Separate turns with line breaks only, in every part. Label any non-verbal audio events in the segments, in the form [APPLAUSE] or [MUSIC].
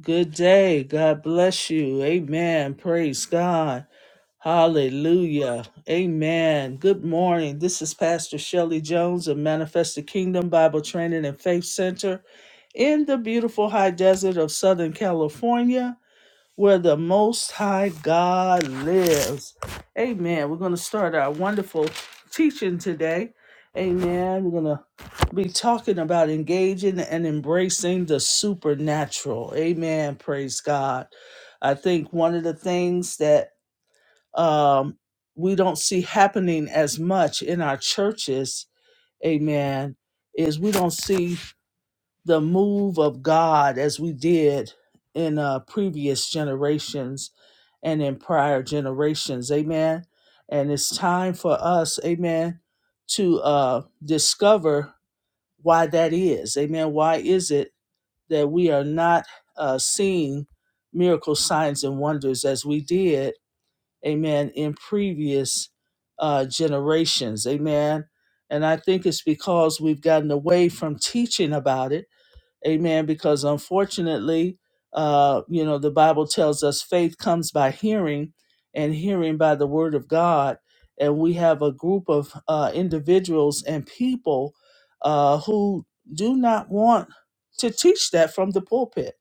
Good day. God bless you. Amen. Praise God. Hallelujah. Amen. Good morning. This is Pastor Shelley Jones of Manifested Kingdom Bible Training and Faith Center in the beautiful high desert of Southern California where the Most High God lives. Amen. We're going to start our wonderful teaching today. Amen. We're going to be talking about engaging and embracing the supernatural. Amen. Praise God. I think one of the things that um, we don't see happening as much in our churches, amen, is we don't see the move of God as we did in uh, previous generations and in prior generations. Amen. And it's time for us, amen, to uh, discover why that is. Amen. Why is it that we are not uh, seeing miracle signs and wonders as we did, amen, in previous uh, generations? Amen. And I think it's because we've gotten away from teaching about it Amen. Because unfortunately, uh, you know, the Bible tells us faith comes by hearing and hearing by the word of God. And we have a group of uh, individuals and people uh, who do not want to teach that from the pulpit.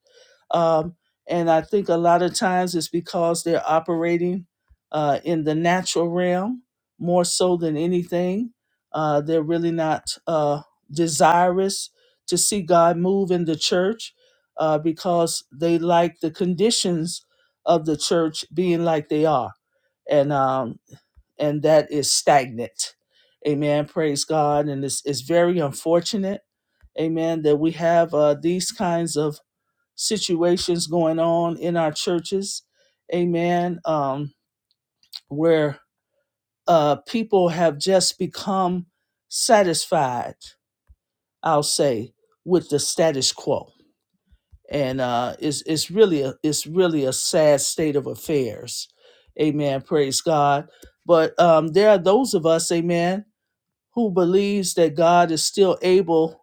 Um, and I think a lot of times it's because they're operating uh, in the natural realm more so than anything. Uh, they're really not uh, desirous to see God move in the church uh, because they like the conditions of the church being like they are, and um, and that is stagnant. Amen. Praise God, and it's it's very unfortunate. Amen. That we have uh, these kinds of situations going on in our churches. Amen. Um, where uh, people have just become satisfied, I'll say, with the status quo and uh, it's it's really a it's really a sad state of affairs. Amen. Praise God. But um, there are those of us, Amen, who believes that God is still able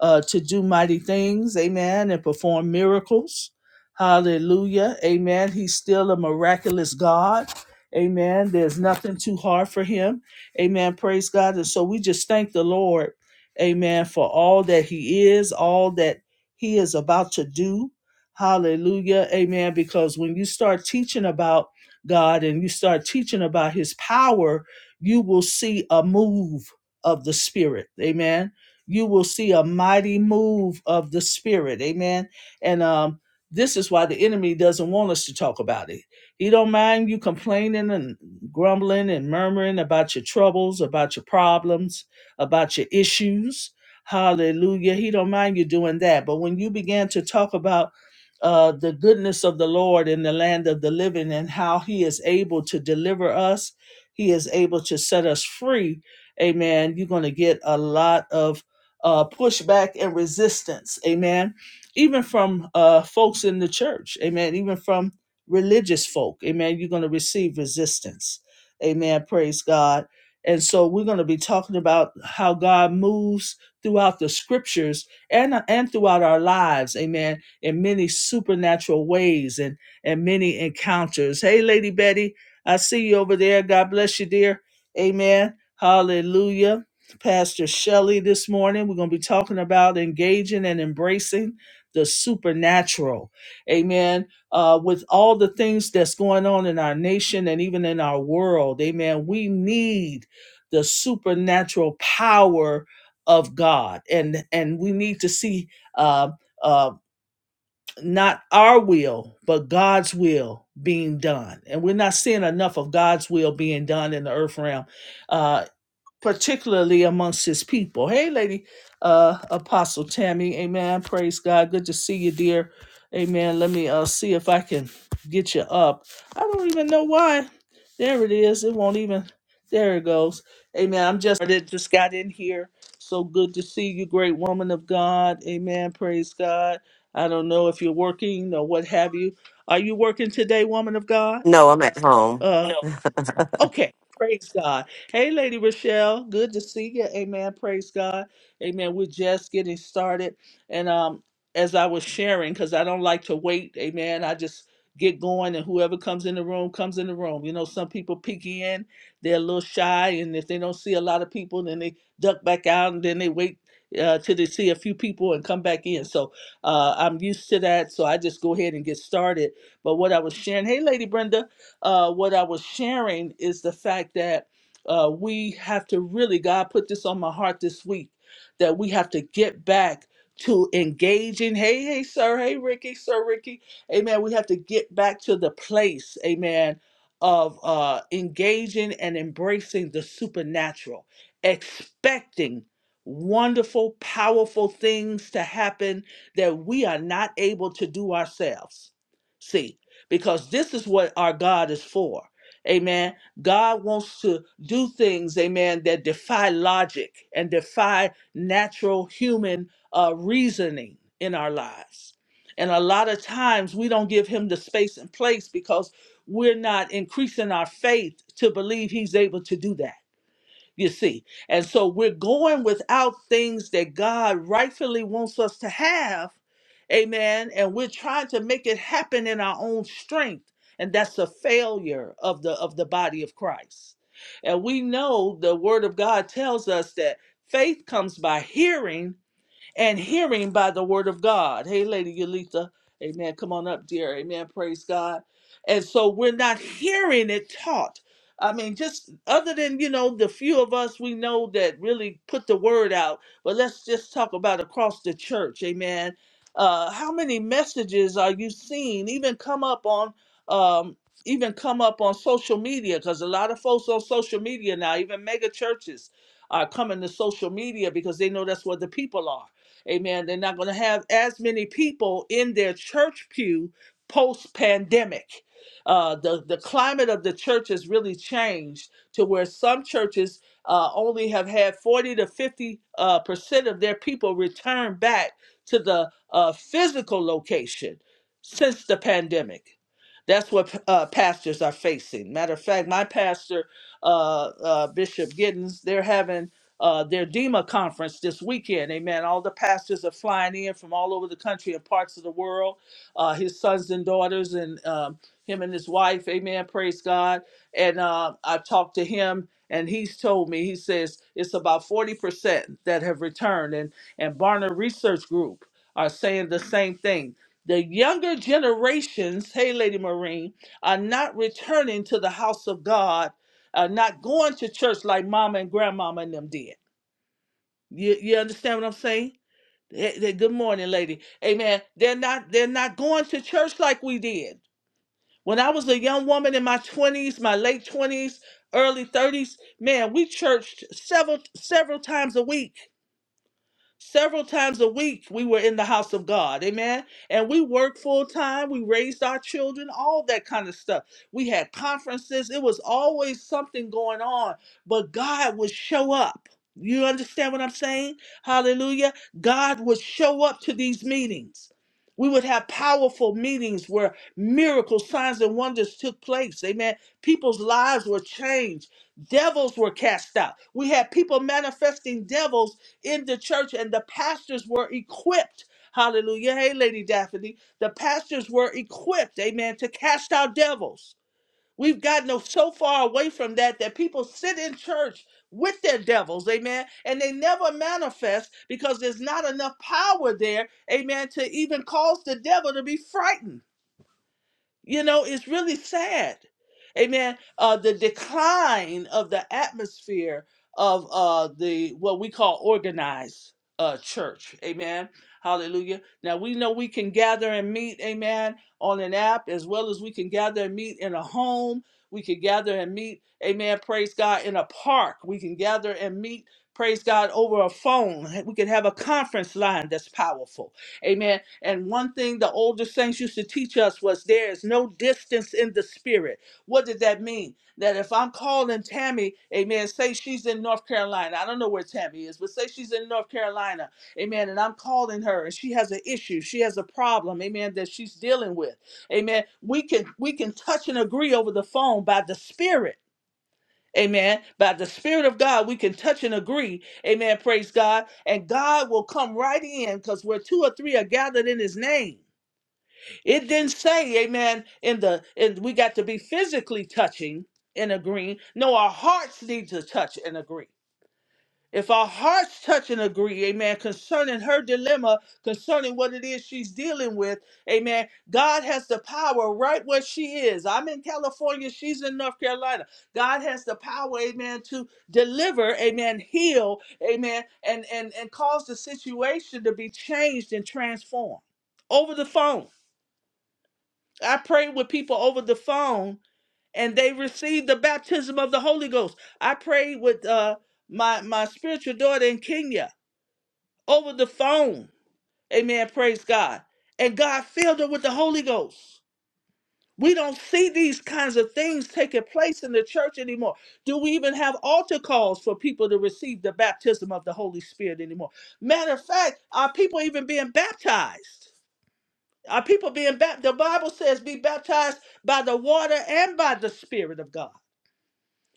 uh, to do mighty things, amen, and perform miracles. Hallelujah, amen. He's still a miraculous God, amen. There's nothing too hard for him, amen. Praise God. And so we just thank the Lord, amen, for all that he is, all that he is about to do. Hallelujah, amen. Because when you start teaching about God and you start teaching about his power, you will see a move of the Spirit, amen you will see a mighty move of the spirit amen and um this is why the enemy doesn't want us to talk about it he don't mind you complaining and grumbling and murmuring about your troubles about your problems about your issues hallelujah he don't mind you doing that but when you begin to talk about uh, the goodness of the Lord in the land of the living and how He is able to deliver us. He is able to set us free. Amen. You're going to get a lot of uh, pushback and resistance, amen. Even from uh, folks in the church, amen. Even from religious folk, amen. You're going to receive resistance, amen. Praise God. And so we're going to be talking about how God moves throughout the scriptures and and throughout our lives, amen. In many supernatural ways and and many encounters. Hey, Lady Betty, I see you over there. God bless you, dear. Amen. Hallelujah. Pastor Shelley this morning. We're going to be talking about engaging and embracing the supernatural. Amen. Uh, with all the things that's going on in our nation and even in our world, amen, we need the supernatural power of God. And, and we need to see uh, uh, not our will, but God's will being done. And we're not seeing enough of God's will being done in the earth realm Uh, particularly amongst his people. Hey, lady, uh, Apostle Tammy, amen. Praise God. Good to see you, dear. Amen. Let me uh, see if I can get you up. I don't even know why. There it is. It won't even. There it goes. Amen. I'm just, I just got in here. So good to see you, great woman of God. Amen. Praise God. I don't know if you're working or what have you. Are you working today, woman of God?
No, I'm at home.
Uh. Okay. Praise God. Hey, Lady Rochelle. Good to see you. Amen. Praise God. Amen. We're just getting started. And um, as I was sharing, because I don't like to wait, amen. I just get going and whoever comes in the room comes in the room. You know, some people peek in, they're a little shy, and if they don't see a lot of people, then they duck back out and then they wait uh, till they see a few people and come back in. So uh, I'm used to that. So I just go ahead and get started. But what I was sharing, hey, Lady Brenda, uh, what I was sharing is the fact that uh, we have to really, God put this on my heart this week, that we have to get back to engaging. Hey, hey, sir. Hey, Ricky, sir, Ricky. Amen. We have to get back to the place, amen, of uh, engaging and embracing the supernatural, expecting wonderful, powerful things to happen that we are not able to do ourselves. See because this is what our God is for. Amen. God wants to do things, amen, that defy logic and defy natural human uh, reasoning in our lives. And a lot of times we don't give him the space and place because we're not increasing our faith to believe he's able to do that you see. And so we're going without things that God rightfully wants us to have, amen, and we're trying to make it happen in our own strength, and that's a failure of the of the body of Christ. And we know the word of God tells us that faith comes by hearing and hearing by the word of God. Hey, Lady Yalitha, amen. Come on up, dear. Amen. Praise God. And so we're not hearing it taught. I mean, just other than, you know, the few of us we know that really put the word out, but let's just talk about across the church, amen. Uh, how many messages are you seeing even come up on um, even come up on social media? Because a lot of folks on social media now, even mega churches, are coming to social media because they know that's where the people are. Amen. They're not going to have as many people in their church pew post pandemic. Uh, the, the climate of the church has really changed to where some churches uh, only have had 40 to 50 uh, percent of their people return back to the uh, physical location since the pandemic. That's what uh, pastors are facing. Matter of fact, my pastor, uh, uh, Bishop Giddens, they're having uh, their DEMA conference this weekend. Amen. All the pastors are flying in from all over the country and parts of the world. Uh, his sons and daughters, and um, him and his wife. Amen. Praise God. And uh, I've talked to him, and he's told me he says it's about forty percent that have returned, and and Barna Research Group are saying the same thing. The younger generations, hey, Lady Marine, are not returning to the house of God, are not going to church like mama and grandmama and them did. You, you understand what I'm saying? They- they- good morning, lady. Amen. They're not they're not going to church like we did. When I was a young woman in my 20s, my late 20s, early 30s, man, we churched several several times a week Several times a week, we were in the house of God. Amen. And we worked full time. We raised our children, all that kind of stuff. We had conferences. It was always something going on, but God would show up. You understand what I'm saying? Hallelujah. God would show up to these meetings. We would have powerful meetings where miracles, signs, and wonders took place. Amen. People's lives were changed. Devils were cast out. We had people manifesting devils in the church, and the pastors were equipped. Hallelujah. Hey, Lady Daphne, the pastors were equipped, amen, to cast out devils. We've gotten so far away from that that people sit in church with their devils, amen, and they never manifest because there's not enough power there, amen, to even cause the devil to be frightened. You know, it's really sad. Amen. Uh, the decline of the atmosphere of uh, the what we call organized uh, church. Amen. Hallelujah. Now we know we can gather and meet, amen, on an app as well as we can gather and meet in a home. We can gather and meet, amen, praise God, in a park. We can gather and meet, praise God, over a phone. We can have a conference line that's powerful. Amen. And one thing the older saints used to teach us was there is no distance in the spirit. What did that mean? That if I'm calling Tammy, amen, say she's in North Carolina. I don't know where Tammy is, but say she's in North Carolina, amen, and I'm calling her and she has an issue, she has a problem, amen, that she's dealing with. Amen. We can we can touch and agree over the phone by the spirit. Amen. By the Spirit of God, we can touch and agree. Amen. Praise God. And God will come right in because where two or three are gathered in his name. It didn't say, Amen, in the and we got to be physically touching and agreeing. No, our hearts need to touch and agree. If our hearts touch and agree, amen, concerning her dilemma, concerning what it is she's dealing with, amen, God has the power right where she is. I'm in California, she's in North Carolina. God has the power, amen, to deliver, amen, heal, amen, and, and, and cause the situation to be changed and transformed. Over the phone. I prayed with people over the phone and they received the baptism of the Holy Ghost. I prayed with uh, my, my spiritual daughter in Kenya over the phone. Amen. Praise God. And God filled her with the Holy Ghost. We don't see these kinds of things taking place in the church anymore. Do we even have altar calls for people to receive the baptism of the Holy Spirit anymore? Matter of fact, are people even being baptized? Are people being baptized? The Bible says, be baptized by the water and by the Spirit of God.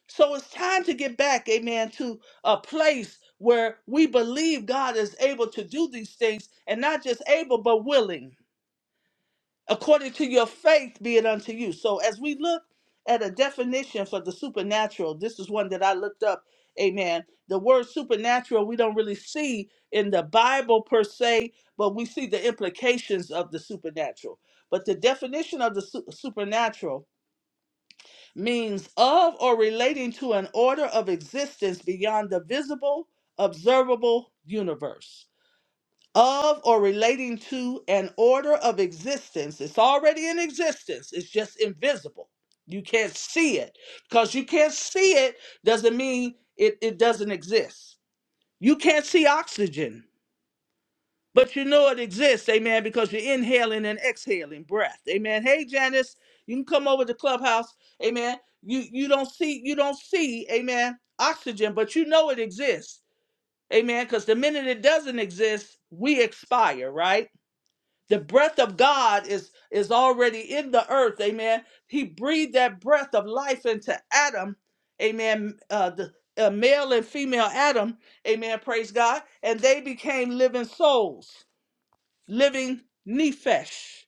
So it's time to get back, amen, to a place where we believe God is able to do these things and not just able, but willing. According to your faith, be it unto you. So as we look at a definition for the supernatural, this is one that I looked up, amen. The word supernatural, we don't really see in the Bible per se, but we see the implications of the supernatural. But the definition of the su- supernatural means of or relating to an order of existence beyond the visible, observable universe. Of or relating to an order of existence. It's already in existence, it's just invisible. You can't see it. Because you can't see it doesn't mean it, it doesn't exist. You can't see oxygen but you know it exists, amen, because you're inhaling and exhaling breath, amen. Hey, Janice, you can come over to Clubhouse, amen. You you don't see you don't see, amen, oxygen, but you know it exists, amen, because the minute it doesn't exist, we expire, right? The breath of God is is already in the earth, amen. He breathed that breath of life into Adam, amen. Uh, the uh, male and female Adam, amen. Praise God, and they became living souls living nephesh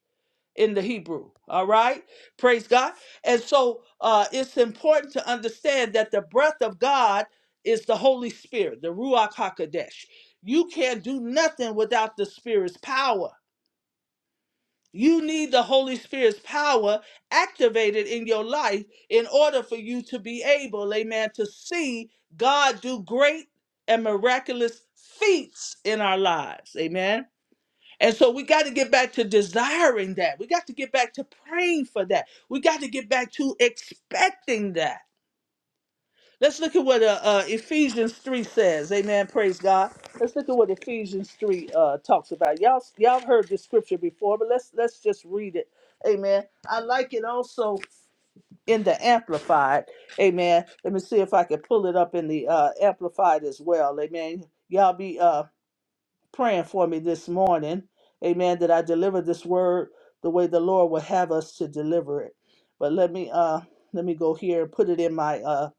in the Hebrew. All right, praise God. And so uh, it's important to understand that the breath of God is the Holy Spirit, the Ruach Hakodesh. You can't do nothing without the Spirit's power. You need the Holy Spirit's power activated in your life in order for you to be able, amen, to see God do great and miraculous feats in our lives. Amen. And so we got to get back to desiring that. We got to get back to praying for that. We got to get back to expecting that. Let's look at what uh, uh, Ephesians 3 says. Amen. Praise God. Let's look at what Ephesians 3 uh, talks about. Y'all, y'all heard this scripture before, but let's let's just read it. Amen. I like it also in the Amplified. Amen. Let me see if I can pull it up in the uh, Amplified as well. Amen. Y'all be uh, praying for me this morning. Amen. That I deliver this word the way the Lord would have us to deliver it. But let me uh let me go here and put it in my uh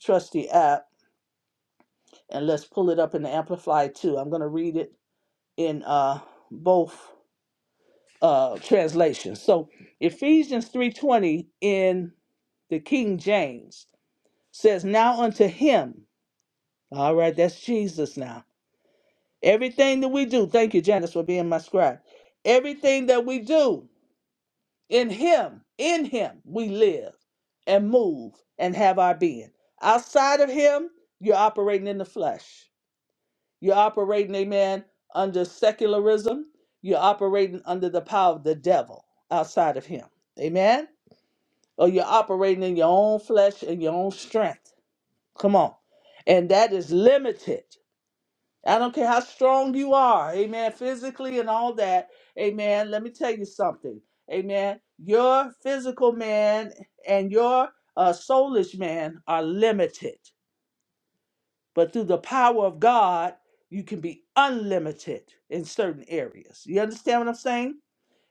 trusty app and let's pull it up in the amplify too. I'm gonna read it in uh both uh translations. So Ephesians 3:20 in the King James says, Now unto him. All right, that's Jesus now. Everything that we do, thank you, Janice, for being my scribe. Everything that we do In him, in him, we live and move and have our being. Outside of him, you're operating in the flesh. You're operating, amen, under secularism. You're operating under the power of the devil outside of him. Amen? Or you're operating in your own flesh and your own strength. Come on. And that is limited. I don't care how strong you are, amen, physically and all that, amen. Let me tell you something, amen. Your physical man and your uh, soulish man are limited, but through the power of God, you can be unlimited in certain areas. You understand what I'm saying,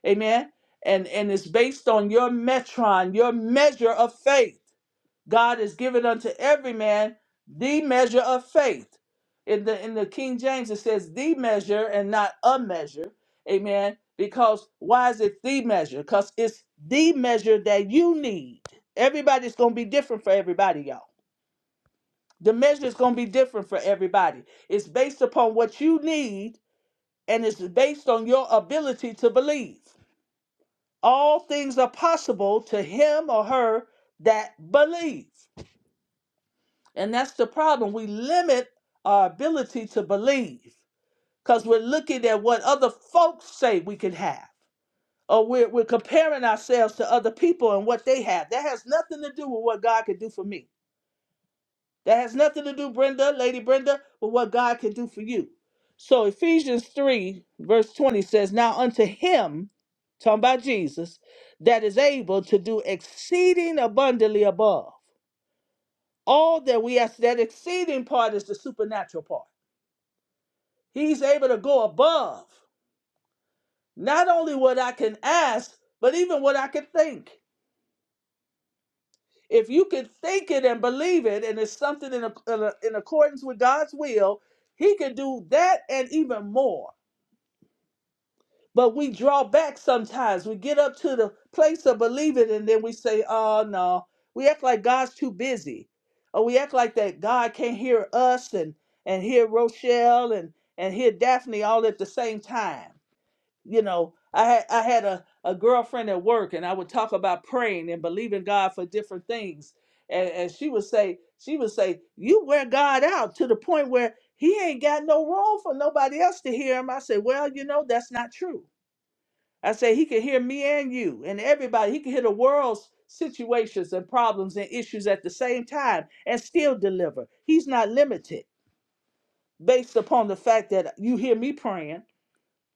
amen? And and it's based on your metron, your measure of faith. God has given unto every man the measure of faith. In the in the King James, it says the measure and not a measure. Amen. Because why is it the measure? Because it's the measure that you need. Everybody's gonna be different for everybody, y'all. The measure is gonna be different for everybody. It's based upon what you need, and it's based on your ability to believe. All things are possible to him or her that believes. And that's the problem. We limit our ability to believe because we're looking at what other folks say we can have. Or we're, we're comparing ourselves to other people and what they have. That has nothing to do with what God can do for me. That has nothing to do, Brenda, Lady Brenda, with what God can do for you. So Ephesians 3, verse 20 says, Now unto him, talking about Jesus, that is able to do exceeding abundantly above all that we ask. That exceeding part is the supernatural part He's able to go above not only what I can ask, but even what I can think. If you can think it and believe it, and it's something in, a, in, a, in accordance with God's will, He can do that and even more. But we draw back sometimes. We get up to the place of believing, and then we say, "Oh no," we act like God's too busy, or we act like that God can't hear us and and hear Rochelle and and hear Daphne all at the same time you know i had i had a, a girlfriend at work and i would talk about praying and believing god for different things and, and she would say she would say you wear god out to the point where he ain't got no room for nobody else to hear him i said well you know that's not true i said he can hear me and you and everybody he can hear the world's situations and problems and issues at the same time and still deliver he's not limited based upon the fact that you hear me praying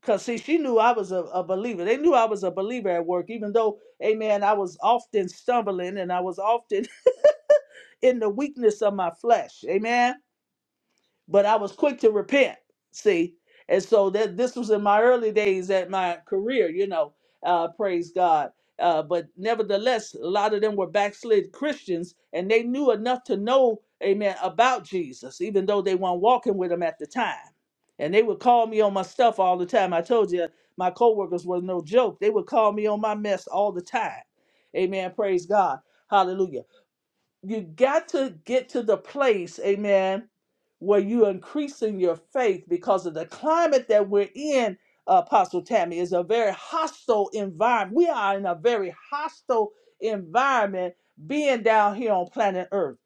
Cause see, she knew I was a, a believer. They knew I was a believer at work, even though, amen, I was often stumbling and I was often [LAUGHS] in the weakness of my flesh. Amen but I was quick to repent. See, and so that this was in my early days at my career, you know. Uh, praise God. Uh, but nevertheless, a lot of them were backslid Christians, and they knew enough to know, Amen, about Jesus, even though they weren't walking with him at the time. And they would call me on my stuff all the time. I told you my coworkers were no joke. They would call me on my mess all the time. Amen. Praise God. Hallelujah you got to get to the place, amen, where you're increasing your faith because of the climate that we're in, uh, Apostle Tammy, is a very hostile environment. We are in a very hostile environment being down here on planet Earth.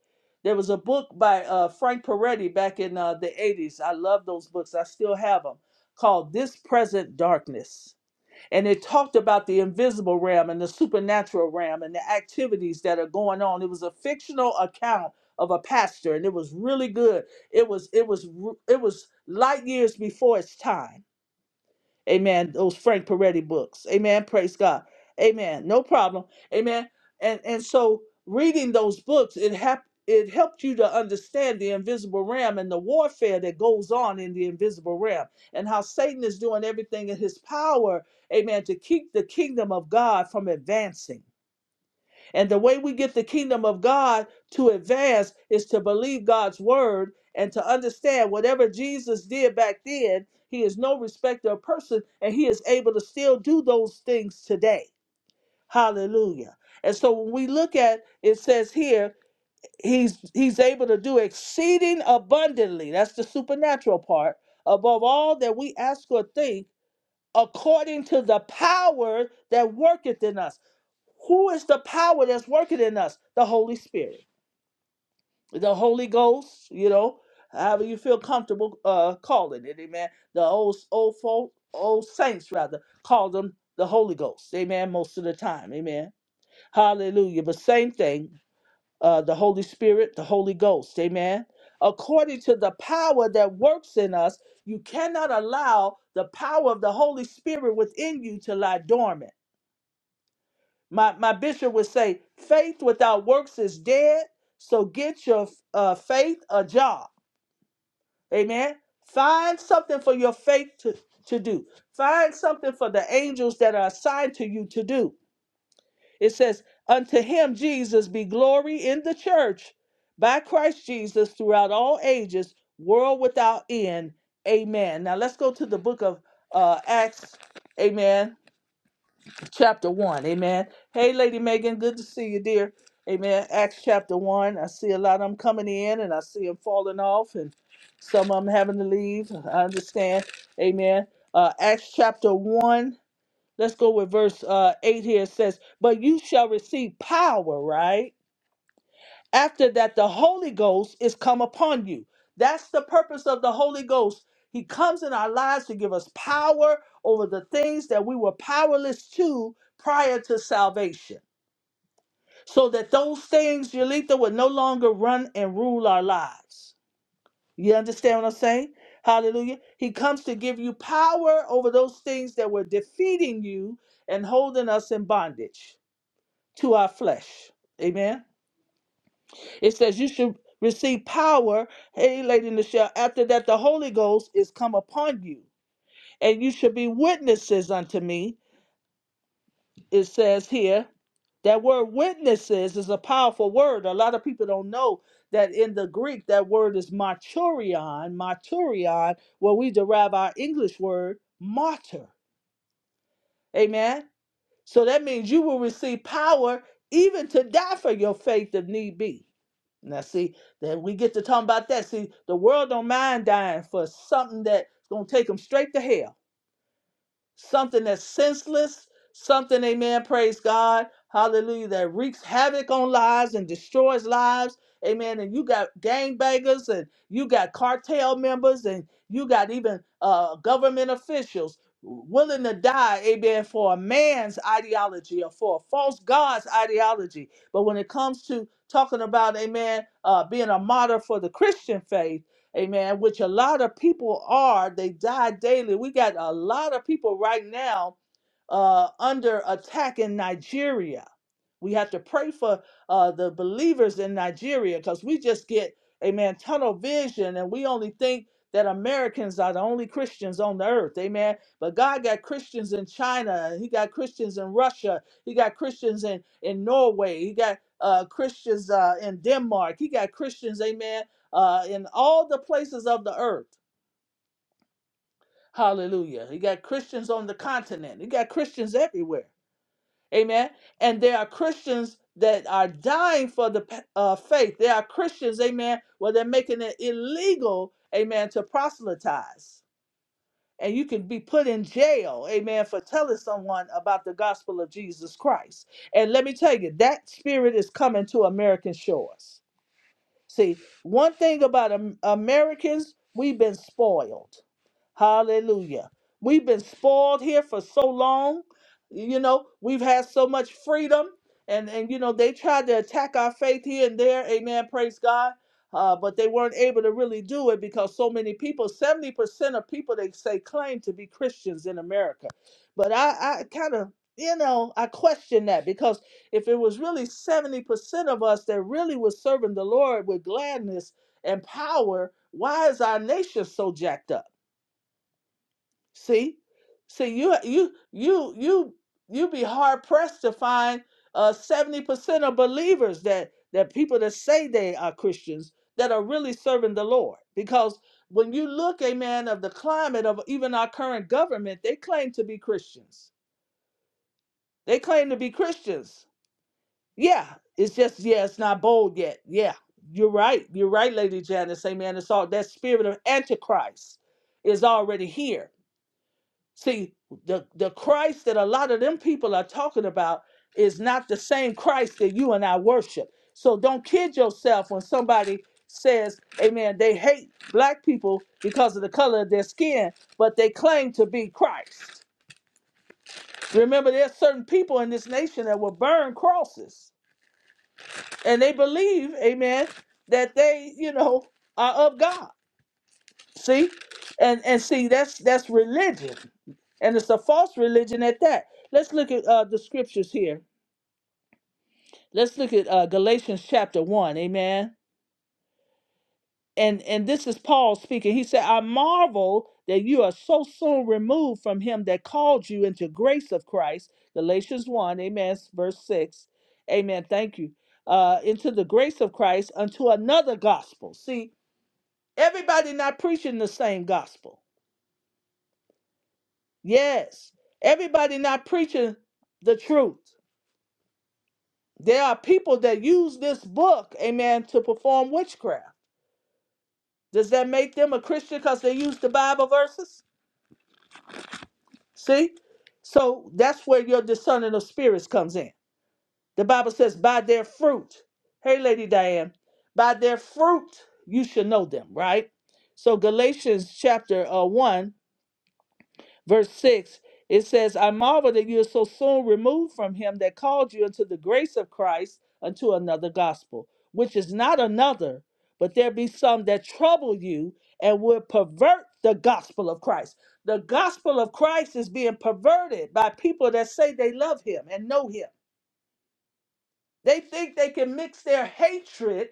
There was a book by uh, Frank Peretti back in uh, the 80s. I love those books, I still have them, called This Present Darkness and it talked about the invisible realm and the supernatural realm and the activities that are going on. It was a fictional account of a pastor, and it was really good. It was it was it was light years before its time Amen. Those Frank Peretti books. Amen. Praise God. Amen. No problem. Amen. And and so reading those books, it hap- it helped you to understand the invisible realm and the warfare that goes on in the invisible realm and how Satan is doing everything in his power, amen, to keep the kingdom of God from advancing. And the way we get the kingdom of God to advance is to believe God's word and to understand whatever Jesus did back then, he is no respecter of person and he is able to still do those things today. Hallelujah. And so when we look at it says here, he's he's able to do exceeding abundantly. That's the supernatural part. Above all that we ask or think, according to the power that worketh in us. Who is the power that's working in us? The Holy Spirit, the Holy Ghost, you know, however you feel comfortable uh, calling it, amen. The old old folk, old saints rather call them the Holy Ghost, amen. Most of the time, amen. Hallelujah. But same thing, uh, the Holy Spirit, the Holy Ghost, amen. According to the power that works in us, you cannot allow the power of the Holy Spirit within you to lie dormant. My my bishop would say, faith without works is dead. So get your uh, faith a job. Amen. Find something for your faith to, to do. Find something for the angels that are assigned to you to do. It says, Unto him, Jesus, be glory in the church by Christ Jesus throughout all ages, world without end. Amen. Now let's go to the book of uh, Acts. Amen chapter 1. Amen. Hey, Lady Megan, good to see you, dear. Amen. Acts chapter 1. I see a lot of them coming in and I see them falling off and some of them having to leave. I understand. Amen. Uh, Acts chapter 1. Let's go with verse uh, 8 here. It says, But you shall receive power, right? After that, the Holy Ghost is come upon you. That's the purpose of the Holy Ghost. He comes in our lives to give us power over the things that we were powerless to prior to salvation, so that those things, Yolitha, would no longer run and rule our lives. You understand what I'm saying? Hallelujah. He comes to give you power over those things that were defeating you and holding us in bondage to our flesh. Amen. It says you should receive power, hey, Lady Michelle, after that the Holy Ghost is come upon you. And you should be witnesses unto me. It says here, that word witnesses is a powerful word. A lot of people don't know that in the Greek, that word is marturion, marturion, where we derive our English word martyr. Amen. So that means you will receive power even to die for your faith if need be. Now, see, that we get to talk about that. See, the world don't mind dying for something that's going to take them straight to hell something that's senseless, something, amen, praise God, hallelujah, that wreaks havoc on lives and destroys lives, amen. And you got gangbangers and you got cartel members and you got even uh, government officials willing to die, amen, for a man's ideology or for a false God's ideology. But when it comes to talking about, amen, uh, being a martyr for the Christian faith, Amen. Which a lot of people are. They die daily. We got a lot of people right now uh, under attack in Nigeria. We have to pray for uh, the believers in Nigeria because we just get, amen, tunnel vision and we only think that Americans are the only Christians on the earth. Amen. But God got Christians in China. He got Christians in Russia. He got Christians in, in Norway. He got uh, Christians uh, in Denmark. He got Christians, amen, uh, in all the places of the earth. Hallelujah. He got Christians on the continent. He got Christians everywhere. Amen. And there are Christians that are dying for the uh, faith. There are Christians, amen, where they're making it illegal, amen, to proselytize. And you can be put in jail, amen, for telling someone about the gospel of Jesus Christ. And let me tell you, that spirit is coming to American shores. See, one thing about Am- Americans, we've been spoiled. Hallelujah. We've been spoiled here for so long. You know, we've had so much freedom. And, and you know, they tried to attack our faith here and there. Amen. Praise God. Uh, but they weren't able to really do it because so many people, 70% of people they say claim to be Christians in America. But I, I kind of, you know, I question that because if it was really 70% of us that really was serving the Lord with gladness and power, why is our nation so jacked up? See? See, you you you you you be hard pressed to find uh 70% of believers that that people that say they are Christians that are really serving the Lord. Because when you look, amen, of the climate of even our current government, they claim to be Christians. They claim to be Christians Yeah, it's just yeah, it's not bold yet. Yeah, you're right. You're right, Lady Janice. Amen. It's all that spirit of Antichrist is already here. See, the the Christ that a lot of them people are talking about is not the same Christ that you and I worship. So don't kid yourself when somebody says, Amen, they hate black people because of the color of their skin, but they claim to be Christ. Remember, there's certain people in this nation that will burn crosses and they believe, amen, that they, you know, are of God. See? And and see that's that's religion. And it's a false religion at that. Let's look at uh, the scriptures here. Let's look at uh, Galatians chapter 1, amen. And and this is Paul speaking. He said, "I marvel that you are so soon removed from him that called you into grace of Christ." Galatians 1, amen, verse 6. Amen. Thank you. Uh, into the grace of Christ unto another gospel. See, Everybody not preaching the same gospel. Yes. Everybody not preaching the truth. There are people that use this book, amen, to perform witchcraft. Does that make them a Christian because they use the Bible verses? See? So that's where your discerning of spirits comes in. The Bible says, by their fruit. Hey, Lady Diane, by their fruit you should know them, right? So Galatians chapter uh, 1 verse 6 it says i marvel that you are so soon removed from him that called you into the grace of christ unto another gospel which is not another but there be some that trouble you and would pervert the gospel of christ the gospel of christ is being perverted by people that say they love him and know him they think they can mix their hatred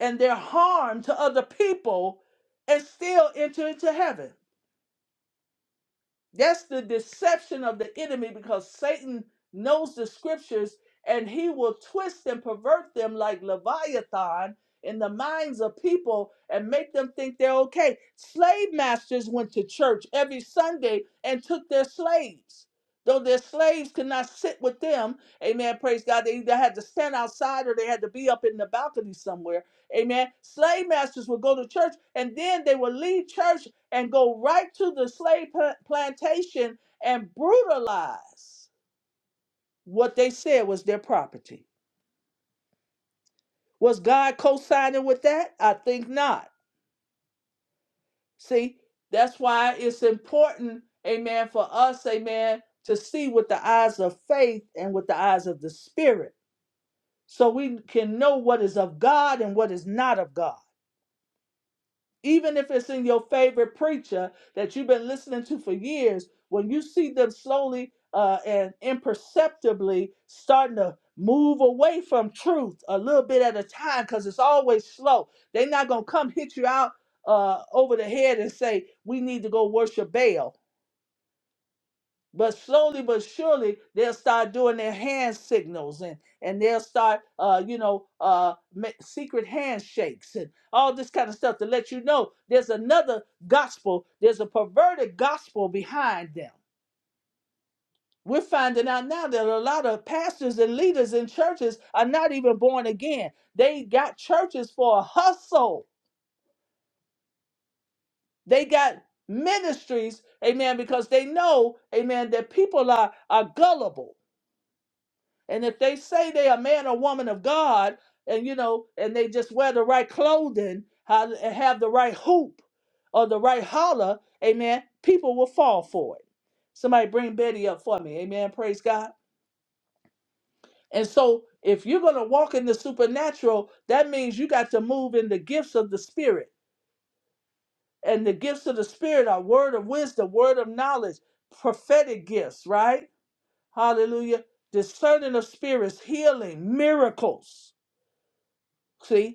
and their harm to other people and still enter into heaven That's the deception of the enemy because Satan knows the scriptures and he will twist and pervert them like Leviathan in the minds of people and make them think they're okay. Slave masters went to church every Sunday and took their slaves. Though their slaves could not sit with them, amen. Praise God. They either had to stand outside or they had to be up in the balcony somewhere. Amen. Slave masters would go to church and then they would leave church and go right to the slave pla- plantation and brutalize what they said was their property. Was God co signing with that? I think not. See, that's why it's important, amen, for us, amen, to see with the eyes of faith and with the eyes of the Spirit so we can know what is of God and what is not of God. even if it's in your favorite preacher that you've been listening to for years, when you see them slowly uh, and imperceptibly starting to move away from truth a little bit at a time, because it's always slow, they're not going to come hit you out uh, over the head and say, We need to go worship Baal but slowly but surely, they'll start doing their hand signals and, and they'll start, uh, you know, uh, ma- secret handshakes and all this kind of stuff to let you know there's another gospel, there's a perverted gospel behind them. We're finding out now that a lot of pastors and leaders in churches are not even born again. They got churches for a hustle, they got ministries, amen, because they know, amen, that people are, are gullible And if they say they a man or woman of God, and you know, and they just wear the right clothing, ha- and have the right hoop or the right holler, amen, people will fall for it. Somebody bring Betty up for me, amen. Praise God. And so, if you're going to walk in the supernatural, that means you got to move in the gifts of the Spirit. And the gifts of the Spirit are word of wisdom, word of knowledge, prophetic gifts, right? Hallelujah. Discerning of spirits, healing, miracles. See?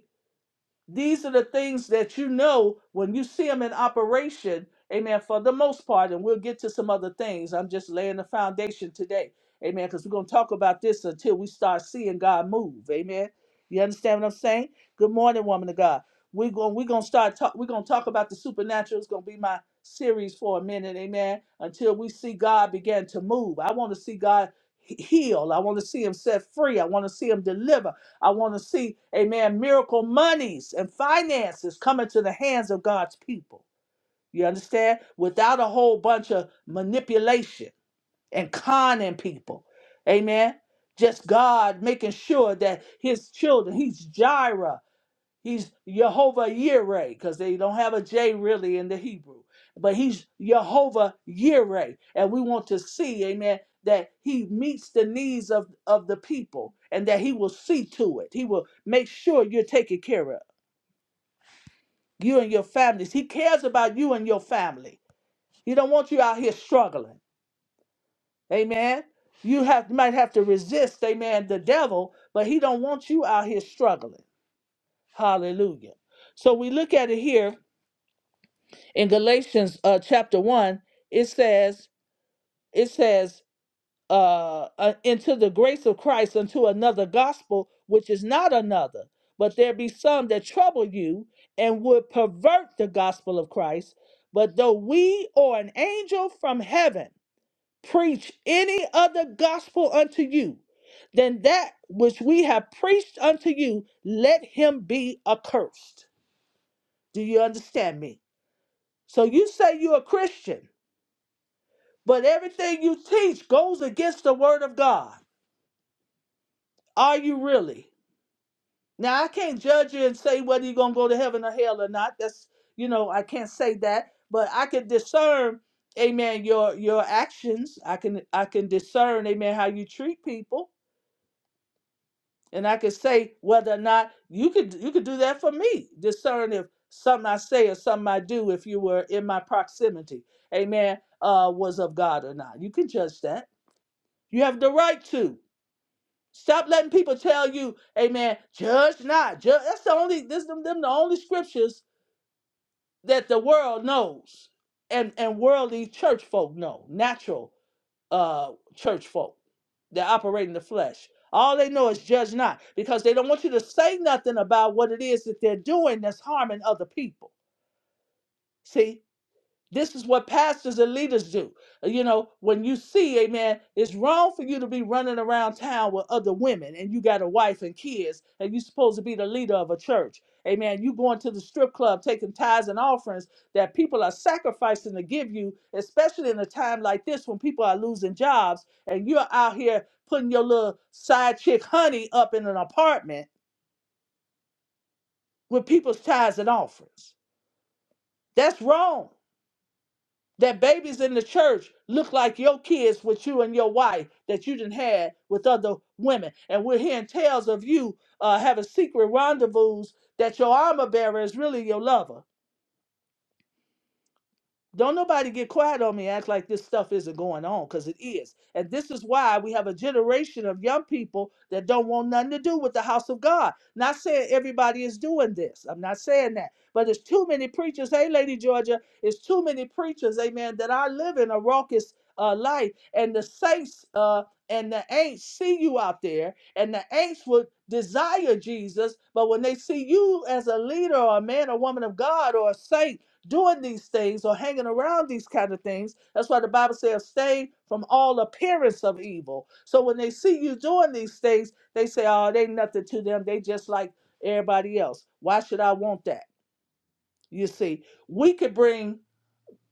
These are the things that you know when you see them in operation, amen, for the most part. And we'll get to some other things. I'm just laying the foundation today, amen, because we're going to talk about this until we start seeing God move, amen. You understand what I'm saying? Good morning, woman of God. We're going, we're going to start talk, we're going to talk about the supernatural. It's going to be my series for a minute, amen, until we see God begin to move. I want to see God he- heal. I want to see him set free. I want to see him deliver. I want to see, amen, miracle monies and finances coming to the hands of God's people. You understand? Without a whole bunch of manipulation and conning people. Amen. Just God making sure that his children, he's Jireh. He's Jehovah Yireh because they don't have a J really in the Hebrew. But he's Jehovah Yireh. And we want to see, amen, that he meets the needs of, of the people and that he will see to it. He will make sure you're taken care of, you and your families. He cares about you and your family. He don't want you out here struggling. Amen. You have might have to resist, amen, the devil, but he don't want you out here struggling. Hallelujah. So we look at it here in Galatians uh, chapter one, it says, it says, uh, uh, into the grace of Christ unto another gospel, which is not another, but there be some that trouble you and would pervert the gospel of Christ. But though we or an angel from heaven preach any other gospel unto you than that which we have preached unto you, let him be accursed. Do you understand me? So you say you're a Christian But everything you teach goes against the word of God. Are you really? Now I can't judge you and say whether you're gonna go to heaven or hell or not. That's you know, I can't say that, but I can discern, amen, your your actions. I can I can discern, amen, how you treat people. And I can say whether or not you could you could do that for me. Discern if something I say or something I do, if you were in my proximity, amen, uh, was of God or not. You can judge that. You have the right to. Stop letting people tell you, amen, judge not. Judge. That's the only, this them, them the only scriptures that the world knows and, and worldly church folk know, natural uh, church folk that operate in the flesh. All they know is judge not because they don't want you to say nothing about what it is that they're doing that's harming other people. See, this is what pastors and leaders do. Uh, You know, when you see, amen, it's wrong for you to be running around town with other women and you got a wife and kids and you're supposed to be the leader of a church. Amen. You going to the strip club taking tithes and offerings that people are sacrificing to give you, especially in a time like this when people are losing jobs and you're out here putting your little side chick honey up in an apartment with people's tithes and offerings. That's wrong. That babies in the church look like your kids with you and your wife that you didn't had with other women. And we're hearing tales of you uh, having secret rendezvous that your armor bearer is really your lover. Don't nobody get quiet on me and act like this stuff isn't going on because it is. And this is why we have a generation of young people that don't want nothing to do with the house of God. Not saying everybody is doing this. I'm not saying that. But it's too many preachers. Hey, Lady Georgia, it's too many preachers, amen, that are living a raucous uh, life. And the saints uh, and the ain'ts see you out there. And the ain'ts would desire Jesus. But when they see you as a leader or a man or woman of God or a saint, doing these things or hanging around these kind of things. That's why the Bible says, stay from all appearance of evil. So when they see you doing these things, they say, oh, they nothing to them. They just like everybody else. Why should I want that? You see, we could bring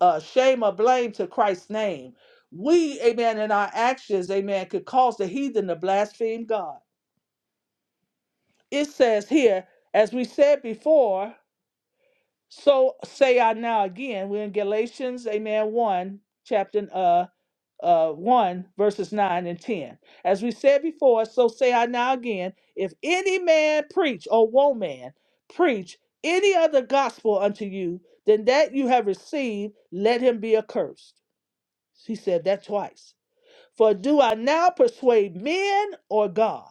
uh, shame or blame to Christ's name. We, amen, in our actions, amen, could cause the heathen to blaspheme God. It says here, as we said before, So say I now again, we're in Galatians, amen, 1, chapter uh, uh, 1, verses 9 and 10. As we said before, so say I now again, if any man preach or woman preach any other gospel unto you than that you have received, let him be accursed. He said that twice. For do I now persuade men or God?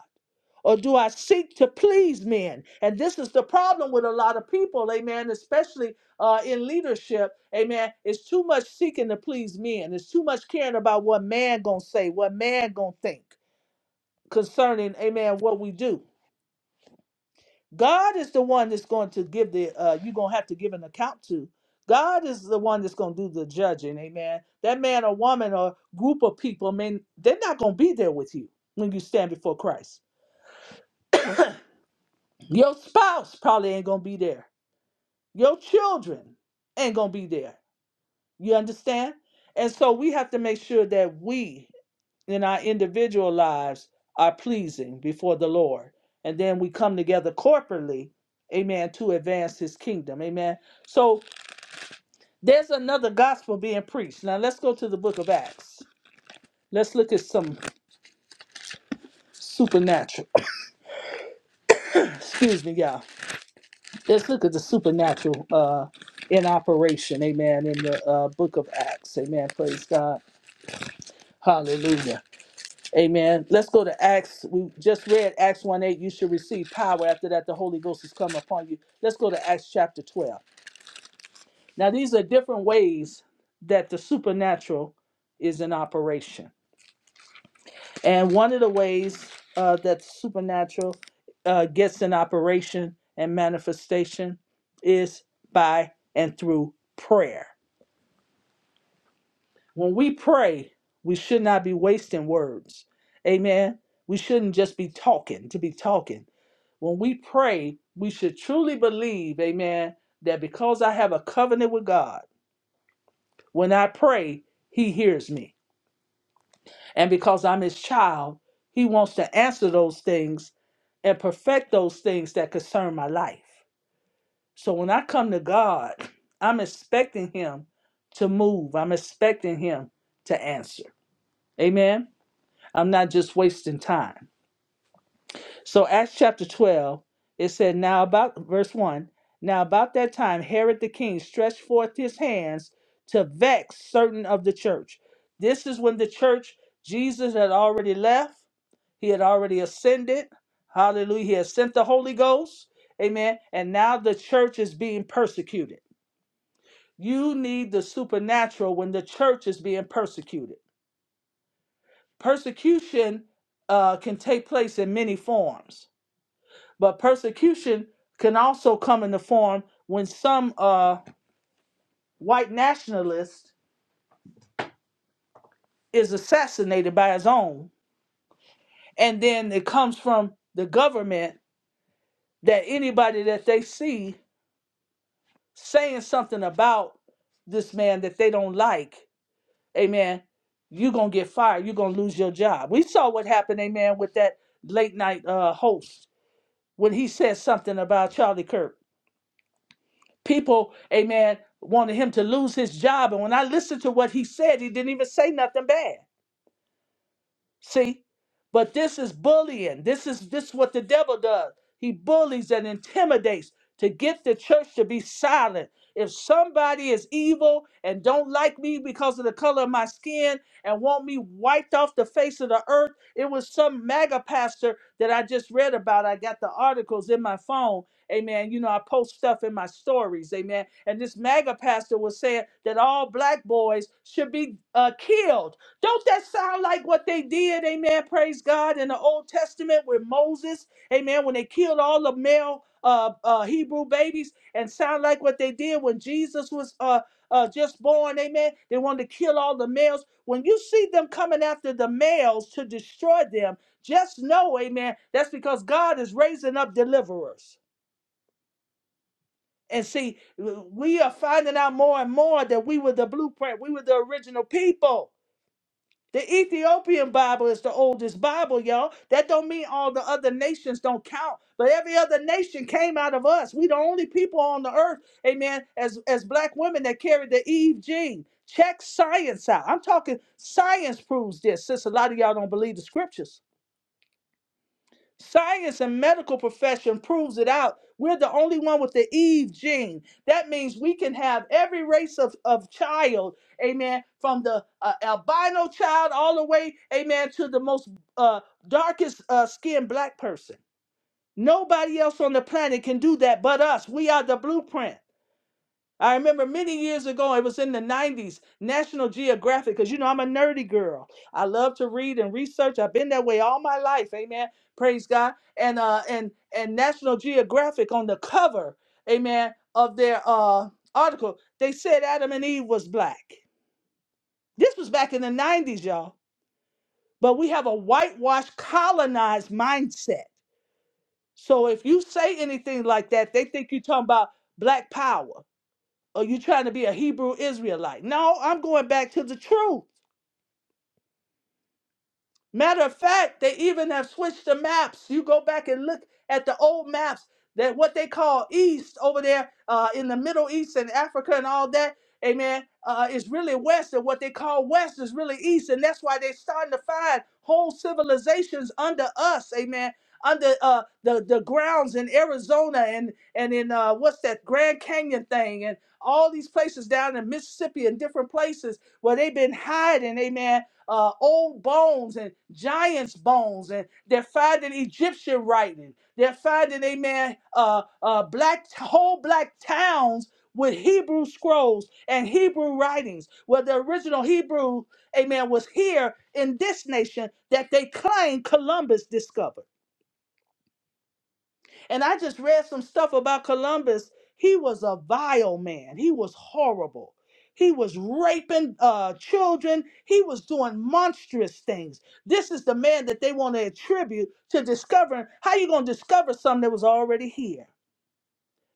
Or do I seek to please men? And this is the problem with a lot of people, amen, especially uh, in leadership, amen. It's too much seeking to please men. It's too much caring about what man gonna say, what man gonna think concerning, amen, what we do. God is the one that's going to give the uh you're gonna have to give an account to. God is the one that's gonna do the judging, amen. That man or woman or group of people, I mean, they're not gonna be there with you when you stand before Christ. Your spouse probably ain't gonna be there. Your children ain't gonna be there. You understand? And so we have to make sure that we in our individual lives are pleasing before the Lord. And then we come together corporately, amen, to advance his kingdom. Amen. So There's another gospel being preached. Now let's go to the book of Acts. Let's look at some supernatural. [CLEARS THROAT] Excuse me, y'all. Let's look at the supernatural uh, in operation. Amen. In the uh, book of Acts. Amen. Praise God. Hallelujah. Amen. Let's go to Acts. We just read Acts 1 8. You should receive power. After that, the Holy Ghost has come upon you. Let's go to Acts chapter 12. Now, these are different ways that the supernatural is in operation. And one of the ways uh, that supernatural uh, gets in operation and manifestation is by and through prayer. When we pray, we should not be wasting words. Amen. We shouldn't just be talking to be talking. When we pray, we should truly believe, amen, that because I have a covenant with God, when I pray, He hears me. And because I'm his child, he wants to answer those things and perfect those things that concern my life. So when I come to God, [CLEARS THROAT] I'm expecting him to move, I'm expecting him to answer. Amen. I'm not just wasting time. So, Acts chapter 12, it said, Now about verse 1 Now about that time, Herod the king stretched forth his hands to vex certain of the church. This is when the church, Jesus had already left he had already ascended. Hallelujah. He has sent the Holy Ghost. Amen. And now the church is being persecuted. You need the supernatural when the church is being persecuted. Persecution uh, can take place in many forms, but persecution can also come in the form when some uh, white nationalist is assassinated by his own. And then it comes from the government that anybody that they see saying something about this man that they don't like, amen, you're gonna get fired. You're gonna lose your job. We saw what happened, amen, with that late night uh, host when he said something about Charlie Kirk. People, amen, wanted him to lose his job. And when I listened to what he said, he didn't even say nothing bad. See? But this is bullying. This is this is what the devil does. He bullies and intimidates to get the church to be silent. If somebody is evil and don't like me because of the color of my skin and want me wiped off the face of the earth, it was some MAGA pastor that I just read about. I got the articles in my phone. Amen. You know, I post stuff in my stories. Amen. And this MAGA pastor was saying that all black boys should be uh, killed don't that sound like what they did, amen? Praise God in the Old Testament with Moses, amen, when they killed all the male uh, uh, Hebrew babies, and sound like what they did when Jesus was uh, uh, just born, amen. They wanted to kill all the males. When you see them coming after the males to destroy them, just know, amen, that's because God is raising up deliverers. And see, we are finding out more and more that we were the blueprint, we were the original people. The Ethiopian Bible is the oldest Bible, y'all. That don't mean all the other nations don't count, but every other nation came out of us. We the only people on the earth, amen, as as black women that carry the Eve gene. Check science out. I'm talking science proves this, since a lot of y'all don't believe the scriptures. Science and medical profession proves it out. We're the only one with the Eve gene. That means we can have every race of, of child, amen, from the uh, albino child all the way, amen, to the most uh, darkest uh, skinned black person. Nobody else on the planet can do that but us. We are the blueprint. I remember many years ago, it was in the 90s, National Geographic, because you know I'm a nerdy girl. I love to read and research. I've been that way all my life. Amen. Praise God. And uh and and National Geographic on the cover, amen, of their uh article, they said Adam and Eve was black. This was back in the 90s, y'all. But we have a whitewashed colonized mindset. So if you say anything like that, they think you're talking about black power. Are you trying to be a Hebrew Israelite? No, I'm going back to the truth. Matter of fact, they even have switched the maps. You go back and look at the old maps that what they call East over there uh, in the Middle East and Africa and all that. Amen. Uh, is really West, and what they call West is really East, and that's why they're starting to find whole civilizations under us. Amen. Under uh, the the grounds in Arizona and and in uh, what's that Grand Canyon thing and all these places down in Mississippi and different places where they've been hiding. Amen uh, old bones and giants' bones, and they're finding Egyptian writing. They're finding, amen, uh, uh, black whole black towns with Hebrew scrolls and Hebrew writings, where the original Hebrew, amen, was here in this nation that they claim Columbus discovered. And I just read some stuff about Columbus. He was a vile man. He was horrible. He was raping uh, children. He was doing monstrous things. This is the man that they want to attribute to discovering. How you gonna discover something that was already here?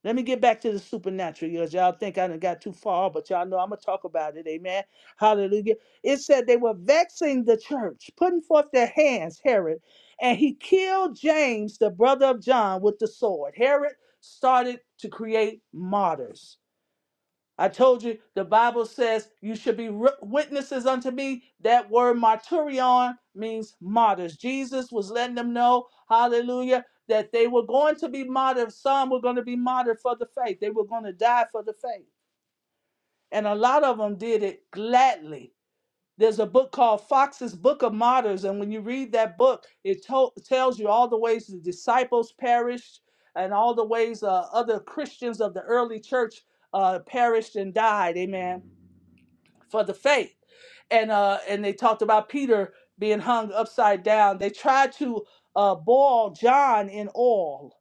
Let me get back to the supernatural, because y'all think I done got too far, but y'all know I'm gonna talk about it. Amen. Hallelujah. It said they were vexing the church, putting forth their hands, Herod, and he killed James, the brother of John, with the sword. Herod started to create martyrs. I told you the Bible says you should be ri- witnesses unto me. That word martyrion means martyrs. Jesus was letting them know, hallelujah, that they were going to be martyred. Some were going to be martyred for the faith. They were going to die for the faith. And a lot of them did it gladly. There's a book called Fox's Book of Martyrs. And when you read that book, it to- tells you all the ways the disciples perished and all the ways uh, other Christians of the early church uh, perished and died. Amen for the faith and uh and they talked about Peter being hung upside down. They tried to uh boil John in oil.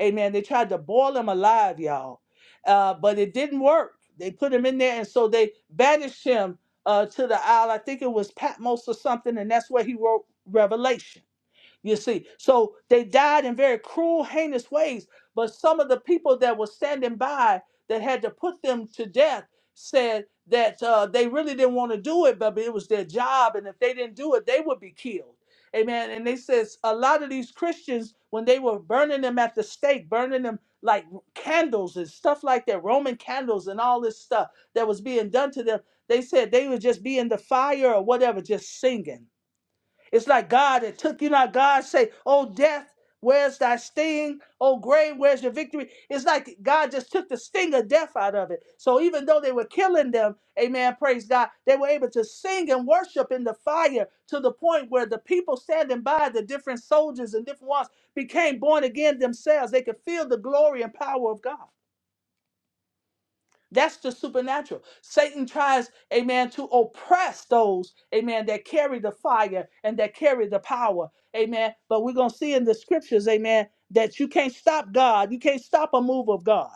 Amen. They tried to boil him alive, y'all. Uh, but it didn't work. They put him in there and so they banished him uh to the isle. I think it was Patmos or something, and that's where he wrote Revelation. You see, so they died in very cruel, heinous ways. But some of the people that were standing by that had to put them to death said that uh, they really didn't want to do it, but it was their job, and if they didn't do it, they would be killed. Amen. And they says a lot of these Christians, when they were burning them at the stake, burning them like candles and stuff like that, Roman candles and all this stuff that was being done to them, they said they would just be in the fire or whatever, just singing it's like God that took you. Not God say, "Oh death, where's thy sting? Oh grave, where's your victory?" It's like God just took the sting of death out of it. So even though they were killing them, Amen. Praise God. They were able to sing and worship in the fire to the point where the people standing by, the different soldiers and different ones, became born again themselves. They could feel the glory and power of God. That's the supernatural. Satan tries, amen, to oppress those, amen, that carry the fire and that carry the power, amen. But we're going to see in the scriptures, amen, that you can't stop God. You can't stop a move of God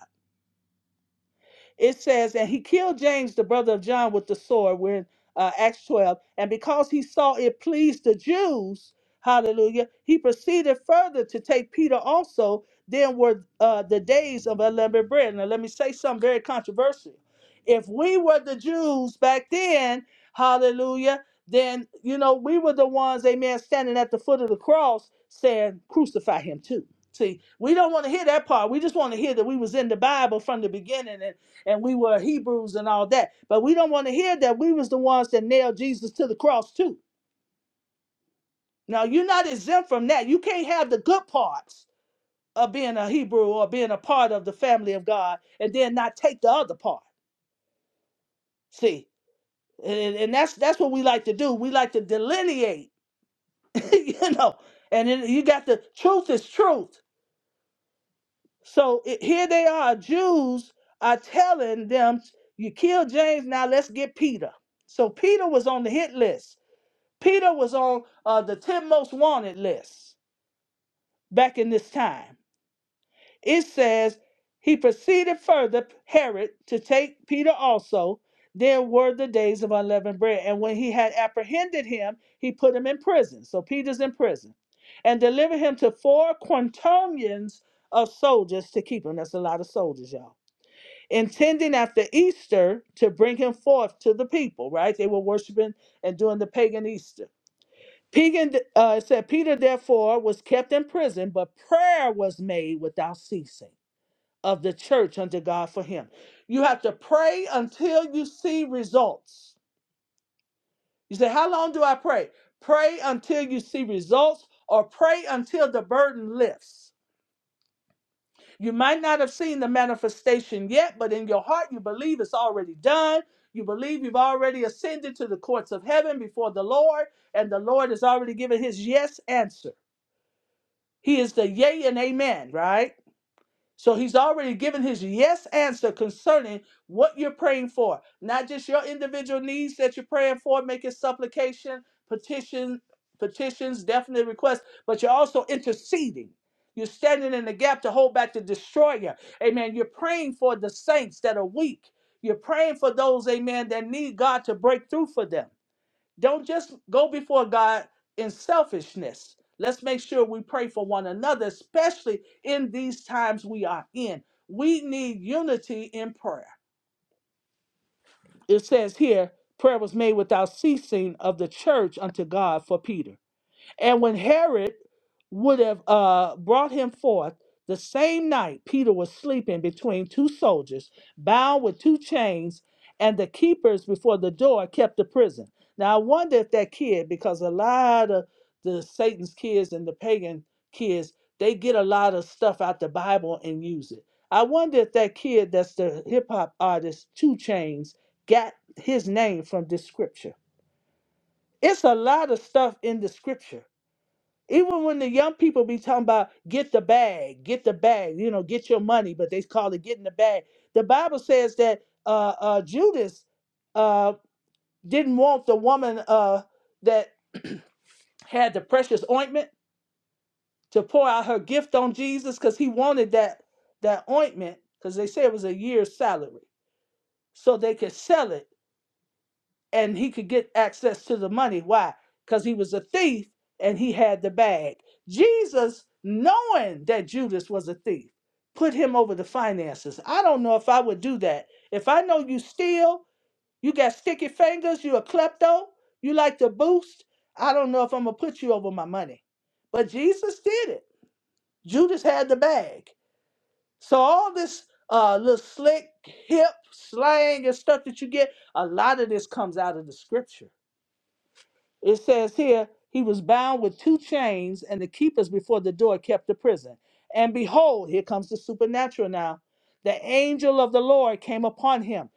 it says, And he killed James, the brother of John, with the sword, we're in uh, Acts 12. And because he saw it pleased the Jews, hallelujah, he proceeded further to take Peter also. Then were uh, the days of unleavened bread. Now, let me say something very controversial. If we were the Jews back then, hallelujah, then, you know, we were the ones, amen, standing at the foot of the cross saying, crucify him too. See, we don't want to hear that part. We just want to hear that we was in the Bible from the beginning and and we were Hebrews and all that. But we don't want to hear that we was the ones that nailed Jesus to the cross too. Now you're not exempt from that. You can't have the good parts of being a Hebrew or being a part of the family of God and then not take the other part. See, and, and that's that's what we like to do. We like to delineate, [LAUGHS] you know. And then you got the truth is truth. So it, here they are, Jews are telling them, you killed James, now let's get Peter. So Peter was on the hit list Peter was on uh, the 10 most wanted list back in this time. It says, He proceeded further, Herod, to take Peter also. Then were the days of unleavened bread. And when he had apprehended him, he put him in prison. So Peter's in prison. And delivered him to four quintillions of soldiers to keep him. That's a lot of soldiers, y'all. Intending after Easter to bring him forth to the people, right? They were worshiping and doing the pagan Easter Peter, uh, it said, Peter therefore was kept in prison, but prayer was made without ceasing of the church unto God for him. You have to pray until you see results. You say, How long do I pray? Pray until you see results or pray until the burden lifts. You might not have seen the manifestation yet, but in your heart you believe it's already done. You believe you've already ascended to the courts of heaven before the Lord, and the Lord has already given his yes answer. He is the yay and amen, right? So he's already given his yes answer concerning what you're praying for, not just your individual needs that you're praying for, making supplication, petition, petitions, definite requests, but you're also interceding. You're standing in the gap to hold back the destroyer. Amen. You're praying for the saints that are weak. You're praying for those, amen, that need God to break through for them. Don't just go before God in selfishness. Let's make sure we pray for one another, especially in these times we are in. We need unity in prayer. It says here, prayer was made without ceasing of the church unto God for Peter. And when Herod would have uh, brought him forth, the same night Peter was sleeping between two soldiers, bound with two chains, and the keepers before the door kept the prison. Now I wonder if that kid, because a lot of the Satan's kids and the pagan kids, they get a lot of stuff out the Bible and use it. I wonder if that kid that's the hip hop artist, Two Chains, got his name from this scripture. It's a lot of stuff in the scripture even when the young people be talking about get the bag, get the bag, you know, get your money, but they call it getting the bag. The Bible says that uh, uh, Judas uh, didn't want the woman uh, that had the precious ointment to pour out her gift on Jesus because he wanted that that ointment because they say it was a year's salary, so they could sell it and he could get access to the money. Why? Because he was a thief and he had the bag. Jesus, knowing that Judas was a thief, put him over the finances. I don't know if I would do that. If I know you steal, you got sticky fingers, you a klepto, you like to boost, I don't know if I'm going to put you over my money. But Jesus did it. Judas had the bag. So all this uh, little slick, hip slang and stuff that you get, a lot of this comes out of the scripture it says here, he was bound with two chains, and the keepers before the door kept the prison. And behold, here comes the supernatural now. The angel of the Lord came upon him.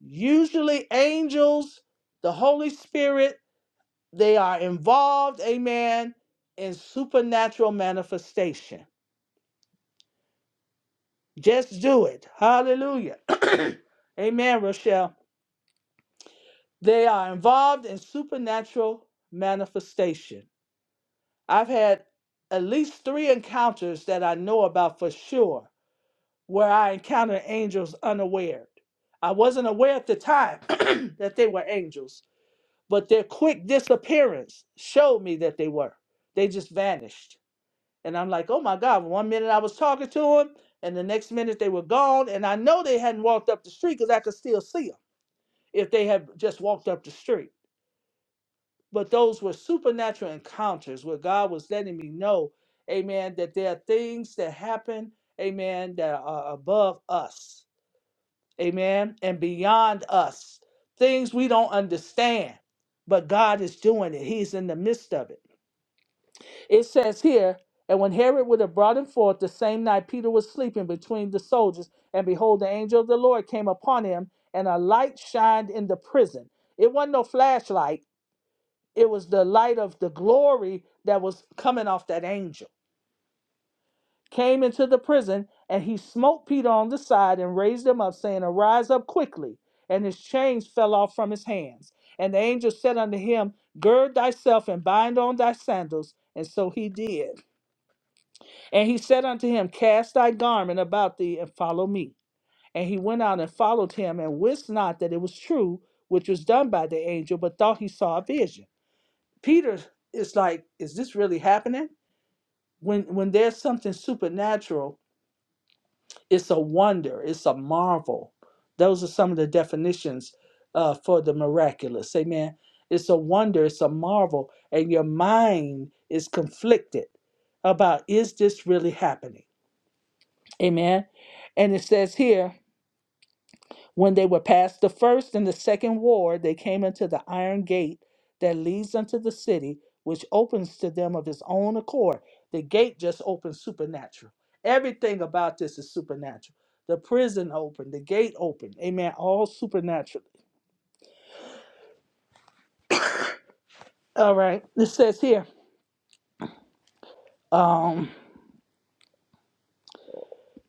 Usually, angels, the Holy Spirit, they are involved, amen, in supernatural manifestation. Just do it. Hallelujah. [CLEARS THROAT] amen, Rochelle. They are involved in supernatural manifestation. I've had at least three encounters that I know about for sure where I encountered angels unaware. I wasn't aware at the time [CLEARS THROAT] that they were angels, but their quick disappearance showed me that they were. They just vanished. And I'm like, oh my God, one minute I was talking to them, and the next minute they were gone. And I know they hadn't walked up the street because I could still see them if they had just walked up the street. But those were supernatural encounters where God was letting me know, amen, that there are things that happen, amen, that are above us, amen, and beyond us, things we don't understand. But God is doing it, He's in the midst of it. It says here, and when Herod would have brought him forth the same night, Peter was sleeping between the soldiers, and behold, the angel of the Lord came upon him, and a light shined in the prison. It wasn't no flashlight it was the light of the glory that was coming off that angel. Came into the prison, and he smote Peter on the side and raised him up, saying, Arise up quickly. And his chains fell off from his hands. And the angel said unto him, Gird thyself and bind on thy sandals. And so he did. And he said unto him, Cast thy garment about thee and follow me. And he went out and followed him, and wist not that it was true, which was done by the angel, but thought he saw a vision. Peter is like, Is this really happening? when when there's something supernatural it's a wonder it's a marvel those are some of the definitions uh, for the miraculous amen it's a wonder it's a marvel and your mind is conflicted about is this really happening amen and it says here When they were past the first and the second ward, they came into the iron gate that leads unto the city, which opens to them of its own accord. The gate just opened supernatural. Everything about this is supernatural. The prison opened, the gate opened. Amen. All supernatural. All right. It says here, um,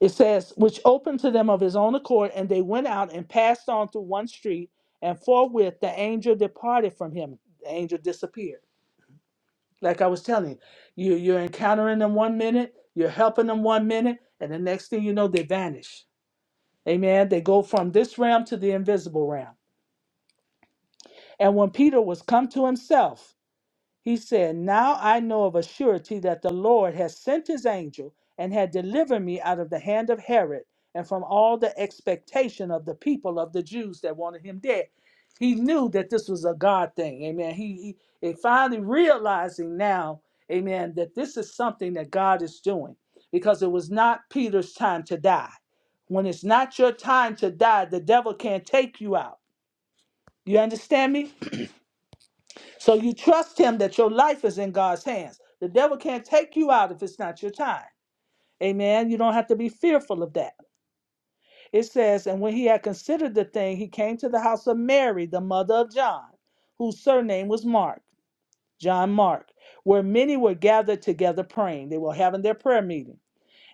it says, which opened to them of his own accord, and they went out and passed on through one street, and forthwith the angel departed from him. The angel disappeared. Like I was telling you, you you're encountering them one minute, you're helping them one minute, and the next thing you know, they vanish. Amen. They go from this realm to the invisible realm. And when Peter was come to himself, he said, Now I know of a surety that the Lord has sent his angel and had delivered me out of the hand of Herod and from all the expectation of the people of the Jews that wanted him dead. He knew that this was a God thing. Amen. He, he, he finally realizing now, amen, that this is something that God is doing because it was not Peter's time to die. When it's not your time to die, the devil can't take you out. You understand me? So you trust him that your life is in God's hands. The devil can't take you out if it's not your time. Amen. You don't have to be fearful of that. It says, And when he had considered the thing, he came to the house of Mary, the mother of John, whose surname was Mark, John Mark, where many were gathered together praying. They were having their prayer meeting.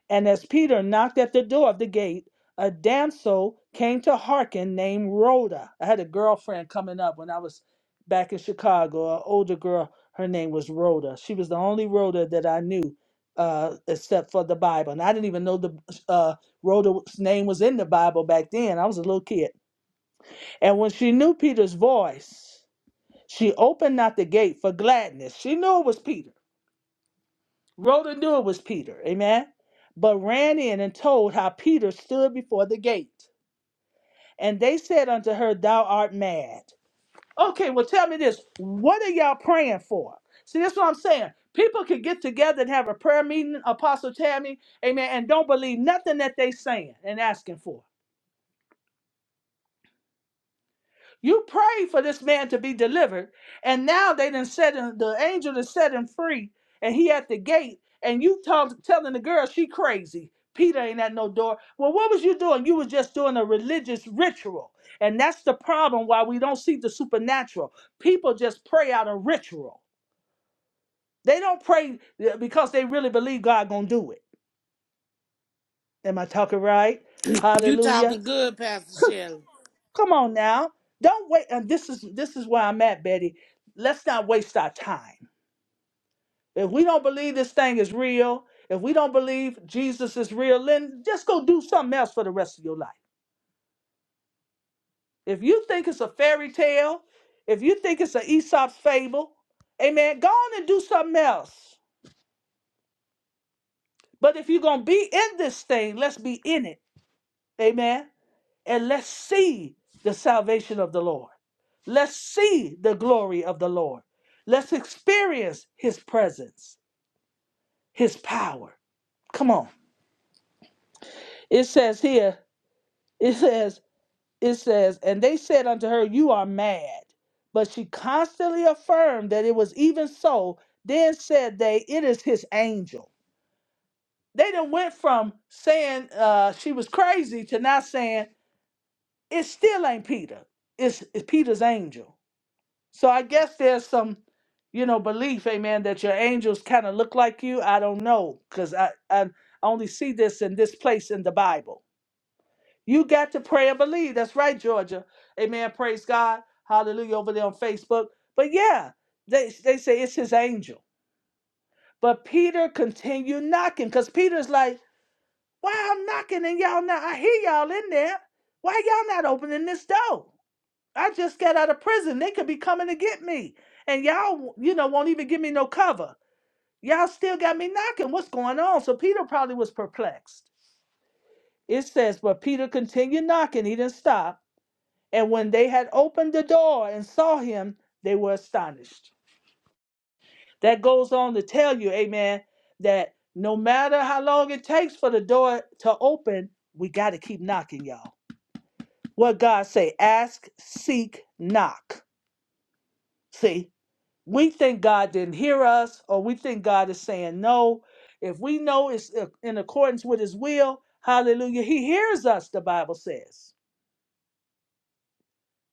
And as Peter knocked at the door of the gate, a damsel came to hearken named Rhoda. I had a girlfriend coming up when I was back in Chicago, an older girl. Her name was Rhoda. She was the only Rhoda that I knew, uh, except for the Bible. And I didn't even know the uh, Rhoda's name was in the Bible back then. I was a little kid. And when she knew Peter's voice, she opened not the gate for gladness. She knew it was Peter Rhoda knew it was Peter, amen, but ran in and told how Peter stood before the gate. And they said unto her, Thou art mad. Okay, well, tell me this. What are y'all praying for? See, that's what I'm saying. People can get together and have a prayer meeting, Apostle Tammy, amen, and don't believe nothing that they saying and asking for. You prayed for this man to be delivered, and now they done set him, the angel done set him free, and he at the gate, and you told, telling the girl she crazy. Peter ain't at no door. Well, what was you doing? You was just doing a religious ritual. And that's the problem why we don't see the supernatural. People just pray out of ritual. They don't pray uh, because they really believe God gonna do it. Am I talking right?
You
Hallelujah.
talking good, Pastor Shelley.
Come on now. Don't wait. And this is this is where I'm at, Betty. Let's not waste our time. If we don't believe this thing is real, if we don't believe Jesus is real, then just go do something else for the rest of your life. If you think it's a fairy tale, if you think it's an Aesop's fable, amen, go on and do something else. But if you're gonna be in this thing, let's be in it. Amen. and let's see the salvation of the Lord. Let's see the glory of the Lord. Let's experience his presence, his power. Come on. It says here, it says, it says, and they said unto her, You are mad. But she constantly affirmed that it was even so. Then said they, It is his angel. They done went from saying uh, she was crazy to now saying, It still ain't Peter. It's, it's Peter's angel. So I guess there's some, you know, belief, amen, that your angels kind of look like you. I don't know, because I, I I only see this in this place in the Bible. You got to pray and believe. That's right, Georgia. Amen. Praise God. Hallelujah. Over there on Facebook. But yeah, they they say it's his angel. But Peter continued knocking because Peter's like, why I'm knocking and y'all not I hear y'all in there. Why y'all not opening this door? I just got out of prison. They could be coming to get me. And y'all, you know, won't even give me no cover. Y'all still got me knocking. What's going on? So Peter probably was perplexed. It says, but Peter continued knocking. He didn't stop. And when they had opened the door and saw him, they were astonished. That goes on to tell you, amen, that no matter how long it takes for the door to open, we got to keep knocking, y'all. What God say, ask, seek, knock. See? we think God didn't hear us or we think God is saying no. If we know it's uh, in accordance with his will, hallelujah, he hears us, the Bible says.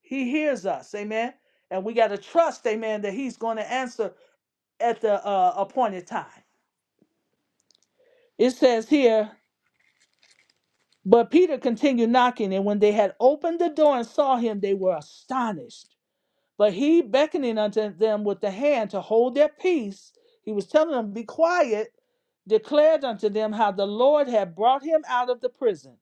He hears us, amen. And we got to trust, amen, that he's going to answer at the uh, appointed time. It says here, but Peter continued knocking, and when they had opened the door and saw him, they were astonished. But he beckoning unto them with the hand to hold their peace, he was telling them, Be quiet, declared unto them how the Lord had brought him out of the prison.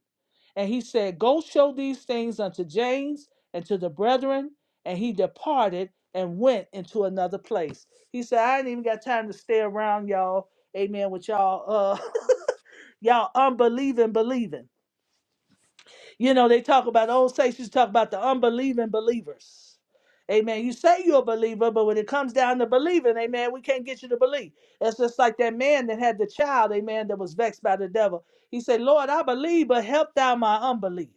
And he said, Go show these things unto James and to the brethren. And he departed and went into another place. He said, I ain't even got time to stay around y'all. Amen. With y'all, uh, [LAUGHS] y'all unbelieving, believing. You know, they talk about the old saints used to talk about the unbelieving believers. Amen. You say you're a believer, but when it comes down to believing, amen, we can't get you to believe. It's just like that man that had the child, amen, that was vexed by the devil. He said, Lord, I believe, but help thou my unbelief.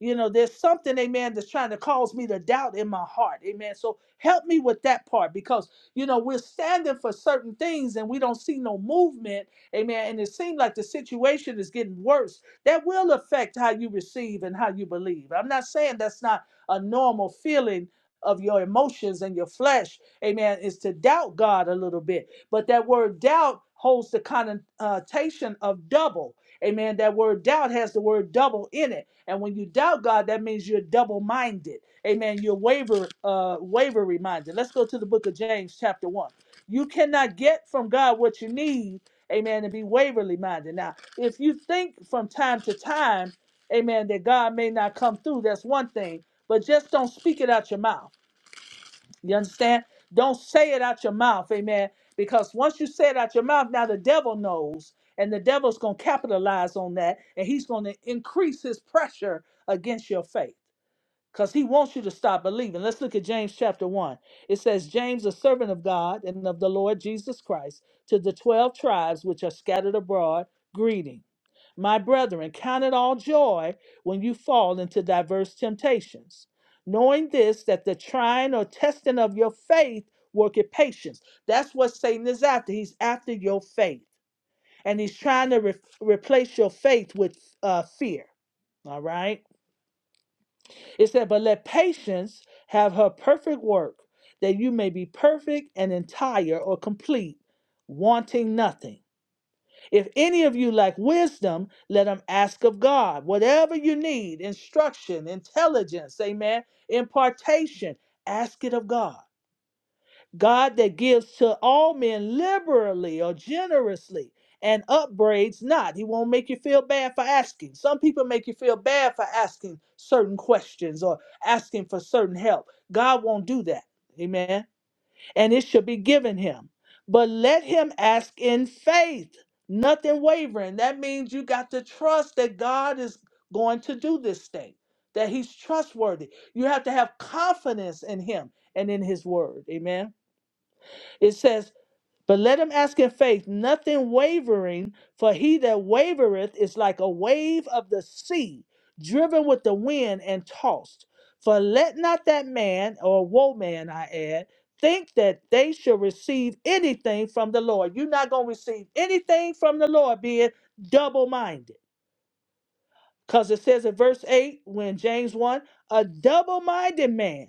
You know, there's something, amen, that's trying to cause me to doubt in my heart. Amen. So help me with that part because, you know, we're standing for certain things and we don't see no movement. Amen. And it seems like the situation is getting worse that will affect how you receive and how you believe. I'm not saying that's not a normal feeling of your emotions and your flesh, amen, is to doubt God a little bit. But that word doubt holds the connotation of double. Amen. That word doubt has the word double in it. And when you doubt God, that means you're double minded. Amen. You're waver, uh, wavery minded. Let's go to the book of James, chapter 1. You cannot get from God what you need amen, and be waverly minded. Now, if you think from time to time, amen, that God may not come through, that's one thing, but just don't speak it out your mouth. You understand? Don't say it out your mouth, amen, because once you say it out your mouth, now the devil knows, and the devil's going to capitalize on that, and he's going to increase his pressure against your faith because he wants you to stop believing. Let's look at James chapter 1. It says, James, a servant of God and of the Lord Jesus Christ, to the 12 tribes which are scattered abroad, greeting. My brethren, count it all joy when you fall into diverse temptations, knowing this, that the trying or testing of your faith worketh patience. That's what Satan is after. He's after your faith, and he's trying to re- replace your faith with uh, fear. All right. It said, But let patience have her perfect work, that you may be perfect and entire or complete, wanting nothing. If any of you lack wisdom, let him ask of God. Whatever you need instruction, intelligence, amen, impartation, ask it of God God that gives to all men liberally or generously and upbraids not. He won't make you feel bad for asking. Some people make you feel bad for asking certain questions or asking for certain help. God won't do that. Amen. And it should be given him. But let him ask in faith, nothing wavering. That means you got to trust that God is going to do this thing, that he's trustworthy. You have to have confidence in him and in his word. Amen. It says, But let him ask in faith, nothing wavering, for he that wavereth is like a wave of the sea, driven with the wind and tossed. For let not that man, or woe man, I add, think that they shall receive anything from the Lord. You're not going to receive anything from the Lord being double minded. Because it says in verse 8, when James 1, a double minded man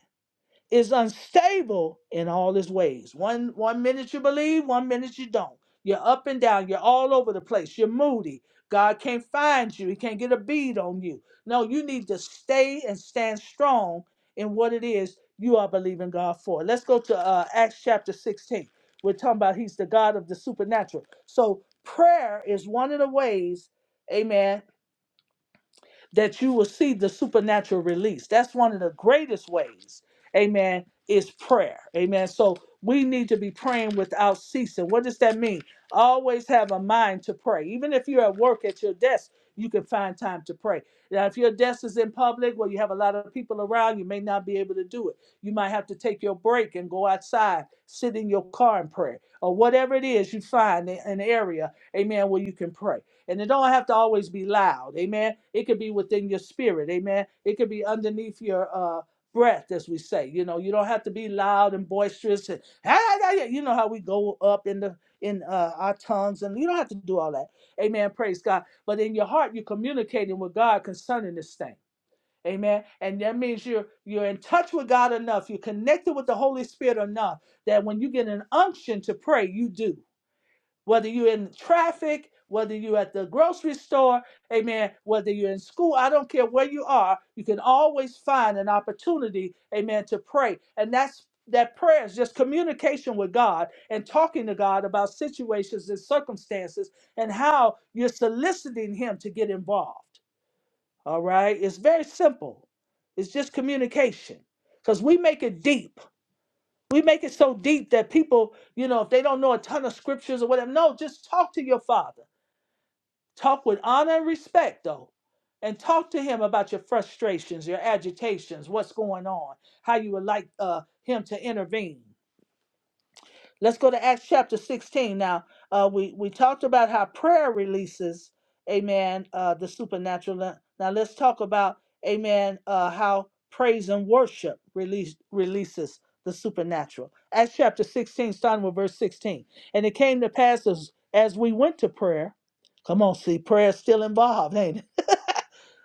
is unstable in all his ways. One one minute you believe, one minute you don't. You're up and down, you're all over the place, you're moody. God can't find you, he can't get a bead on you. No, you need to stay and stand strong in what it is you are believing God for. Let's go to uh, Acts chapter 16. We're talking about he's the God of the supernatural. So prayer is one of the ways, amen, that you will see the supernatural release. That's one of the greatest ways, amen, is prayer. Amen. So we need to be praying without ceasing. What does that mean? Always have a mind to pray. Even if you're at work at your desk, you can find time to pray. Now, if your desk is in public where you have a lot of people around, you may not be able to do it. You might have to take your break and go outside, sit in your car and pray, or whatever it is you find in an area, amen, where you can pray. And it don't have to always be loud. Amen. It could be within your spirit. Amen. It could be underneath your uh breath, as we say. You know, you don't have to be loud and boisterous and [LAUGHS] you know how we go up in the in uh, our tongues and you don't have to do all that. Amen. Praise God. But in your heart, you're communicating with God concerning this thing. Amen. And that means you're you're in touch with God enough. You're connected with the Holy Spirit enough that when you get an unction to pray, you do whether you're in traffic, whether you're at the grocery store, amen, whether you're in school, I don't care where you are, you can always find an opportunity, amen, to pray. And that's that prayer is just communication with God and talking to God about situations and circumstances and how you're soliciting Him to get involved. All right? It's very simple. It's just communication because we make it deep. We make it so deep that people, you know, if they don't know a ton of scriptures or whatever, no, just talk to your father. Talk with honor and respect, though. And talk to him about your frustrations, your agitations, what's going on, how you would like uh, him to intervene. Let's go to Acts chapter 16 now. Uh, we, we talked about how prayer releases, amen, uh, the supernatural. Now now let's talk about, amen, uh, how praise and worship release, releases the supernatural. Acts chapter 16, starting with verse 16. And it came to pass as, as we went to prayer. Come on, see, prayer is still involved, ain't it?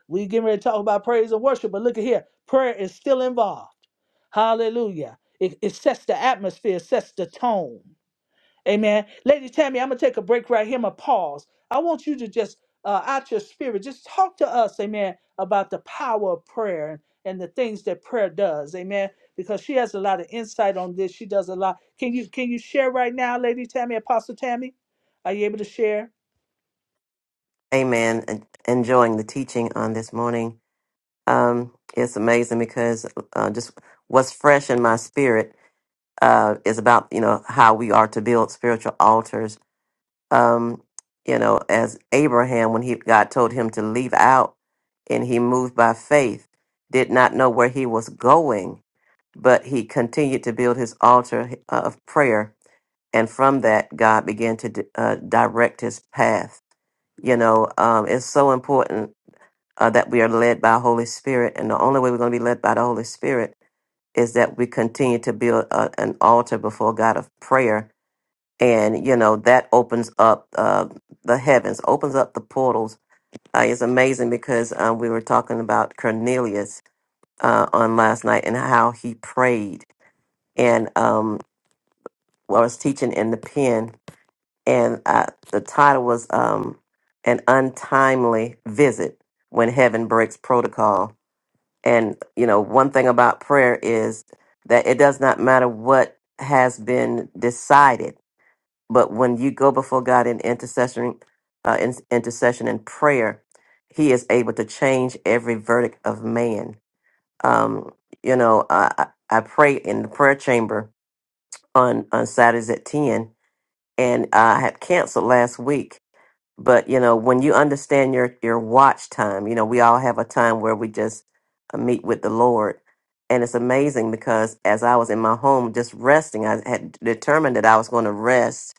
We getting ready to talk about praise and worship, but look at here. Prayer is still involved. Hallelujah. It, it sets the atmosphere, it sets the tone. Amen. Lady Tammy, I'm going to take a break right here. I'm going to pause. I want you to just, uh, out your spirit, just talk to us, amen, about the power of prayer and, and the things that prayer does. Amen. Because she has a lot of insight on this. She does a lot. Can you can you share right now, Lady Tammy, Apostle Tammy? Are you able to share?
Amen. En- Enjoying the teaching on this morning. Um, it's amazing because uh, just what's fresh in my spirit uh, is about you know how we are to build spiritual altars. Um, you know, as Abraham, when he God told him to leave out, and he moved by faith, did not know where he was going, but he continued to build his altar uh, of prayer and from that god began to di- uh, direct his path you know um, it's so important uh, that we are led by holy spirit and the only way we're going to be led by the holy spirit is that we continue to build a, an altar before god of prayer and you know that opens up uh, the heavens opens up the portals uh, it's amazing because um, we were talking about cornelius uh, on last night and how he prayed and um, i was teaching in the pen and uh, the title was um, "An Untimely Visit When Heaven Breaks Protocol." And you know, one thing about prayer is that it does not matter what has been decided, but when you go before God in intercession, uh, in intercession and prayer, He is able to change every verdict of man. Um, you know, I, I I pray in the prayer chamber on on Saturdays at ten, and I had canceled last week but you know when you understand your your watch time you know we all have a time where we just uh, meet with the lord and it's amazing because as i was in my home just resting i had determined that i was going to rest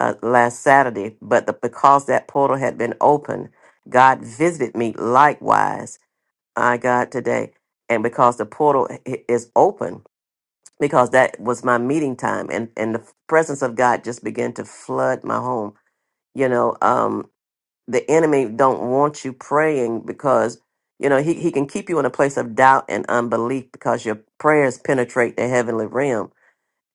uh, last saturday but the, because that portal had been open god visited me likewise i god today and because the portal i- is open because that was my meeting time and and the presence of god just began to flood my home you know um the enemy don't want you praying because you know he, he can keep you in a place of doubt and unbelief because your prayers penetrate the heavenly realm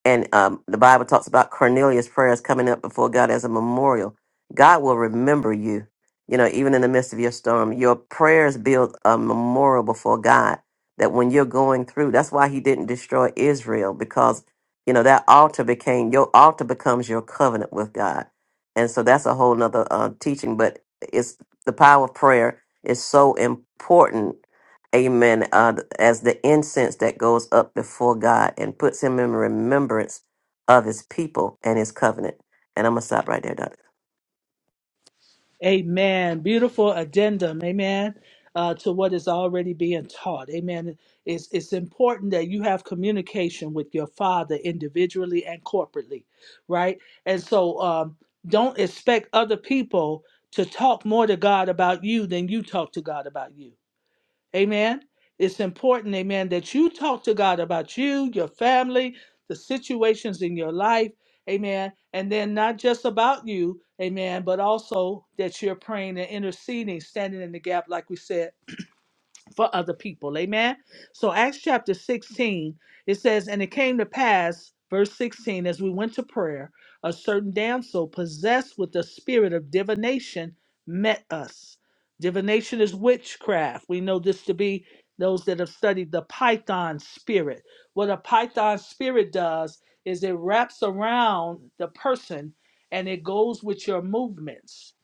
and um, the Bible talks about Cornelius' prayers coming up before God as a memorial. God will remember you, you know, even in the midst of your storm. Your prayers build a memorial before God that when you're going through, that's why he didn't destroy Israel because, you know, that altar became, your altar becomes your covenant with God. And so that's a whole nother uh, teaching, but it's the power of prayer is so important Amen. Uh, as the incense that goes up before God and puts him in remembrance of his people and his covenant. And I'm going to stop right there, Doctor.
Amen. Beautiful addendum. Amen. Uh, to what is already being taught. Amen. It's, it's important that you have communication with your father individually and corporately, right? And so um, don't expect other people to talk more to God about you than you talk to God about you Amen. It's important, amen, that you talk to God about you, your family, the situations in your life. Amen. And then not just about you, amen, but also that you're praying and interceding, standing in the gap, like we said for other people. Amen. So Acts chapter 16, it says, And it came to pass, verse 16, as we went to prayer, a certain damsel possessed with the spirit of divination met us. Divination is witchcraft. We know this to be those that have studied the python spirit. What a python spirit does is it wraps around the person and it goes with your movements.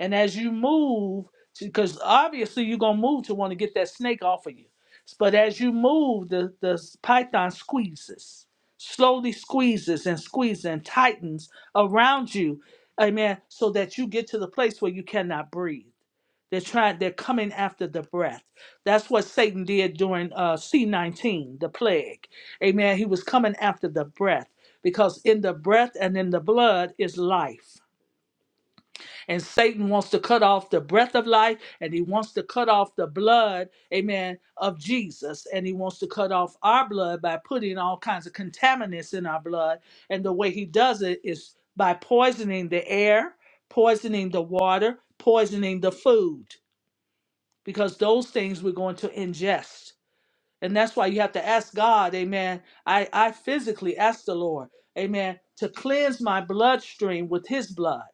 And as you move, because obviously you're gonna move to want to get that snake off of you. But as you move, the the python squeezes, slowly squeezes and squeezes and tightens around you, amen, so that you get to the place where you cannot breathe. They're trying. They're coming after the breath. That's what Satan did during uh, C19, the plague. Amen. He was coming after the breath because in the breath and in the blood is life. And Satan wants to cut off the breath of life and he wants to cut off the blood, amen, of Jesus. And he wants to cut off our blood by putting all kinds of contaminants in our blood. And the way he does it is by poisoning the air, poisoning the water, poisoning the food, because those things we're going to ingest. And that's why you have to ask God, amen. I, I physically ask the Lord, amen, to cleanse my bloodstream with his blood.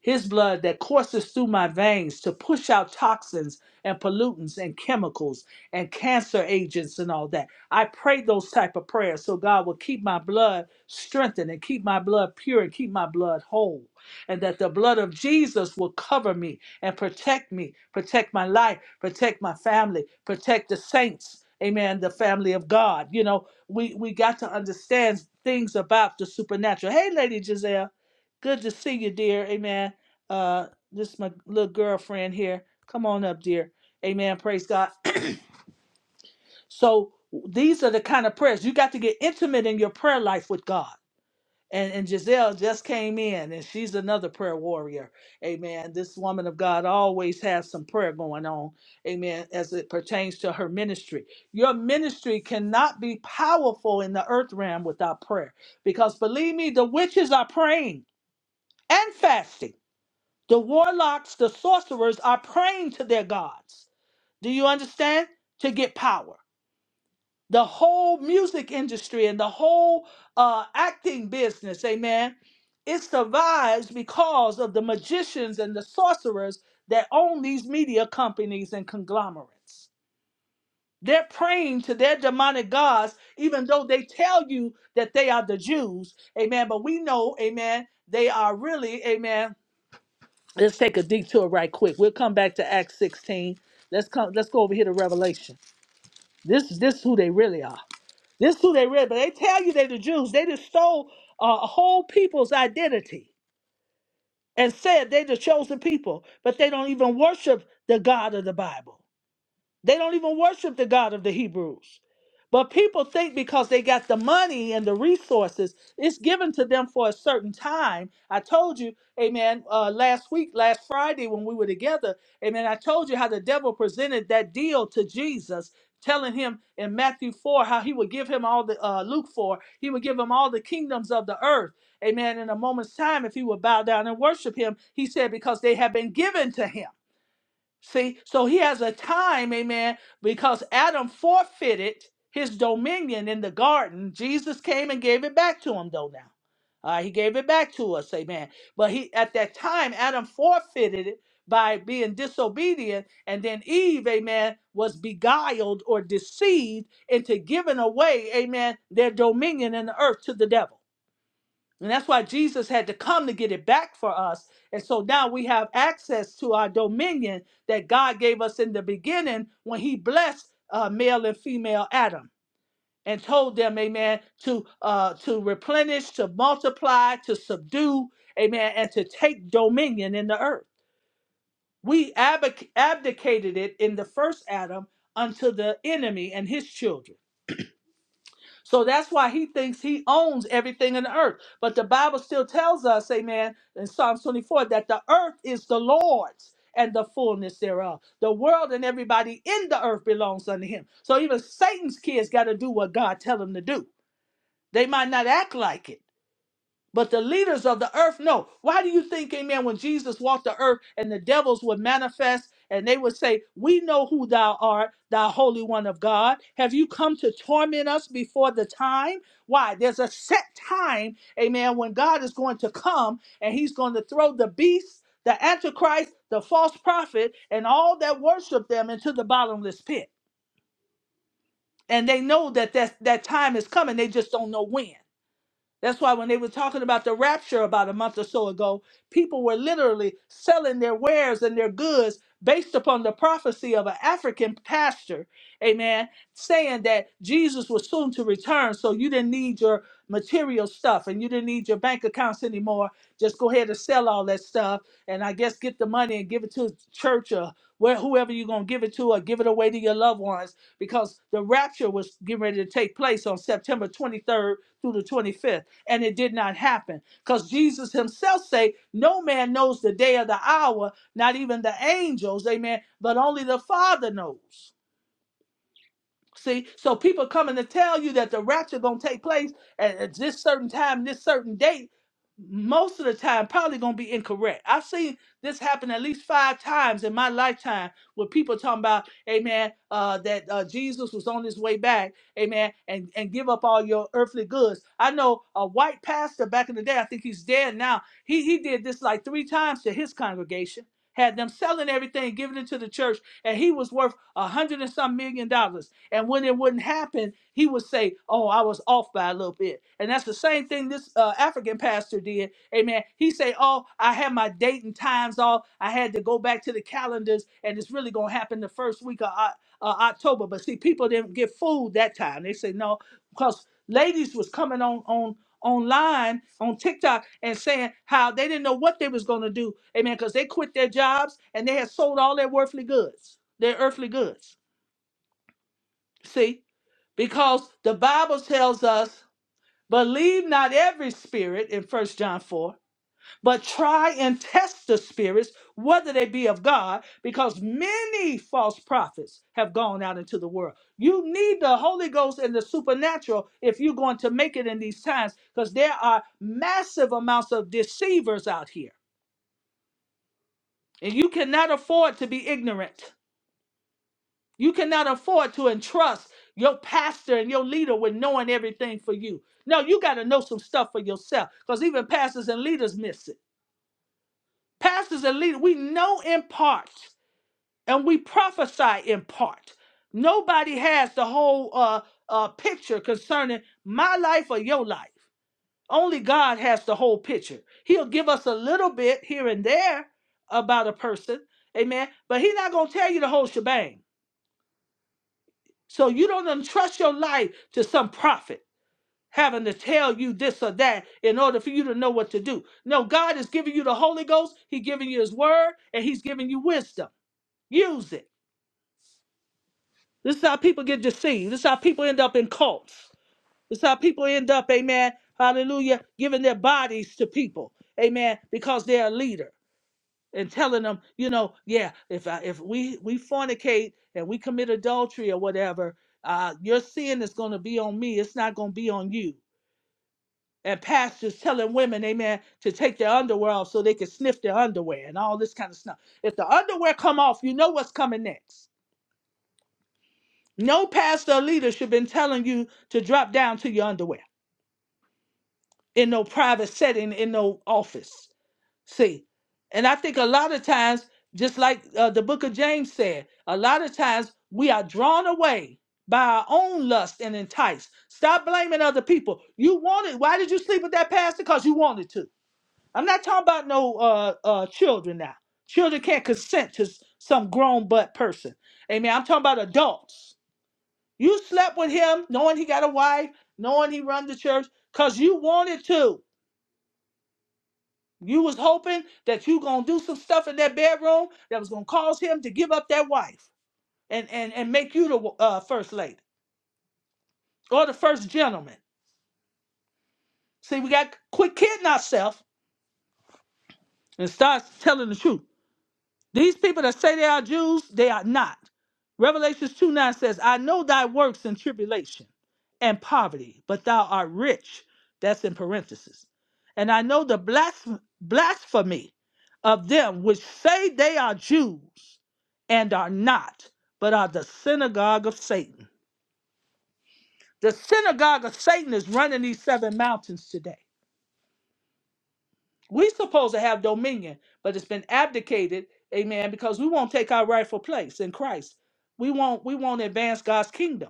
His blood that courses through my veins to push out toxins and pollutants and chemicals and cancer agents and all that. I pray those type of prayers so God will keep my blood strengthened and keep my blood pure and keep my blood whole. And that the blood of Jesus will cover me and protect me, protect my life, protect my family, protect the saints. Amen. The family of God. You know, we, we got to understand things about the supernatural. Hey, Lady Giselle. Good to see you, dear. Amen. Uh, this is my little girlfriend here. Come on up, dear. Amen. Praise God. So these are the kind of prayers you got to get intimate in your prayer life with God. And, and Giselle just came in, and she's another prayer warrior. Amen. This woman of God always has some prayer going on. Amen. As it pertains to her ministry, your ministry cannot be powerful in the earth realm without prayer. Because believe me, the witches are praying and fasting. The warlocks, the sorcerers are praying to their gods. Do you understand? To get power. The whole music industry and the whole uh, acting business, amen, it survives because of the magicians and the sorcerers that own these media companies and conglomerates. They're praying to their demonic gods, even though they tell you that they are the Jews, amen. But we know, amen, they are really, amen, Let's take a detour right quick. We'll come back to Acts 16. Let's come. Let's go over here to Revelation. This is this is who they really are. This is who they really. But they tell you they the Jews. They just stole uh, a whole people's identity and said they the chosen people. But they don't even worship the God of the Bible. They don't even worship the God of the Hebrews. But people think because they got the money and the resources, it's given to them for a certain time. I told you, amen, uh, last week, last Friday when we were together, amen, I told you how the devil presented that deal to Jesus, telling him in Matthew 4 how he would give him all the, uh, Luke 4, he would give him all the kingdoms of the earth, amen, in a moment's time if he would bow down and worship him. He said, because they have been given to him. See, so he has a time, amen, because Adam forfeited his dominion in the garden. Jesus came and gave it back to him, though, now. Uh, he gave it back to us, amen. But he at that time, Adam forfeited it by being disobedient, and then Eve, amen, was beguiled or deceived into giving away, amen, their dominion in the earth to the devil. And that's why Jesus had to come to get it back for us. And so now we have access to our dominion that God gave us in the beginning when he blessed uh, male and female Adam and told them, amen, to uh, to replenish, to multiply, to subdue, amen, and to take dominion in the earth. We abdic- abdicated it in the first Adam unto the enemy and his children. So that's why he thinks he owns everything in the earth. But the Bible still tells us, amen, in Psalms 24, that the earth is the Lord's and the fullness thereof. The world and everybody in the earth belongs unto him. So even Satan's kids got to do what God tell them to do. They might not act like it but the leaders of the earth know. Why do you think, amen, when Jesus walked the earth and the devils would manifest and they would say, We know who thou art, thou holy one of God. Have you come to torment us before the time? Why? There's a set time, amen, when God is going to come and he's going to throw the beast, the antichrist, the false prophet, and all that worship them into the bottomless pit. And they know that that, that time is coming, they just don't know when. That's why when they were talking about the rapture about a month or so ago, people were literally selling their wares and their goods based upon the prophecy of an African pastor, amen, saying that Jesus was soon to return, so you didn't need your material stuff and you didn't need your bank accounts anymore. Just go ahead and sell all that stuff and I guess get the money and give it to the church or where whoever you're going to give it to or give it away to your loved ones because the rapture was getting ready to take place on September 23rd through the 25th and it did not happen because jesus himself say no man knows the day or the hour not even the angels amen but only the father knows See, so people coming to tell you that the rapture gonna take place at, at this certain time, this certain date, most of the time probably gonna be incorrect. I've seen this happen at least five times in my lifetime with people talking about, Amen, uh, that uh, Jesus was on his way back, Amen, and and give up all your earthly goods. I know a white pastor back in the day, I think he's dead now. He he did this like three times to his congregation. Had them selling everything, giving it to the church, and he was worth a hundred and some million dollars and when it wouldn't happen, he would say, "Oh, I was off by a little bit." And that's the same thing this uh, African pastor did. Amen. He say, "Oh, I had my date and times off. I had to go back to the calendars, and it's really gonna happen the first week of Oc- uh, October." But see, people didn't get fooled that time. They said, "No," because ladies was coming on on online on TikTok and saying how they didn't know what they was gonna do. Amen. Because they quit their jobs and they had sold all their worthly goods, their earthly goods. See because the Bible tells us, believe not every spirit in First John 4, but try and test the spirits, whether they be of God, because many false prophets have gone out into the world. You need the Holy Ghost and the supernatural if you're going to make it in these times, because there are massive amounts of deceivers out here. And you cannot afford to be ignorant. You cannot afford to entrust your pastor and your leader with knowing everything for you. No, you got to know some stuff for yourself because even pastors and leaders miss it. Pastors and leaders, we know in part and we prophesy in part. Nobody has the whole uh, uh, picture concerning my life or your life. Only God has the whole picture. He'll give us a little bit here and there about a person, amen, but He's not going to tell you the whole shebang. So you don't entrust your life to some prophet having to tell you this or that in order for you to know what to do. No, God is giving you the Holy Ghost, He's giving you His word, and He's giving you wisdom. Use it. This is how people get deceived. This is how people end up in cults. This is how people end up, amen, hallelujah, giving their bodies to people, amen, because they're a leader. and telling them, you know, yeah, if I, if we we fornicate and we commit adultery or whatever, uh, your sin is going to be on me. It's not going to be on you. And pastors telling women, amen, to take their underwear off so they can sniff their underwear and all this kind of stuff. If the underwear come off, you know what's coming next. No pastor or leader should have been telling you to drop down to your underwear in no private setting, in no office. See, and I think a lot of times, just like uh, the book of James said, a lot of times we are drawn away by our own lust and enticed. Stop blaming other people. You wanted, why did you sleep with that pastor? Because you wanted to. I'm not talking about no uh, uh, children now. Children can't consent to s- some grown butt person. Amen. I'm talking about adults. You slept with him knowing he got a wife, knowing he run the church, because you wanted to. You was hoping that you gonna do some stuff in that bedroom that was gonna cause him to give up that wife and and and make you the uh, first lady or the first gentleman. See, we got quit kidding ourselves and start telling the truth. These people that say they are Jews, they are not. Revelations 2 9 says, I know thy works in tribulation and poverty, but thou art rich. That's in parentheses. And I know the blasph- blasphemy of them which say they are Jews and are not, but are the synagogue of Satan. The synagogue of Satan is running these seven mountains today. We supposed to have dominion, but it's been abdicated, amen, because we won't take our rightful place in Christ. We won't we won't advance God's kingdom.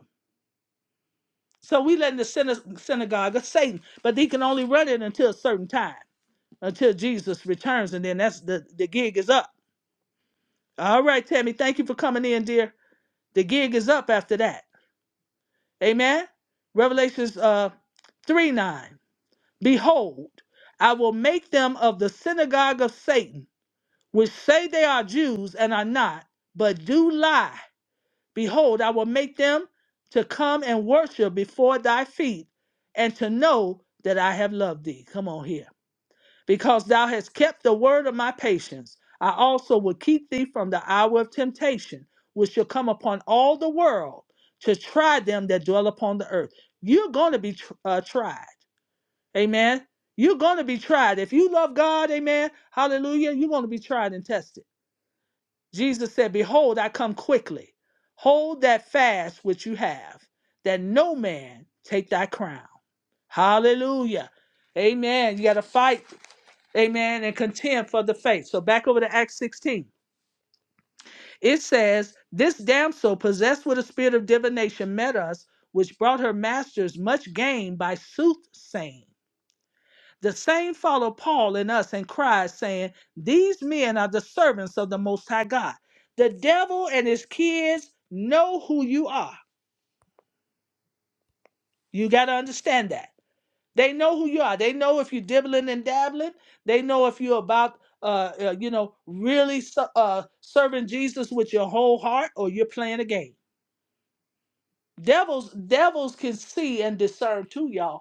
So we letting the syna- synagogue of Satan, but he can only run it until a certain time, until Jesus returns, and then that's the, the gig is up. All right, Tammy, thank you for coming in, dear. The gig is up after that. Amen. Revelations uh 3 9. Behold, I will make them of the synagogue of Satan which say they are Jews and are not, but do lie. Behold, I will make them to come and worship before thy feet, and to know that I have loved thee. Come on here. Because thou hast kept the word of my patience, I also will keep thee from the hour of temptation, which shall come upon all the world to try them that dwell upon the earth. You're going to be tr- uh, tried. Amen. You're going to be tried. If you love God, amen. Hallelujah. You're going to be tried and tested. Jesus said, Behold, I come quickly. Hold that fast which you have, that no man take thy crown. Hallelujah. Amen. You got to fight, amen, and contend for the faith. So back over to Acts 16. It says, This damsel, possessed with a spirit of divination, met us, which brought her masters much gain by soothsaying. The same follow Paul and us and cried, saying, These men are the servants of the Most High God. The devil and his kids know who you are. You got to understand that. They know who you are. They know if you're dibbling and dabbling. They know if you're about, uh, uh, you know, really ser- uh, serving Jesus with your whole heart or you're playing a game. Devils, devils can see and discern too, y'all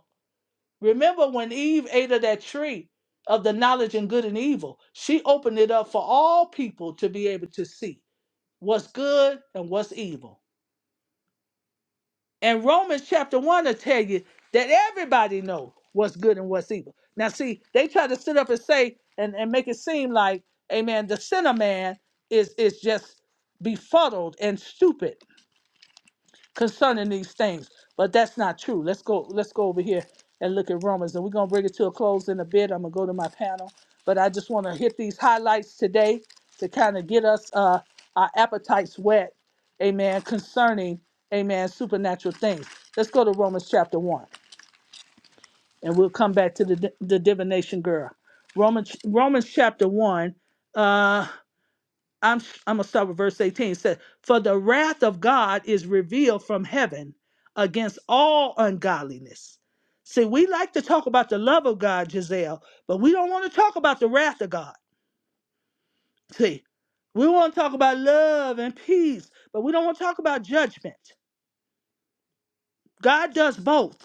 Remember when Eve ate of that tree of the knowledge and good and evil, she opened it up for all people to be able to see what's good and what's evil. And Romans chapter 1 will tell you that everybody know what's good and what's evil. Now see, they try to sit up and say and, and make it seem like, amen, the sinner man is is just befuddled and stupid concerning these things. But that's not true. Let's go, let's go over here and look at Romans. And we're gonna bring it to a close in a bit. I'm gonna go to my panel. But I just wanna hit these highlights today to kind of get us uh our appetites wet, amen, concerning, amen, supernatural things. Let's go to Romans chapter one and we'll come back to the the divination girl. Romans Romans chapter one. uh. I'm I'm gonna start with verse 18. It says, For the wrath of God is revealed from heaven against all ungodliness. See, we like to talk about the love of God, Giselle, but we don't want to talk about the wrath of God. See, we want to talk about love and peace, but we don't want to talk about judgment. God does both,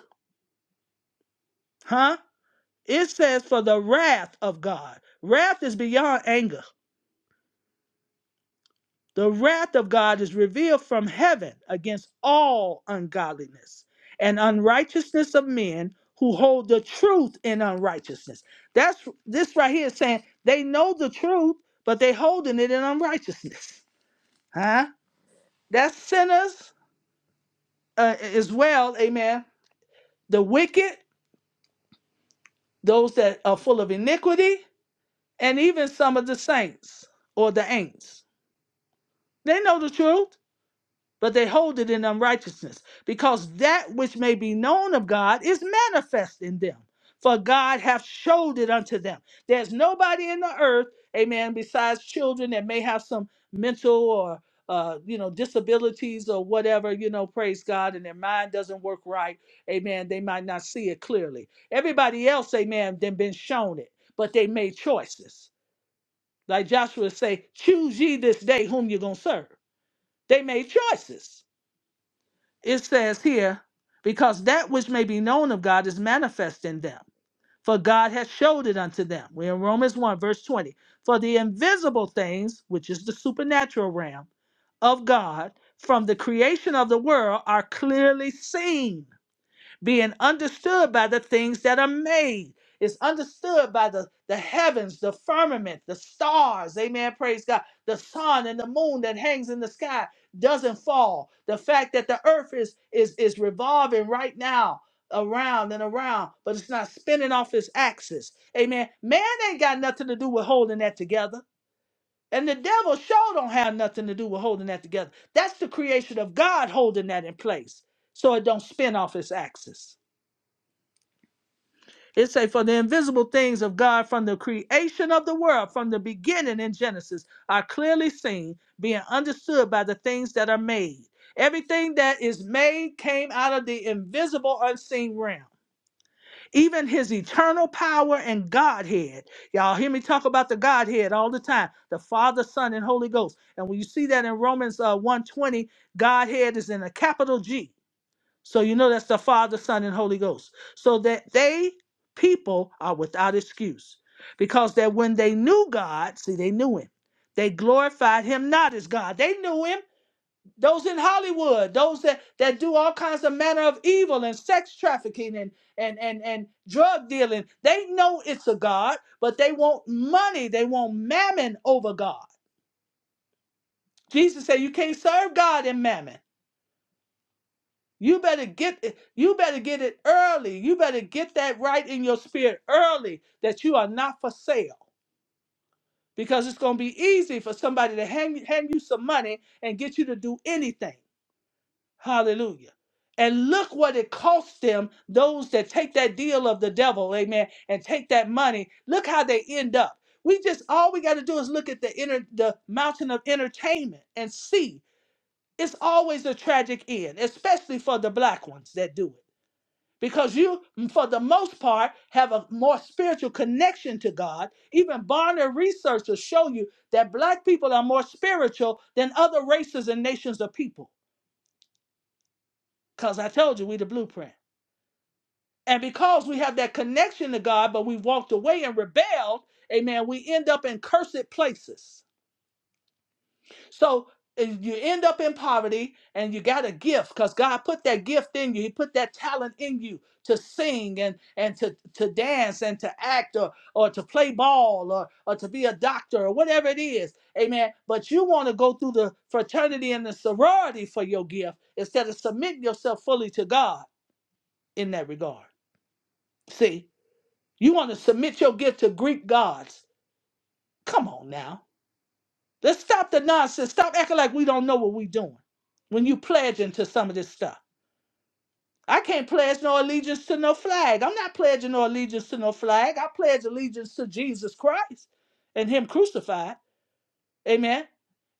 huh? It says, For the wrath of God. Wrath is beyond anger. The wrath of God is revealed from heaven against all ungodliness and unrighteousness of men who hold the truth in unrighteousness. That's this right here is saying they know the truth, but they holding it in unrighteousness. [LAUGHS] Huh? That's sinners uh, as well, amen. The wicked, those that are full of iniquity, and even some of the saints or the ain'ts. They know the truth, but they hold it in unrighteousness, because that which may be known of God is manifest in them. For God hath showed it unto them. There's nobody in the earth, amen, besides children that may have some mental or uh, you know, disabilities or whatever, you know, praise God, and their mind doesn't work right, amen. They might not see it clearly. Everybody else, amen, then been shown it, but they made choices. Like Joshua say, choose ye this day whom you're gonna serve. They made choices it says here, because that which may be known of God is manifest in them, for God has showed it unto them. We're in Romans 1, verse 20. For the invisible things, which is the supernatural realm of God, from the creation of the world are clearly seen being understood by the things that are made. It's understood by the, the heavens, the firmament, the stars. Amen. Praise God. The sun and the moon that hangs in the sky doesn't fall. The fact that the earth is is is revolving right now around and around, but it's not spinning off its axis. Amen. Man ain't got nothing to do with holding that together. And the devil sure don't have nothing to do with holding that together. That's the creation of God holding that in place so it don't spin off its axis. It say, for the invisible things of God from the creation of the world, from the beginning in Genesis, are clearly seen, being understood by the things that are made. Everything that is made came out of the invisible, unseen realm. Even his eternal power and Godhead. Y'all hear me talk about the Godhead all the time the Father, Son, and Holy Ghost. And when you see that in Romans uh, 120, Godhead is in a capital G. So you know that's the Father, Son, and Holy Ghost. So that they, people, are without excuse. Because that when they knew God, see, they knew him. They glorified him not as God. They knew him. Those in Hollywood, those that, that do all kinds of manner of evil and sex trafficking and, and, and, and drug dealing, they know it's a God, but they want money. They want mammon over God. Jesus said, You can't serve God and mammon. You better get it. You better get it early. You better get that right in your spirit early that you are not for sale. Because it's going to be easy for somebody to hand, hand you some money and get you to do anything. Hallelujah. And look what it costs them, those that take that deal of the devil, amen, and take that money. Look how they end up. We just, all we got to do is look at the, inner, the mountain of entertainment and see it's always a tragic end, especially for the black ones that do it because you for the most part have a more spiritual connection to god even barnard research will show you that black people are more spiritual than other races and nations of people because i told you we the blueprint and because we have that connection to god but we walked away and rebelled amen we end up in cursed places So if you end up in poverty and you got a gift because God put that gift in you. He put that talent in you to sing and, and to, to dance and to act or, or to play ball or, or to be a doctor or whatever it is. Amen. But you want to go through the fraternity and the sorority for your gift instead of submitting yourself fully to God in that regard. See, you want to submit your gift to Greek gods. Come on now. Let's stop the nonsense. Stop acting like we don't know what we're doing when you pledging to some of this stuff. I can't pledge no allegiance to no flag. I'm not pledging no allegiance to no flag. I pledge allegiance to Jesus Christ and Him crucified. Amen.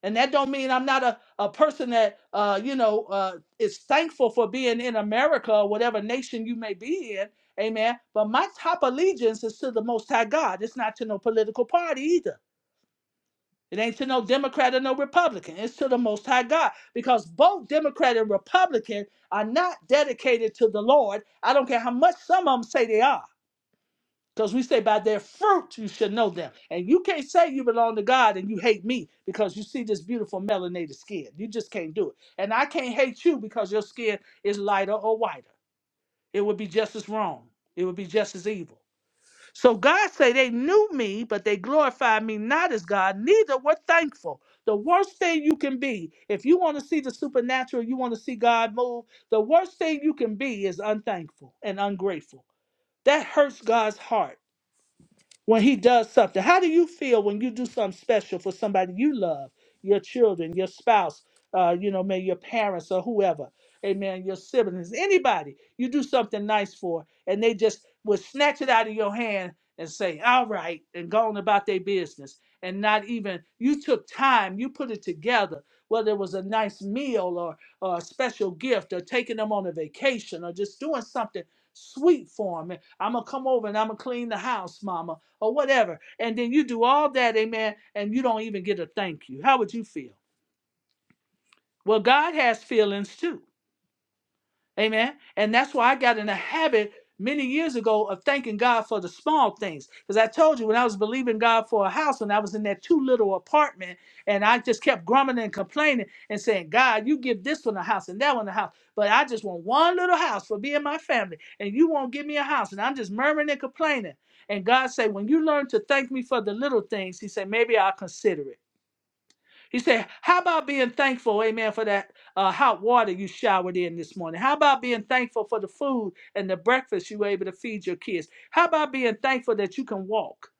And that don't mean I'm not a, a person that uh, you know uh, is thankful for being in America or whatever nation you may be in. Amen. But my top allegiance is to the Most High God. It's not to no political party either. It ain't to no Democrat or no Republican. It's to the Most High God because both Democrat and Republican are not dedicated to the Lord. I don't care how much some of them say they are because we say by their fruit you should know them. And you can't say you belong to God and you hate me because you see this beautiful melanated skin. You just can't do it. And I can't hate you because your skin is lighter or whiter. It would be just as wrong, it would be just as evil. So God say they knew me, but they glorified me not as God, neither were thankful. The worst thing you can be, if you want to see the supernatural, you want to see God move, the worst thing you can be is unthankful and ungrateful. That hurts God's heart when he does something. How do you feel when you do something special for somebody you love, your children, your spouse, uh, you know, maybe your parents or whoever, amen, your siblings, anybody you do something nice for, and they just would snatch it out of your hand and say, all right, and go on about their business. And not even, you took time, you put it together, whether it was a nice meal or, or a special gift or taking them on a vacation or just doing something sweet for them. I'm going to come over and I'm going to clean the house, mama or whatever. And then you do all that, amen, and you don't even get a thank you. How would you feel? Well, God has feelings too. Amen. And that's why I got in the habit many years ago of thanking God for the small things. Because I told you when I was believing God for a house and I was in that two little apartment and I just kept grumbling and complaining and saying, God, you give this one a house and that one a house. But I just want one little house for me and my family. And you won't give me a house. And I'm just murmuring and complaining. And God said, when you learn to thank me for the little things, he said, maybe I'll consider it. He said, How about being thankful, amen, for that uh, hot water you showered in this morning? How about being thankful for the food and the breakfast you were able to feed your kids? How about being thankful that you can walk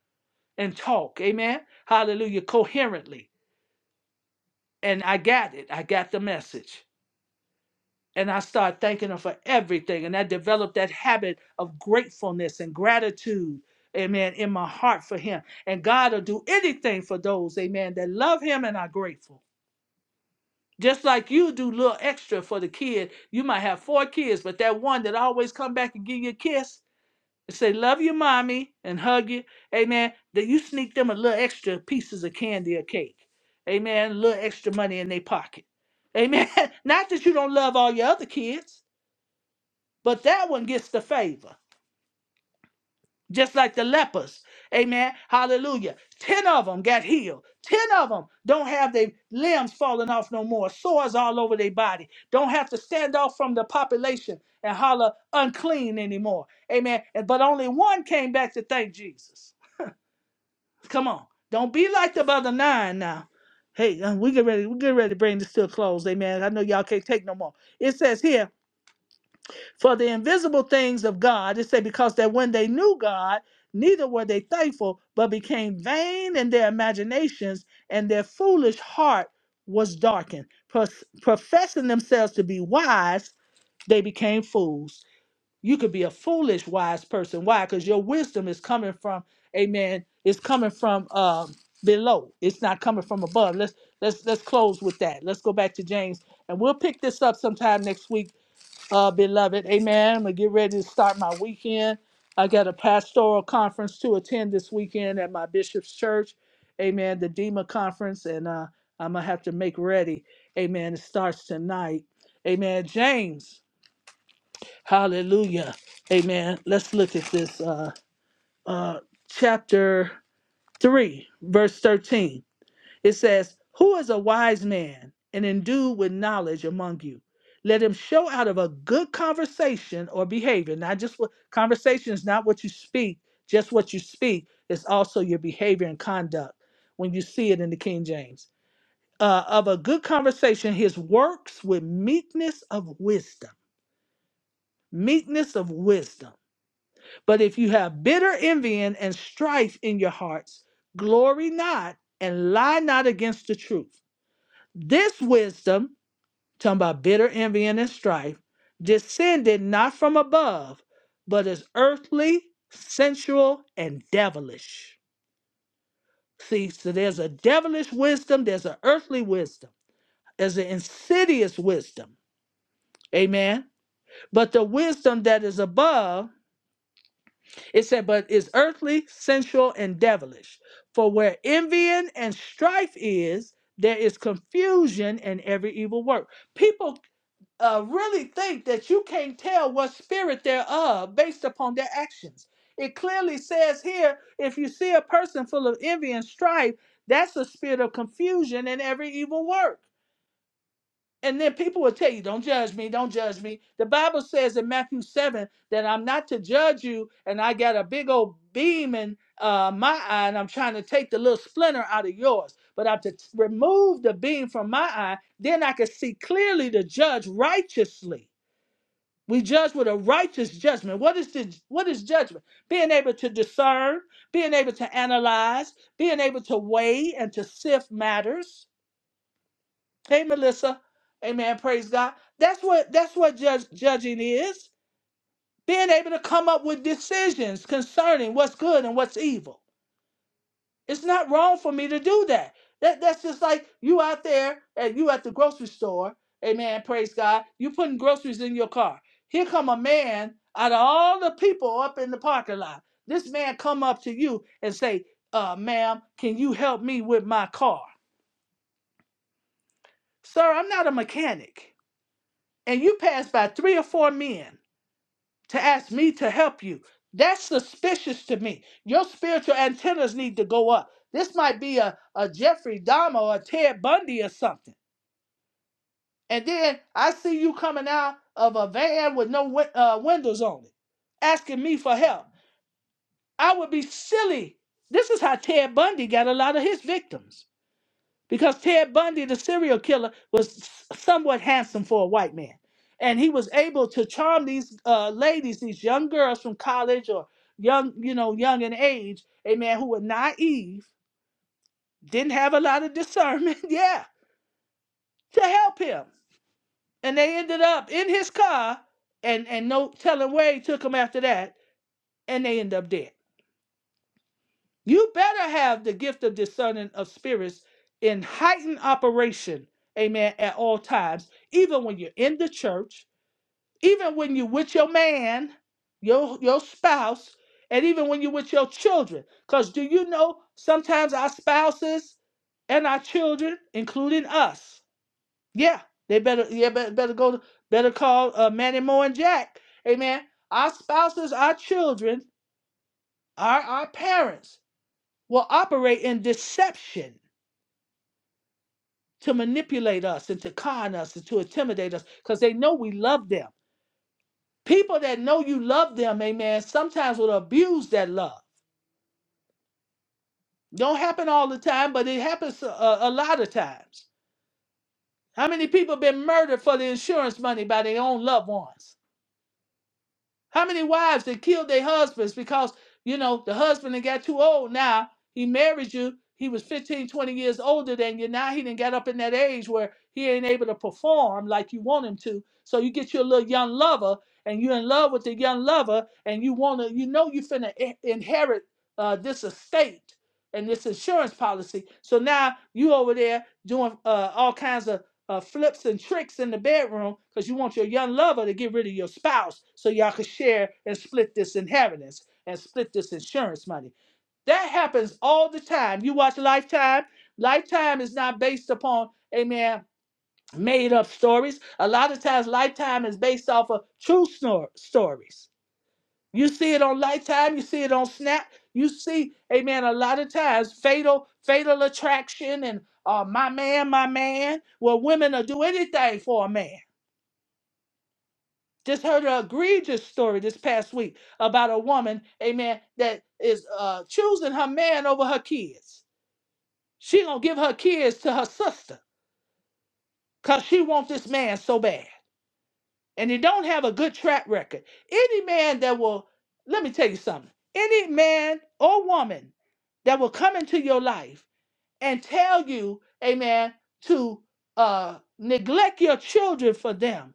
and talk, amen? Hallelujah, coherently. And I got it, I got the message. And I started thanking him for everything. And I developed that habit of gratefulness and gratitude, amen, in my heart for him. And God will do anything for those, amen, that love him and are grateful. Just like you do little extra for the kid. You might have four kids, but that one that always come back and give you a kiss and say, love you, mommy, and hug you. Amen. That you sneak them a little extra pieces of candy or cake. Amen. A little extra money in their pocket. Amen. [LAUGHS] Not that you don't love all your other kids, but that one gets the favor just like the lepers. Amen. Hallelujah. Ten of them got healed. Ten of them don't have their limbs falling off no more, sores all over their body. Don't have to stand off from the population and holler unclean anymore. Amen. And- But only one came back to thank Jesus. Come on. Don't be like the other nine now. Hey, uh, we get ready. We get ready to bring this to a close. Amen. I know y'all can't take no more. It says here for the invisible things of God. It said, because that when they knew God, neither were they thankful, but became vain in their imaginations, and their foolish heart was darkened. Pros- professing themselves to be wise, they became fools. You could be a foolish wise person. Why? Because your wisdom is coming from, amen, it's coming from um, below. It's not coming from above. Let's let's let's close with that. Let's go back to James and we'll pick this up sometime next week uh, beloved. Amen. I'm going to get ready to start my weekend. I got a pastoral conference to attend this weekend at my bishop's church. Amen. The DEMA conference. And uh, I'm going to have to make ready. Amen. It starts tonight. Amen. James. Hallelujah. Amen. Let's look at this. Uh, uh, chapter 3, verse 13. It says, Who is a wise man and endued with knowledge among you? Let him show out of a good conversation or behavior, not just what conversation is not what you speak, just what you speak, it's also your behavior and conduct when you see it in the King James. Uh, of a good conversation, his works with meekness of wisdom. Meekness of wisdom. But if you have bitter envying and strife in your hearts, glory not and lie not against the truth. This wisdom, talking about bitter envy and this strife, descended not from above, but is earthly, sensual, and devilish. See, so there's a devilish wisdom, there's an earthly wisdom, there's an insidious wisdom. Amen. But the wisdom that is above, it said, but is earthly, sensual, and devilish. For where envying and strife is, there is confusion and every evil work. People uh, really think that you can't tell what spirit they're of based upon their actions. It clearly says here if you see a person full of envy and strife, that's a spirit of confusion and every evil work. And then people will tell you, don't judge me, don't judge me. The Bible says in Matthew 7 that I'm not to judge you, and I got a big old beam in uh, my eye, and I'm trying to take the little splinter out of yours. But i have to t- remove the beam from my eye, then I can see clearly to judge righteously. We judge with a righteous judgment. What is the, what is judgment? Being able to discern, being able to analyze, being able to weigh and to sift matters. Hey, Melissa. Amen. Praise God. That's what that's what judge, judging is. Being able to come up with decisions concerning what's good and what's evil. It's not wrong for me to do that. That that's just like you out there and you at the grocery store. Amen. Praise God. You putting groceries in your car. Here come a man out of all the people up in the parking lot. This man come up to you and say, uh, "Ma'am, can you help me with my car?" Sir, I'm not a mechanic. And you pass by three or four men to ask me to help you. That's suspicious to me. Your spiritual antennas need to go up. This might be a, a Jeffrey Dahmer or a Ted Bundy or something. And then I see you coming out of a van with no win- uh, windows on it, asking me for help. I would be silly. This is how Ted Bundy got a lot of his victims because Ted Bundy, the serial killer, was somewhat handsome for a white man, and he was able to charm these uh, ladies, these young girls from college or young, you know, young in age, amen, who were naive, didn't have a lot of discernment, [LAUGHS] yeah, to help him, and they ended up in his car, and and no telling where he took them after that, and they end up dead. You better have the gift of discerning of spirits in heightened operation, amen, at all times, even when you're in the church, even when you're with your man, your, your spouse, and even when you're with your children. Because do you know sometimes our spouses and our children, including us, yeah, they better yeah better, better go to better call uh, Manny Moore and Jack, amen. Our spouses, our children, are our parents will operate in deception to manipulate us and to con us and to intimidate us because they know we love them. People that know you love them, amen, sometimes will abuse that love. Don't happen all the time, but it happens a, a lot of times. How many people been murdered for the insurance money by their own loved ones? How many wives that killed their husbands because, you know, the husband that got too old now, he married you, he was 15, 20 years older than you. Now he didn't get up in that age where he ain't able to perform like you want him to. So you get your little young lover and you're in love with the young lover and you want to, you know, you finna i- inherit uh, this estate and this insurance policy. So now you over there doing uh, all kinds of uh, flips and tricks in the bedroom because you want your young lover to get rid of your spouse so y'all can share and split this inheritance and split this insurance money. That happens all the time. You watch Lifetime. Lifetime is not based upon, amen, made up stories. A lot of times, Lifetime is based off of true snor- stories you see it on Lifetime, you see it on Snap. You see, amen, a lot of times fatal, fatal attraction and uh, my man, my man. Well, women will do anything for a man. Just heard an egregious story this past week about a woman, amen, that is uh, choosing her man over her kids. She gonna give her kids to her sister because she wants this man so bad. and they don't have a good track record, any man that will, let me tell you something, any man or woman that will come into your life and tell you, amen, to uh, neglect your children for them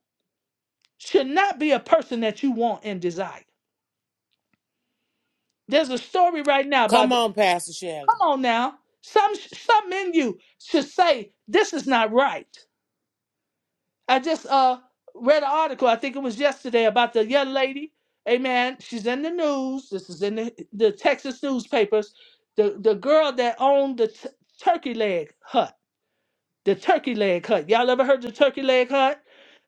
should not be a person that you want and desire. There's a story right now
Come
about,
on, Pastor Shelley.
come on now, some, some in you should say, this is not right. I just uh read an article, I think it was yesterday, about the young lady. Amen. She's in the news. This is in the, the Texas newspapers. The the girl that owned the t- turkey leg hut. The turkey leg hut. Y'all ever heard the turkey leg hut?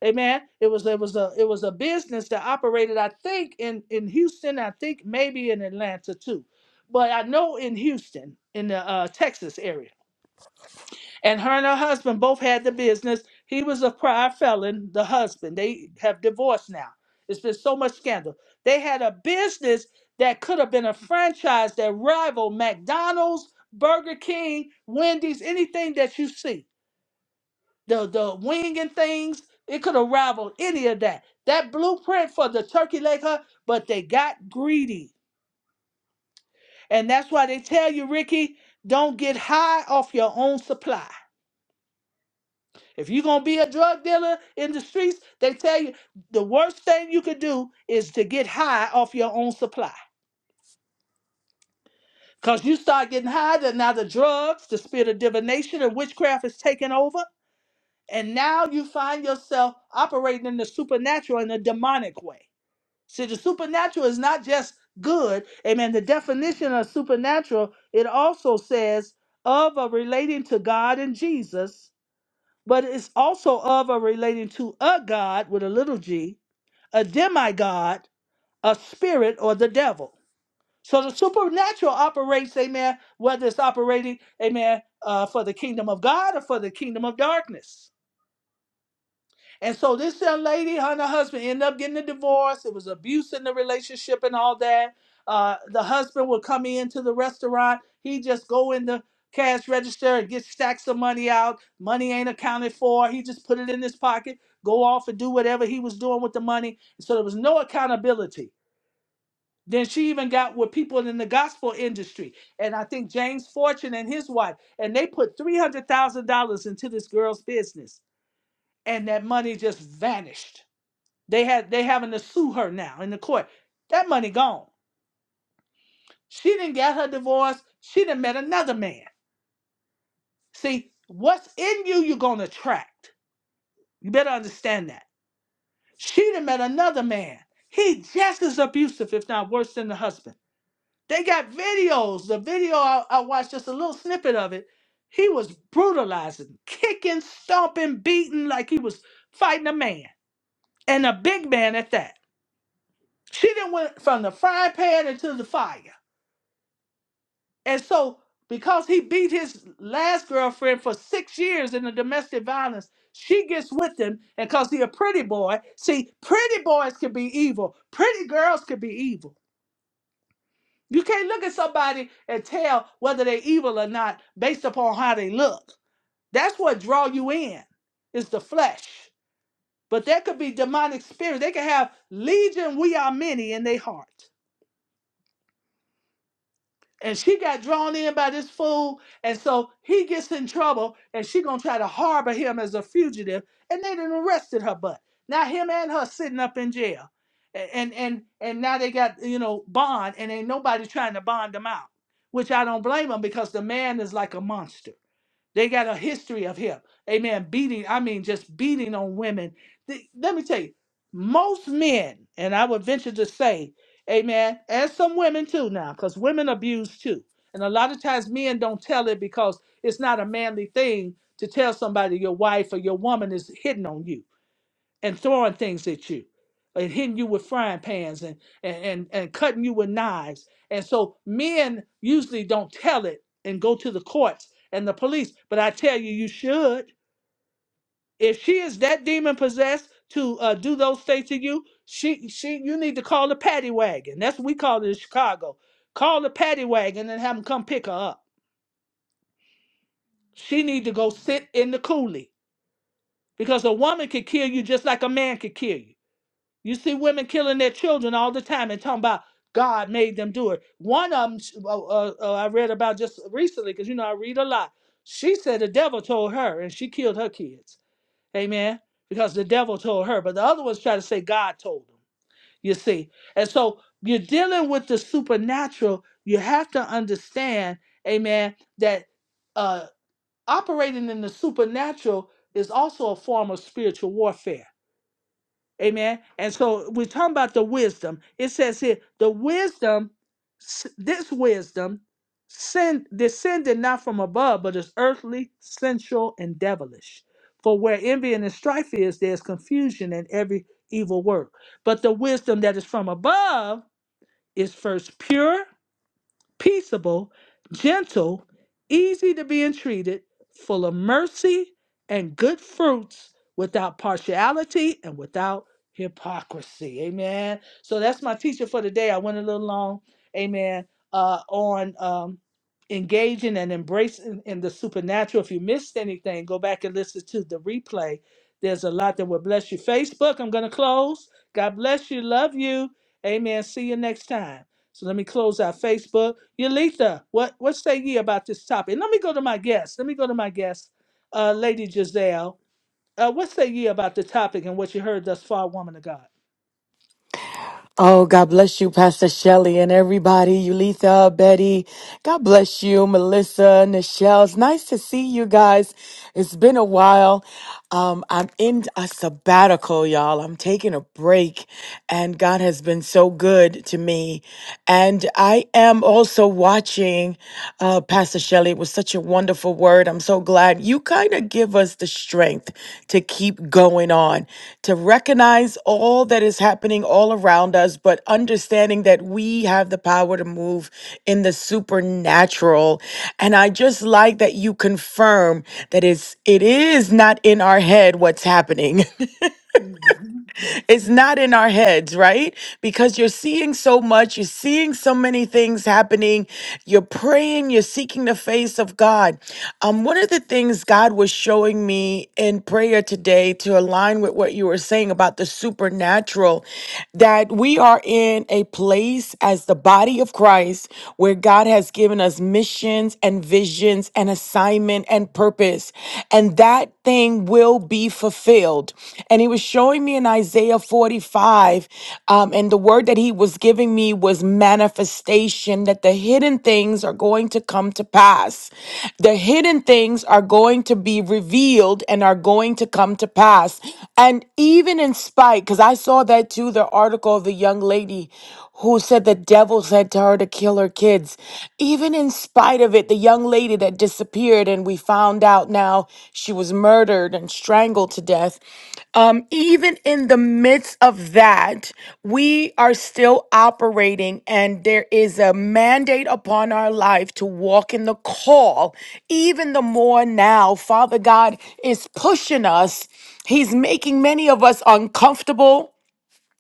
Amen. It was it was a it was a business that operated, I think, in in Houston. I think maybe in Atlanta too, but I know in Houston, in the uh, Texas area and her and her husband both had the business. He was a prior felon, the husband. They have divorced now. It's been so much scandal. They had a business that could have been a franchise that rivaled McDonald's, Burger King, Wendy's, anything that you see. The the wing and things, it could have rivaled any of that. That blueprint for the turkey leg hut, but they got greedy. And that's why they tell you, Ricky, don't get high off your own supply If you're gonna be a drug dealer in the streets, they tell you the worst thing you could do is to get high off your own supply. Cause you start getting high, then now the drugs, the spirit of divination and witchcraft is taking over, and now you find yourself operating in the supernatural in a demonic way. See, the supernatural is not just good. Amen. The definition of supernatural, it also says of or relating to God and Jesus but it's also of or relating to a god with a little g, a demigod, a spirit, or the devil. So the supernatural operates, amen, whether it's operating, amen, uh, for the kingdom of God or for the kingdom of darkness. And so this young lady, her and her husband ended up getting a divorce. It was abuse in the relationship and all that. Uh, the husband would come into the restaurant. He just go in the cash register and get stacks of money out. Money ain't accounted for. He just put it in his pocket, go off and do whatever he was doing with the money. So there was no accountability. Then she even got with people in the gospel industry. And I think James Fortune and his wife, and they put $300,000 into this girl's business. And that money just vanished they had they having to sue her now in the court. That money gone. She didn't get her divorce. She done met another man. See, what's in you, you're gonna attract. You better understand that. She done met another man. He just as abusive, if not worse than the husband. They got videos. The video I, I watched just a little snippet of it. He was brutalizing, kicking, stomping, beating like he was fighting a man. And a big man at that. She done went from the frying pan into the fire. And so, because he beat his last girlfriend for six years in the domestic violence, she gets with him. And because he a pretty boy, see, pretty boys can be evil. Pretty girls can be evil. You can't look at somebody and tell whether they're evil or not based upon how they look. That's what draw you in, is the flesh. But there could be demonic spirits. They could have legion, we are many in their heart. and she got drawn in by this fool and so he gets in trouble and she gonna try to harbor him as a fugitive and they done arrested her butt now him and her sitting up in jail and and and now they got you know bond and ain't nobody trying to bond them out which i don't blame them because the man is like a monster they got a history of him. Amen. Beating, I mean, just beating on women. Th- let me tell you, most men, and I would venture to say, amen, and some women too now, because women abuse too. And a lot of times men don't tell it because it's not a manly thing to tell somebody your wife or your woman is hitting on you and throwing things at you and hitting you with frying pans and, and, and, and cutting you with knives. And so men usually don't tell it and go to the courts and the police. But I tell you, you should. If she is that demon possessed to uh, do those things to you, she she you need to call the paddy wagon. That's what we call it in Chicago. Call the paddy wagon and have them come pick her up. She need to go sit in the coolie because a woman could kill you just like a man could kill you. You see women killing their children all the time and talking about God made them do it. One of them, uh, uh, uh, I read about just recently, because you know I read a lot. She said the devil told her and she killed her kids. Amen. Because the devil told her, but the other ones try to say God told them. You see. And so you're dealing with the supernatural. You have to understand, amen, that uh, operating in the supernatural is also a form of spiritual warfare Amen. And so we're talking about the wisdom. It says here, the wisdom, s- this wisdom, sin descended not from above, but is earthly, sensual, and devilish. For where envy and strife is, there's confusion in every evil work. But the wisdom that is from above is first pure peaceable, gentle, easy to be entreated, full of mercy and good fruits, without partiality and without hypocrisy. Amen. So that's my teacher for today. I went a little long. Amen. Uh, on um, engaging and embracing in the supernatural. If you missed anything, go back and listen to the replay. There's a lot that will bless you. Facebook, I'm going to close. God bless you. Love you. Amen. See you next time. So let me close out Facebook. Yalitha. what what say ye about this topic? Let me go to my guest. Let me go to my guest, uh, Lady Giselle. Uh, what say ye about the topic and what you heard thus far, woman of God?
Oh, God bless you, Pastor Shelley and everybody. Ulitha, Betty. God bless you, Melissa, Nichelle. It's nice to see you guys. It's been a while. Um, I'm in a sabbatical, y'all. I'm taking a break, and God has been so good to me. And I am also watching, uh, Pastor Shelley. Shelley. It was such a wonderful word. I'm so glad you kind of give us the strength to keep going on, to recognize all that is happening all around us, but understanding that we have the power to move in the supernatural. And I just like that you confirm that it's it is not in our head what's happening. [LAUGHS]
Mhm.
It's not in our heads, right? Because you're seeing so much, you're seeing so many things happening, you're praying, you're seeking the face of God. Um, one of the things God was showing me in prayer today to align with what you were saying about the supernatural, that we are in a place as the body of Christ where God has given us missions and visions and assignment and purpose. And that thing will be fulfilled. And he was showing me in Isaiah 45, um, and the word that he was giving me was manifestation that the hidden things are going to come to pass. The hidden things are going to be revealed and are going to come to pass. And even in spite, because I saw that too, the article of the young lady who said the devil said to her to kill her kids. Even in spite of it, the young lady that disappeared and we found out now she was murdered and strangled to death, um, even in the midst of that, we are still operating and there is a mandate upon our life to walk in the call. Even the more now, Father God is pushing us. He's making many of us uncomfortable.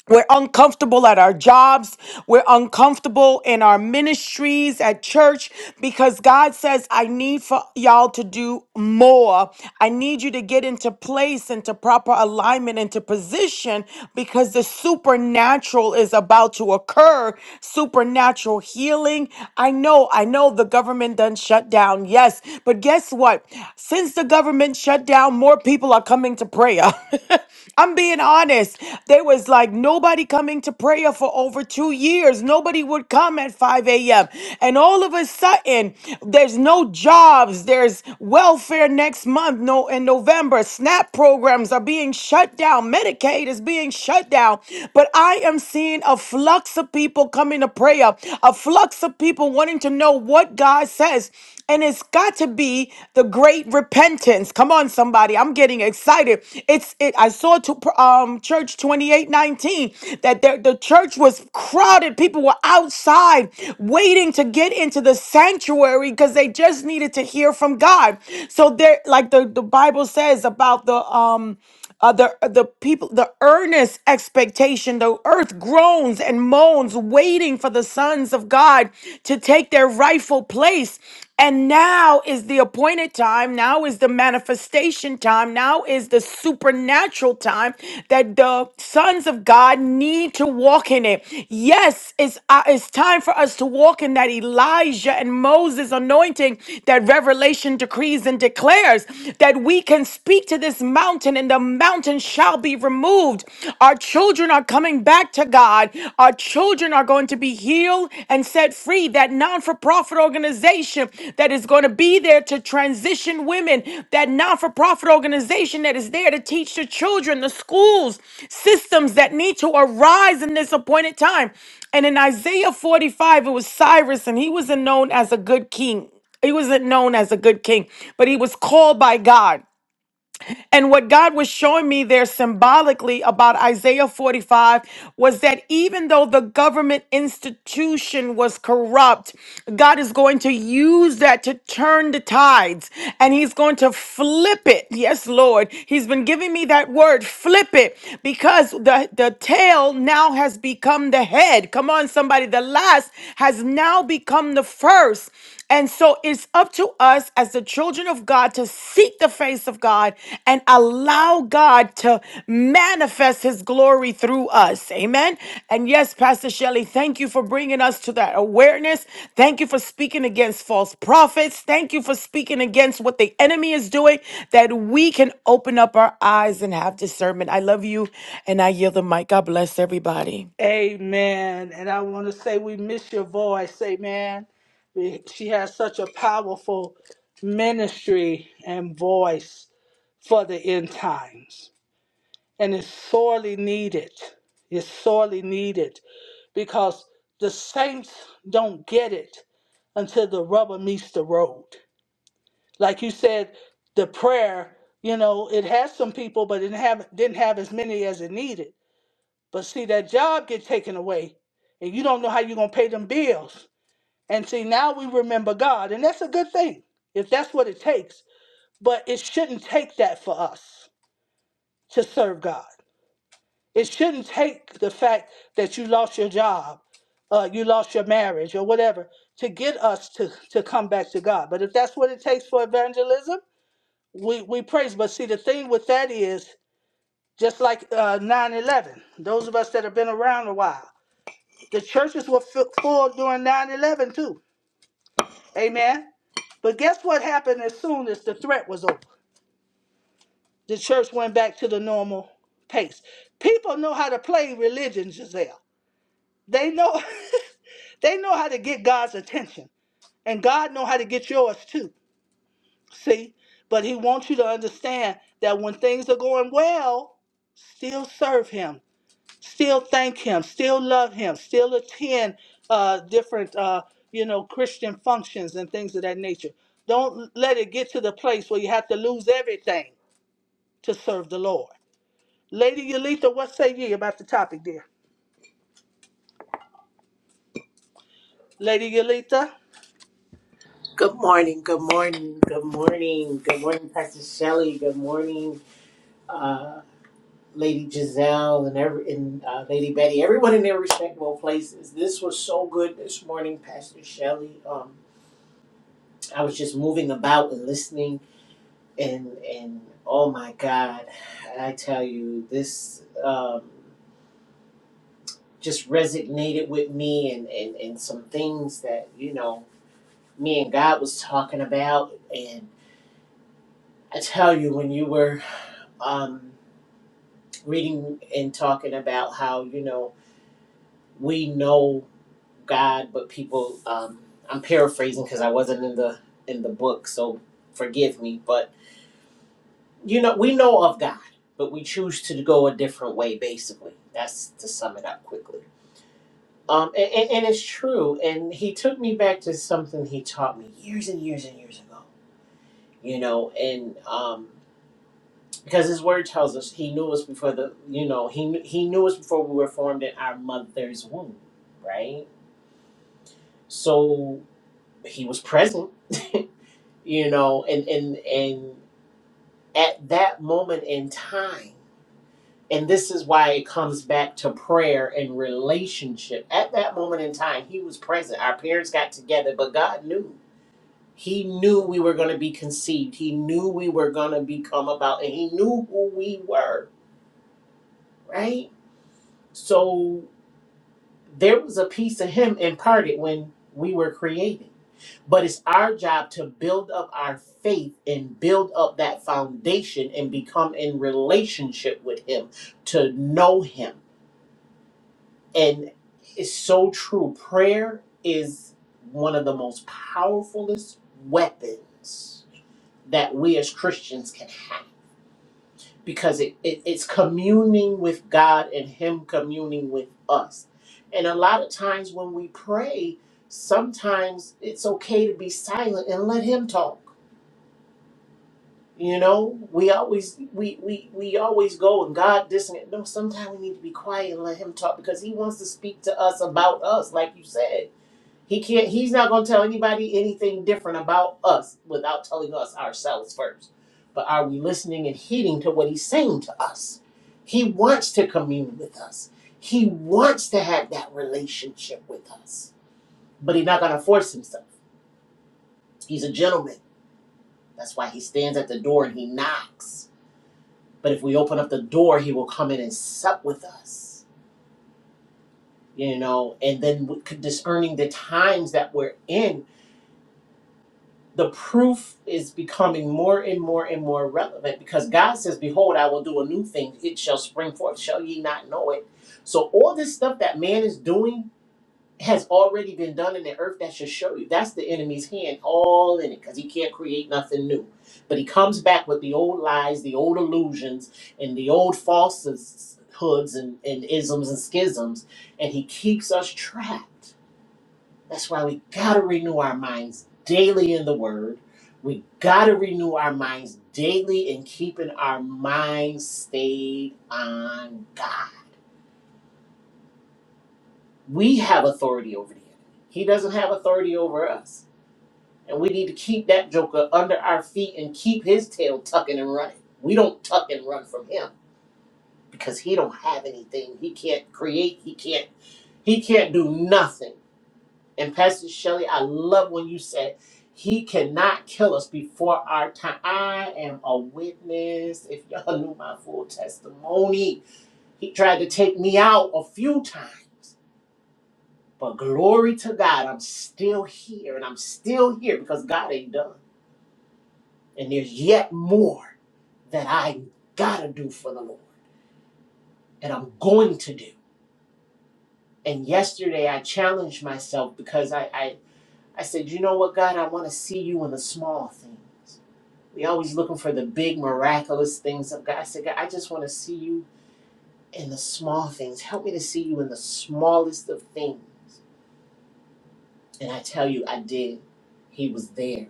We're uncomfortable at our jobs. We're uncomfortable in our ministries at church because God says, I need for y'all to do more. I need you to get into place, into proper alignment, into position because the supernatural is about to occur. Supernatural healing. I know, I know the government done shut down. Yes. But guess what? Since the government shut down, more people are are coming to prayer. [LAUGHS] I'm being honest. There was like nobody coming to prayer for over two years. Nobody would come at 5 a.m. And all of a sudden, there's no jobs. There's welfare next month, no in November. SNAP programs are being shut down. Medicaid is being shut down. But I am seeing a flux of people coming to prayer, a flux of people wanting to know what God says. And it's it's got to be the great repentance. Come on, somebody. I'm getting excited. It's it I saw to um church 2819 that there, the church was crowded. People were outside waiting to get into the sanctuary because they just needed to hear from God. So they're like the, the Bible says about the um uh, the uh, the people the earnest expectation the earth groans and moans waiting for the sons of god to take their rightful place and now is the appointed time now is the manifestation time now is the supernatural time that the sons of god need to walk in it yes it's uh, it's time for us to walk in that elijah and moses anointing that revelation decrees and declares that we can speak to this this mountain, and the mountain shall be removed. Our children are coming back to God. Our children are going to be healed and set free. That non for profit organization that is going to be there to transition women, that non for profit organization that is there to teach the children, the schools, systems that need to arise in this appointed time. And in Isaiah 45, it was Cyrus, and he wasn't known as a good king. He wasn't known as a good king, but he was called by God. And what God was showing me there symbolically about Isaiah 45 was that even though the government institution was corrupt, God is going to use that to turn the tides and he's going to flip it. Yes, Lord. He's been giving me that word, flip it, because the, the tail now has become the head. Come on, somebody. The last has now become the first. And so it's up to us as the children of God to seek the face of God and allow God to manifest his glory through us. Amen. And yes, Pastor Shelley, thank you for bringing us to that awareness. Thank you for speaking against false prophets. Thank you for speaking against what the enemy is doing, that we can open up our eyes and have discernment. I love you and I yield the mic. God bless everybody.
Amen. And I want to say we miss your voice. Amen. We- She has such a powerful ministry and voice for the end times. and it's sorely needed. It's sorely needed because the saints don't get it until the rubber meets the road. Like you said, the prayer, you know, it has some people, but it didn't have, didn't have as many as it needed. But see, that job get taken away, and you don't know how you're gonna pay them bills. And see, now we remember God, and that's a good thing if that's what it takes. But it shouldn't take that for us to serve God. It shouldn't take the fact that you lost your job, uh, you lost your marriage, or whatever, to get us to, to come back to God. But if that's what it takes for evangelism, we, we praise. But see, the thing with that is just like uh, 9 11, those of us that have been around a while, the churches were fi- full during 9 11 too. Amen. But guess what happened as soon as the threat was over? The church went back to the normal pace. People know how to play religion, Giselle. They know [LAUGHS] they know how to get God's attention. And God know how to get yours too. See? But he wants you to understand that when things are going well, still serve him, still thank him, still love him, still attend uh, different uh, you know Christian functions and things of that nature. Don't let it get to the place where you have to lose everything to serve the Lord. Lady Yolita, what say ye about the topic, dear? Lady Yolita?
Good morning, good morning, good morning, good morning, Pastor Shelley. Good morning, uh, Lady Giselle and every and uh, Lady Betty. Everyone in their respectable places. This was so good this morning, Pastor Shelley. Um, I was just moving about and listening, and and oh my God, I tell you, this um, just resonated with me, and and and some things that you know me and God was talking about, and I tell you when you were. Um, reading and talking about how you know we know God, but people. Um, I'm paraphrasing because I wasn't in the in the book, so forgive me. But you know, we know of God, but we choose to go a different way. Basically, that's to sum it up quickly. Um, and, and, and it's true. And he took me back to something he taught me years and years and years ago. You know, and um, because his word tells us he knew us before the you know he he knew us before we were formed in our mother's womb right so he was present [LAUGHS] you know and and and at that moment in time and this is why it comes back to prayer and relationship at that moment in time he was present our parents got together but god knew he knew we were going to be conceived he knew we were going to become about and he knew who we were right so There was a piece of him imparted when we were created. But it's our job to build up our faith and build up that foundation and become in relationship with Him, to know Him. And it's so true. Prayer is one of the most powerfulest weapons that we as Christians can have because it, it it's communing with God and Him communing with us. And a lot of times when we pray, sometimes it's okay to be silent and let Him talk. You know, we always we we we always go and God this and that. No, sometimes we need to be quiet and let Him talk because He wants to speak to us about us, like you said he can't. He's not going to tell anybody anything different about us without telling us ourselves first. But are we listening and heeding to what he's saying to us? He wants to commune with us. He wants to have that relationship with us. But he's not going to force himself. He's a gentleman. That's why he stands at the door and he knocks. But if we open up the door, he will come in and sup with us. You know, and then discerning the times that we're in the proof is becoming more and more and more relevant because God says, Behold, I will do a new thing. It shall spring forth. Shall ye not know it? So, all this stuff that man is doing has already been done in the earth. That should show you. That's the enemy's hand all in it because he can't create nothing new. But he comes back with the old lies, the old illusions, and the old falsehoods and, and isms and schisms, and he keeps us trapped. That's why we got to renew our minds daily in the Word. We got to renew our minds daily in keeping our minds stayed on God. We have authority over the enemy, He doesn't have authority over us. And we need to keep that joker under our feet and keep his tail tucking and running. We don't tuck and run from him because he don't have anything. He can't create. He can't. He can't do nothing. And Pastor Shelley, I love when you said, He cannot kill us before our time. I am a witness. If y'all [LAUGHS] knew my full testimony, He tried to take me out a few times. But glory to God, I'm still here and I'm still here because God ain't done. And there's yet more that I gotta do for the Lord and I'm going to do. And yesterday I challenged myself because I, I, I said, you know what, God, I wanna see you in the small things. We always looking for the big miraculous things of God. I said, God, I just want to see you in the small things. Help me to see you in the smallest of things. And I tell you, I did. He was there.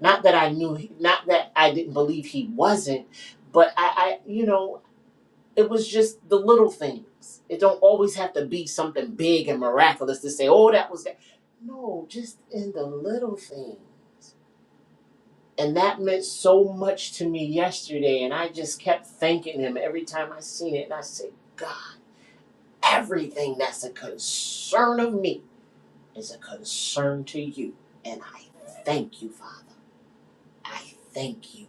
Not that I knew, not that I didn't believe he wasn't, but I, I you know, it was just the little things. It don't always have to be something big and miraculous to say, oh, that was that. No, just in the little things. And that meant so much to me yesterday. And I just kept thanking him every time I seen it. And I said, God, everything that's a concern of me is a concern to you. And I thank you, Father. I thank you.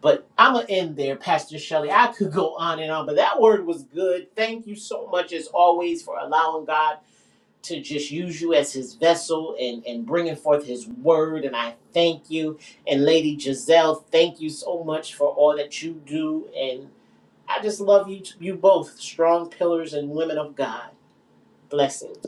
But I'm going to end there, Pastor Shelley. I could go on and on, but that word was good. Thank you so much, as always, for allowing God. to just use you as his vessel and, and bringing forth his word. And I thank you. And Lady Giselle, thank you so much for all that you do. And I just love you, you both, strong pillars and women of God. Blessings.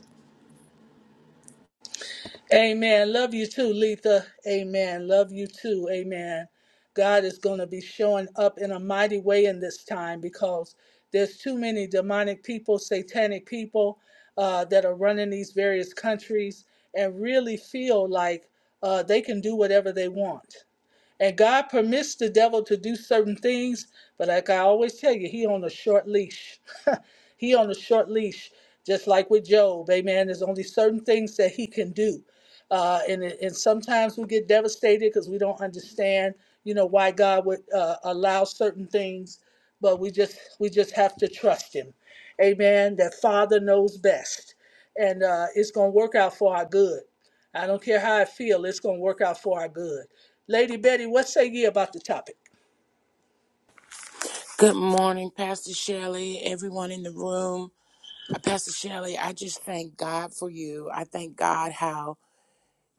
Amen. Love you too, Letha. Amen. Love you too. Amen. God is going to be showing up in a mighty way in this time because there's too many demonic people, satanic people uh, that are running these various countries and really feel like uh, they can do whatever they want. And God permits the devil to do certain things, but like I always tell you, he on a short leash. [LAUGHS] he on a short leash, just like with Job. Amen. There's only certain things that he can do, uh, and it- and sometimes we get devastated because we don't understand, you know, why God would uh, allow certain things. But we just we just have to trust Him, Amen. That Father knows best, and uh, it's gonna work out for our good. I don't care how I feel, it's going to work out for our good. Lady Betty, what say ye about the topic?
Good morning, Pastor Shelley, everyone in the room. Uh, Pastor Shelley, I just thank God for you. I thank God how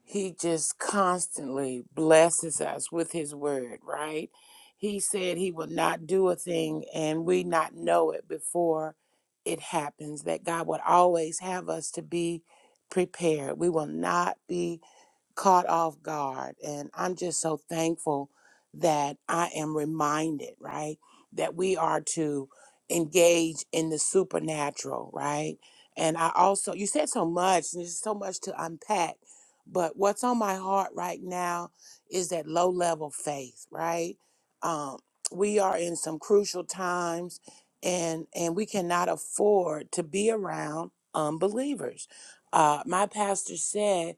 He just constantly blesses us with His word, right? He said He will not do a thing and we not know it before it happens, that God would always have us to be prepared. We will not be caught off guard. And I'm just so thankful that I am reminded, right, that we are to engage in the supernatural, right? And I also, you said so much, and there's so much to unpack. But what's on my heart right now is that low level faith, right? Um, we are in some crucial times, and and we cannot afford to be around unbelievers. Uh, my pastor said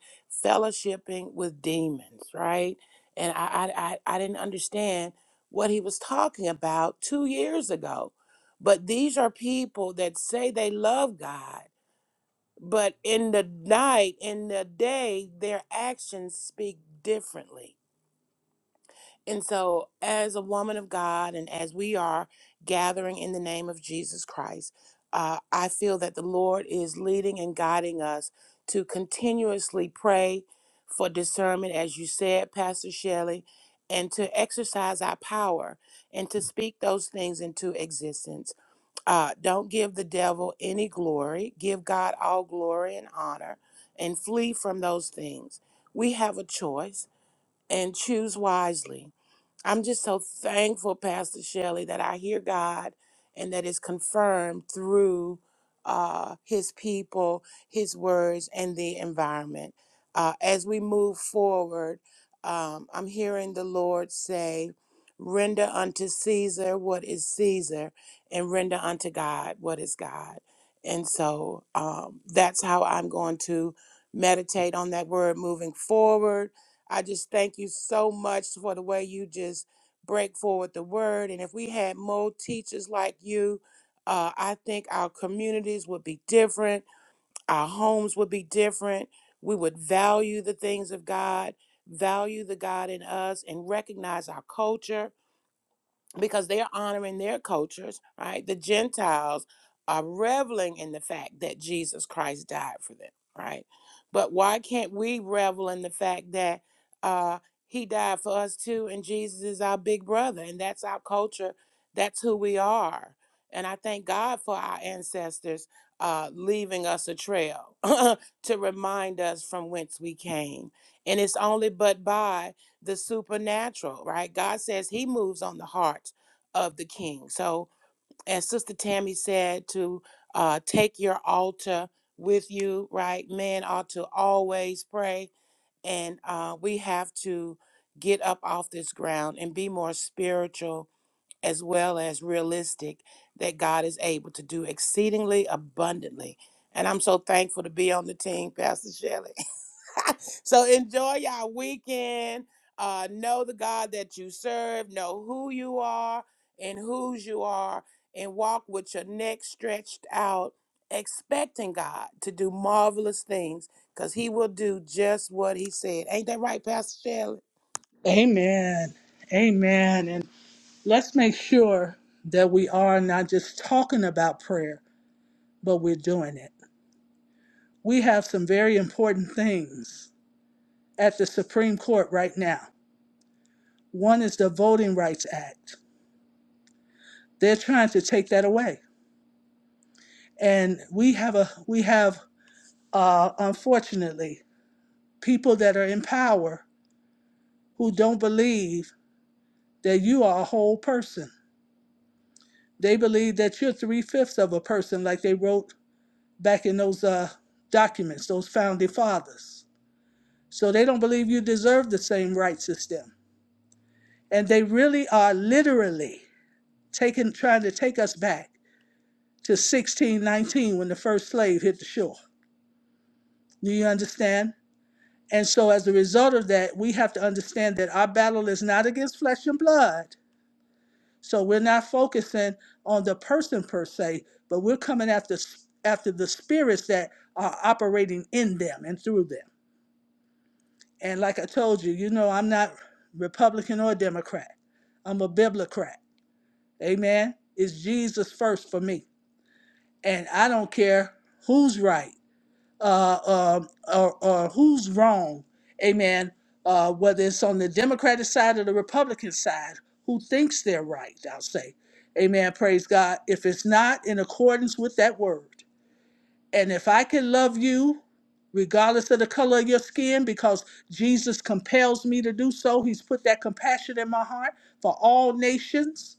fellowshipping with demons, right? And I, I, I, I didn't understand what he was talking about two years ago. But these are people that say they love God, but in the night, in the day, their actions speak differently. And so, as a woman of God, and as we are gathering in the name of Jesus Christ, uh, I feel that the Lord is leading and guiding us to continuously pray for discernment, as you said, Pastor Shelley, and to exercise our power and to speak those things into existence. Uh, don't give the devil any glory, give God all glory and honor, and flee from those things. We have a choice and choose wisely I'm just so thankful, Pastor Shelley, that I hear God and that is confirmed through uh, His people, His words, and the environment. Uh, as we move forward, um, I'm hearing the Lord say, Render unto Caesar what is Caesar, and render unto God what is God. And so um, that's how I'm going to meditate on that word moving forward I just thank you so much for the way you just break forward the word. And if we had more teachers like you, uh, I think our communities would be different, our homes would be different. We would value the things of God, value the God in us, and recognize our culture because they're honoring their cultures, right? The Gentiles are reveling in the fact that Jesus Christ died for them, right? But why can't we revel in the fact that uh, he died for us too, and Jesus is our big brother, and that's our culture, that's who we are. And I thank God for our ancestors uh, leaving us a trail [LAUGHS] to remind us from whence we came. And it's only but by the supernatural, right? God says He moves on the hearts of the king. So, as Sister Tammy said, to uh, take your altar with you, right? Men ought to always pray, and uh, we have to get up off this ground and be more spiritual as well as realistic that God is able to do exceedingly abundantly. And I'm so thankful to be on the team, Pastor Shelley. [LAUGHS] [LAUGHS] so enjoy y'all weekend. Uh, know the God that you serve. Know who you are and whose you are, and walk with your neck stretched out, expecting God to do marvelous things, cause He will do just what He said. Ain't that right, Pastor Shelley?
Amen. Amen. And let's make sure that we are not just talking about prayer, but we're doing it. We have some very important things at the Supreme Court right now. One is the Voting Rights Act. They're trying to take that away. And we have a we have uh, unfortunately people that are in power who don't believe that you are a whole person. They believe that you're three fifths of a person, like they wrote back in those uh, documents, those founding fathers. So they don't believe you deserve the same rights as them. And they really are literally taking, trying to take us back to 1619 when the first slave hit the shore. Do you understand? And so, as a result of that, we have to understand that our battle is not against flesh and blood, So we're not focusing on the person per se, but we're coming after s- after the spirits that are operating in them and through them. And like I told you, you know, I'm not Republican or Democrat. I'm a Biblicrat. Amen. It's Jesus first for me. And I don't care who's right uh, um or, or who's wrong, amen, uh, whether it's on the Democratic side or the Republican side, who thinks they're right, I'll say. Amen, praise God. If it's not in accordance with that word, and if I can love you regardless of the color of your skin, because Jesus compels me to do so, He's put that compassion in my heart for all nations.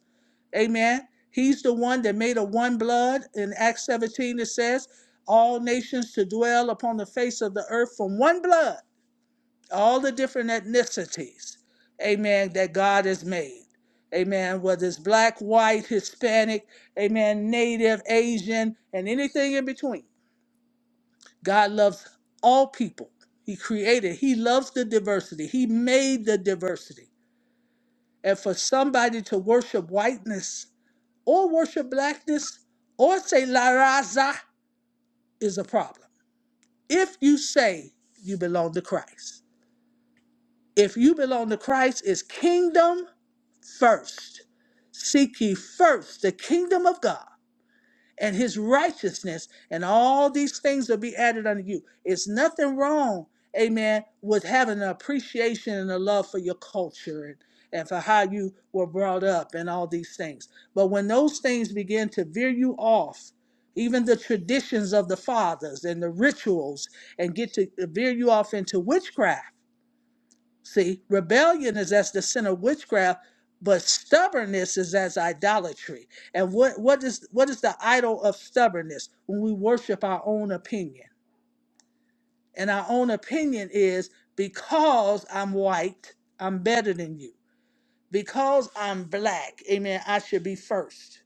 Amen. He's the one that made a one blood. In Acts 17, it says, all nations to dwell upon the face of the earth from one blood, all the different ethnicities, amen, that God has made. Amen. Whether it's black, white, Hispanic, amen, native, Asian, and anything in between. God loves all people. He created, He loves the diversity. He made the diversity. And for somebody to worship whiteness or worship blackness or say La Raza is a problem. If you say you belong to Christ, if you belong to Christ, it's kingdom first. Seek ye first the kingdom of God and his righteousness, and all these things will be added unto you. It's nothing wrong, amen, with having an appreciation and a love for your culture and, and for how you were brought up and all these things. But when those things begin to veer you off, even the traditions of the fathers and the rituals, and get to veer you off into witchcraft See, rebellion is as the sin of witchcraft, but stubbornness is as idolatry. And what what is what is the idol of stubbornness? When we worship our own opinion. And our own opinion is because I'm white, I'm better than you. Because I'm black, amen, I should be first.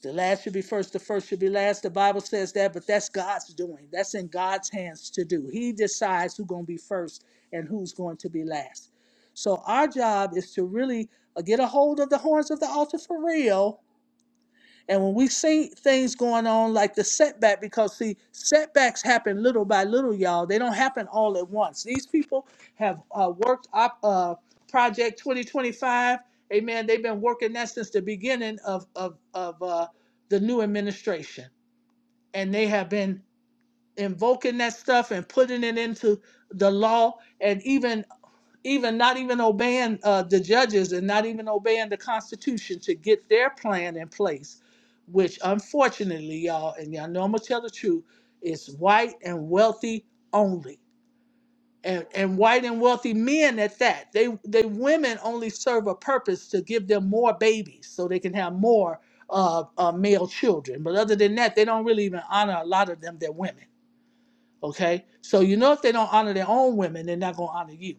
The last should be first, the first should be last. The Bible says that, but that's God's doing. That's in God's hands to do. He decides who's going to be first and who's going to be last. So our job is to really uh, get a hold of the horns of the altar for real and when we see things going on like the setback, because see, setbacks happen little by little, y'all. They don't happen all at once. These people have uh, worked up uh, Project 2025. Amen. They've been working that since the beginning of, of, of uh, the new administration. And they have been invoking that stuff and putting it into the law. And even even not even obeying uh, the judges and not even obeying the Constitution to get their plan in place, which unfortunately, y'all, and y'all know I'm gonna tell the truth, is white and wealthy only. And, and white and wealthy men at that. They they women only serve a purpose to give them more babies so they can have more uh, uh, male children. But other than that, they don't really even honor a lot of them. They're women. Okay, so you know if they don't honor their own women, they're not gonna honor you.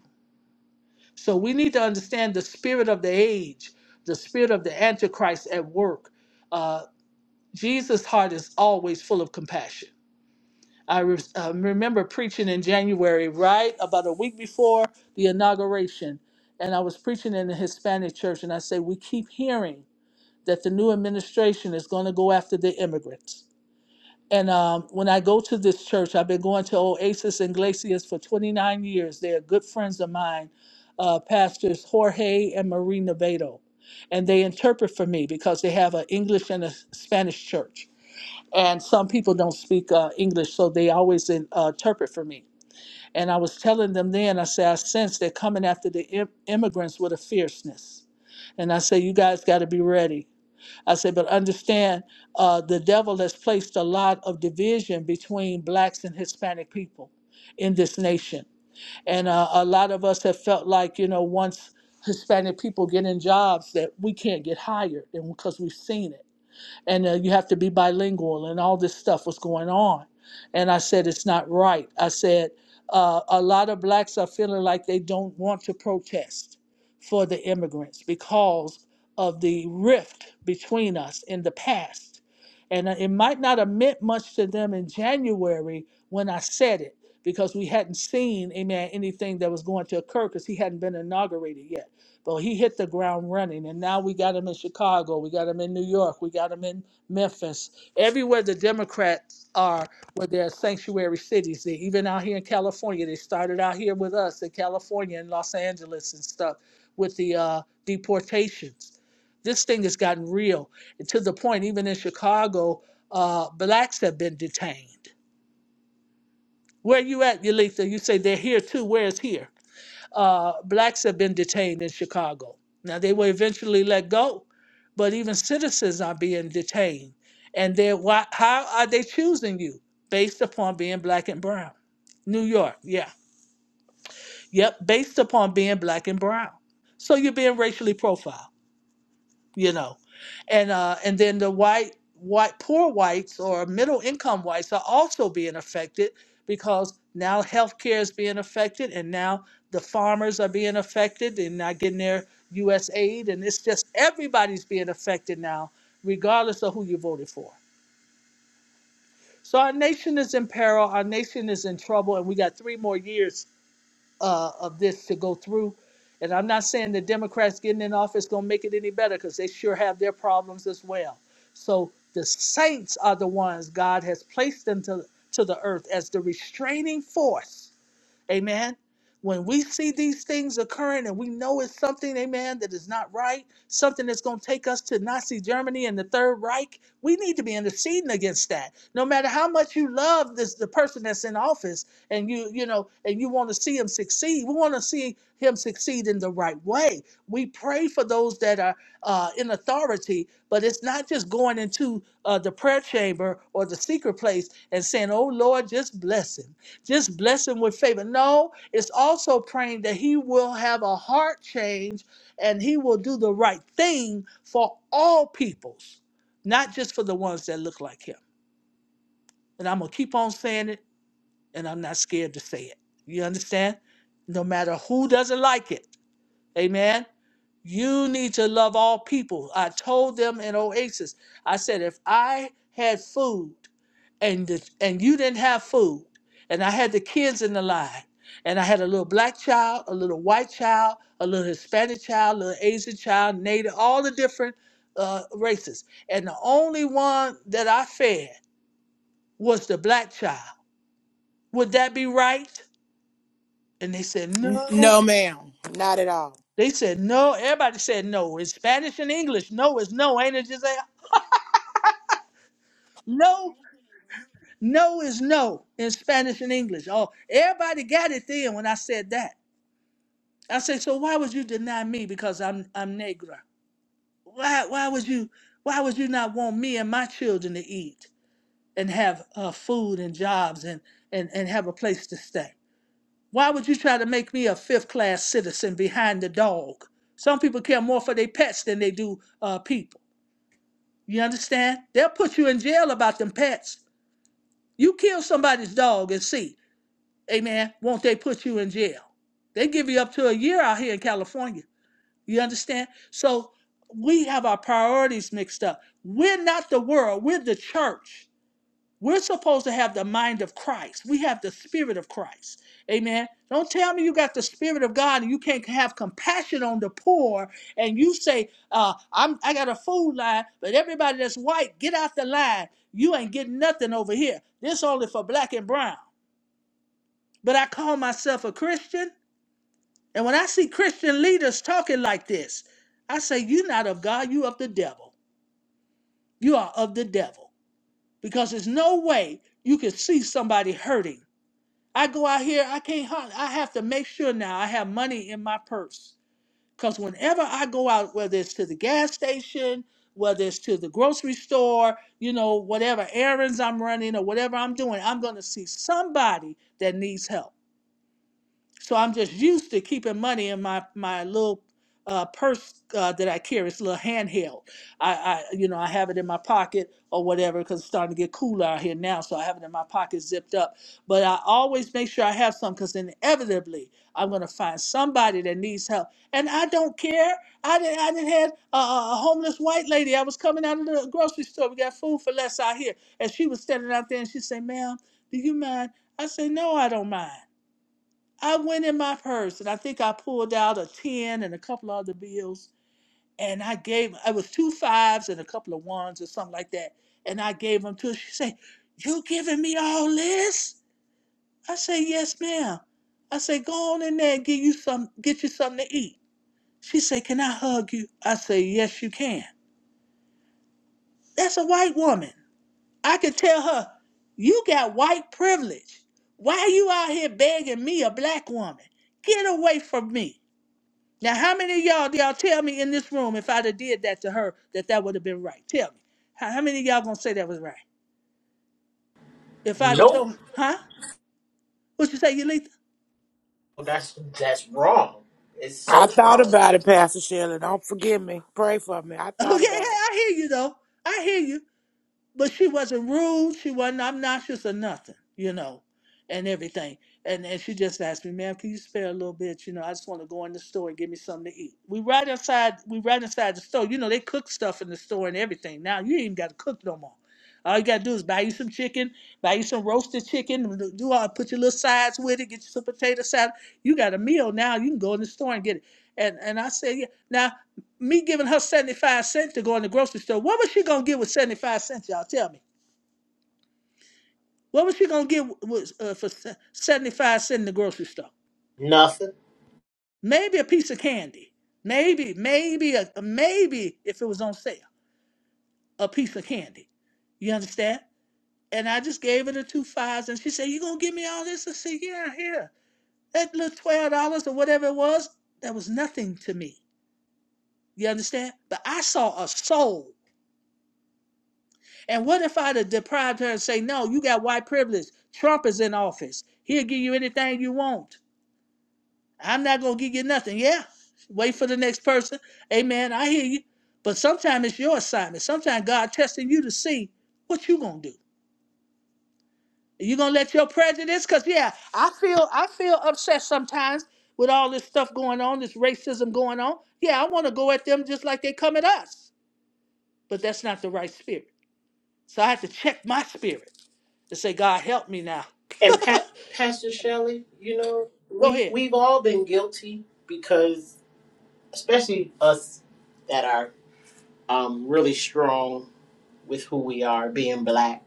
So we need to understand the spirit of the age, the spirit of the Antichrist at work. Uh, Jesus' heart is always full of compassion. I re- uh, remember preaching in January, right about a week before the inauguration, and I was preaching in the Hispanic church, and I said, We keep hearing that the new administration is going to go after the immigrants. And um, when I go to this church, I've been going to Oasis Iglesias for 29 years. They're good friends of mine, uh, pastors Jorge and Marie Nevedo. And they interpret for me because they have an English and a Spanish church. And some people don't speak uh, English, so they always in, uh, interpret for me. And I was telling them then, I said, I sense they're coming after the Im- immigrants with a fierceness. And I say, you guys got to be ready. I said, but understand uh, the devil has placed a lot of division between blacks and Hispanic people in this nation. And uh, a lot of us have felt like, you know, once Hispanic people get in jobs that we can't get hired and because we've seen it and uh, you have to be bilingual and all this stuff was going on and i said it's not right i said uh, a lot of blacks are feeling like they don't want to protest for the immigrants because of the rift between us in the past and uh, it might not have meant much to them in january when i said it because we hadn't seen amen anything that was going to occur because he hadn't been inaugurated yet but he hit the ground running, and now we got him in Chicago, we got him in New York, we got him in Memphis. Everywhere the Democrats are, where they're sanctuary cities, they, even out here in California, they started out here with us in California and Los Angeles and stuff with the uh, deportations. This thing has gotten real and to the point, even in Chicago, uh, blacks have been detained. Where you at, Yalitha? You say they're here too. Where is here? uh, blacks have been detained in Chicago. Now they were eventually let go, but even citizens are being detained. And they're why, how are they choosing you? Based upon being black and brown. New York, yeah. Yep, based upon being black and brown. So you're being racially profiled you know and uh and then the white white poor whites or middle income whites are also being affected because now healthcare is being affected and now the farmers are being affected and not getting their US aid and it's just everybody's being affected now regardless of who you voted for. So our nation is in peril, our nation is in trouble and we got 3 more years uh, of this to go through. And I'm not saying the Democrats getting in office gonna make it any better because they sure have their problems as well. So the saints are the ones God has placed into to the earth as the restraining force Amen. When we see these things occurring and we know it's something, amen, that is not right, something that's going to take us to Nazi Germany and the Third Reich, we need to be interceding against that. No matter how much you love this the person that's in office and you, you know, and you want to see him succeed, we want to see him succeed in the right way. We pray for those that are uh, in authority, but it's not just going into uh, the prayer chamber or the secret place and saying, "Oh Lord, just bless him." just bless him with favor. No, it's also praying that he will have a heart change and he will do the right thing for all peoples, not just for the ones that look like him. And I'm going to keep on saying it, and I'm not scared to say it. You understand? No matter who doesn't like it. Amen. You need to love all people. I told them in Oasis, I said, if I had food, and this, and you didn't have food and i had the kids in the line and i had a little black child a little white child a little hispanic child a little asian child native all the different uh, races and the only one that i fed was the black child would that be right and they said
N-
no
No, ma'am, not at all.
they said no everybody said no in spanish and english no is no ain't it just like, no no is no in spanish and english oh everybody got it then when i said that I say, so why would you deny me because I'm I'm Negra? Why why would you why would you not want me and my children to eat and have uh, food and jobs and, and and have a place to stay? Why would you try to make me a fifth class citizen behind the dog? Some people care more for their pets than they do uh, people. You understand? They'll put you in jail about them pets. You kill somebody's dog and see, amen, won't they put you in jail? They give you up to a year out here in California You understand? So we have our priorities mixed up. We're not the world, we're the church. We're supposed to have the mind of Christ. We have the spirit of Christ. Amen. Don't tell me you got the spirit of God and you can't have compassion on the poor and you say, uh, I'm I got a food line, but everybody that's white, get out the line. You ain't getting nothing over here. This only for black and brown. But I call myself a Christian. And when I see Christian leaders talking like this, I say, You're not of God, you of the devil. You are of the devil. Because there's no way you can see somebody hurting. I go out here, I can't hunt. I have to make sure now I have money in my purse. Because whenever I go out, whether it's to the gas station, whether it's to the grocery store, you know, whatever errands I'm running or whatever I'm doing, I'm going to see somebody that needs help. So I'm just used to keeping money in my my little uh, purse uh, that I carry. It's a little handheld. I, I you know I have it in my pocket or whatever because it's starting to get cooler out here now. So I have it in my pocket zipped up. But I always make sure I have some because inevitably I'm gonna find somebody that needs help, and I don't care. I didn't I didn't had a, a a homeless white lady. I was coming out of the grocery store. We got food for less out here, and she was standing out there and she said, "Ma'am, do you mind?" I said, "No, I don't mind." I went in my purse and I think I pulled out a 10 and a couple other bills and I gave it was two fives and a couple of ones or something like that. And I gave them to her. She said, You giving me all this? I said, Yes, ma'am. I said, Go on in there and get you some get you something to eat. She said, Can I hug you? I said, Yes, you can. That's a white woman. I could tell her, You got white privilege. Why are you out here begging me, a black woman? Get away from me. Now, how many of y'all y'all tell me in this room if I'd have did that to her that that would have been right? Tell me. How, how many of y'all gonna say that was right? If I'd have
Nope.
told, huh? What you say, Yulitha? [LAUGHS]
That's that's wrong. It's
I
so
thought
wrong.
about it, Pastor Shelley. Don't forgive me. Pray for me. I
Okay,
thought about it.
I hear you though. I hear you. but she wasn't rude. She wasn't obnoxious or nothing, you know, and everything. And and she just asked me, ma'am, can you spare a little bit? You know, I just want to go in the store and get me something to eat. We right outside, we right inside the store. You know, they cook stuff in the store and everything. Now you ain't even got to cook no more. All you gotta do is buy you some chicken, buy you some roasted chicken, do all put your little sides with it, get you some potato salad. You got a meal now. You can go in the store and get it. And and I said, yeah. Now me giving her 75 cents to go in the grocery store, what was she going to get with 75 cents, y'all? Tell me. What was she going to get with, uh, for 75 cents in the grocery store?
Nothing.
Maybe a piece of candy. Maybe, maybe, a, maybe if it was on sale, a piece of candy. You understand? And I just gave her the two fives and she said, You going to give me all this? I said, Yeah, here. That little $12 or whatever it was, that was nothing to me. You understand? But I saw a soul And what if I'd have deprived her and say, no, you got white privilege. Trump is in office. He'll give you anything you want. I'm not going to give you nothing. Yeah. Wait for the next person. Amen. I hear you. But sometimes it's your assignment. Sometimes God testing you to see what you going to do. Are you going to let your prejudice? Because, yeah, I feel I feel upset sometimes with all this stuff going on, this racism going on. Yeah, I want to go at them just like they come at us. But that's not the right spirit. So I have to check my spirit to say, God, help me now.
And Pat, Pastor Shelley, you know,
Go
we
ahead.
we've all been guilty because especially us that are um, really strong with who we are, being black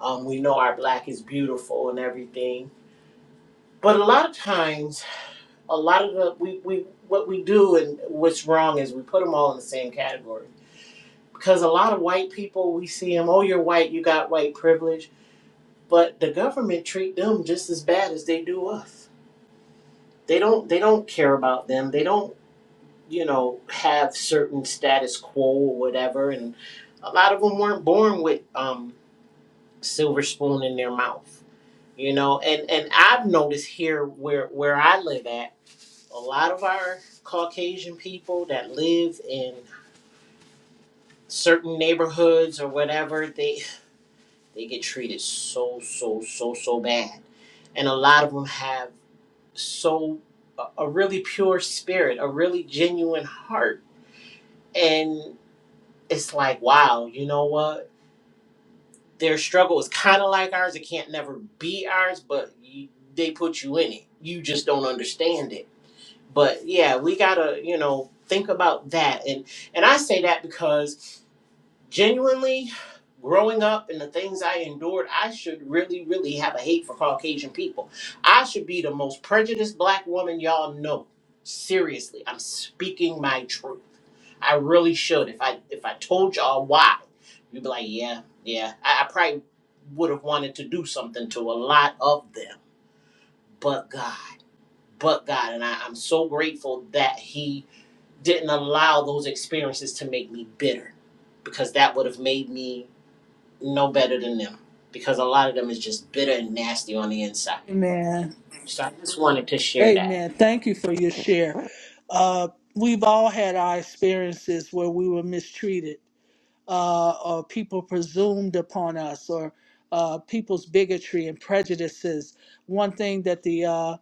Um, we know our black is beautiful and everything, but a lot of times, a lot of the we, we what we do and what's wrong is we put them all in the same category because a lot of white people we see them. Oh, you're white, you got white privilege, but the government treat them just as bad as they do us. They don't they don't care about them. They don't you know have certain status quo or whatever. And a lot of them weren't born with um, silver spoon in their mouth you know and and i've noticed here where where i live at a lot of our caucasian people that live in certain neighborhoods or whatever they they get treated so so so so bad and a lot of them have so a, a really pure spirit a really genuine heart and it's like wow you know what their struggle is kind of like ours it can't never be ours but you, they put you in it you just don't understand it but yeah we gotta you know think about that and and i say that because genuinely growing up and the things i endured i should really really have a hate for caucasian people i should be the most prejudiced black woman y'all know seriously i'm speaking my truth i really should if i if i told y'all why you'd be like yeah yeah i, I probably would have wanted to do something to a lot of them but god but God. And I, I'm so grateful that He didn't allow those experiences to make me bitter because that would have made me no better than them because a lot of them is just bitter and nasty on the inside.
Amen.
So I just wanted to share that.
Amen. Thank you for your share. Uh, we've all had our experiences where we were mistreated. uh, or people presumed upon us or uh, people's bigotry and prejudices. One thing that the uh,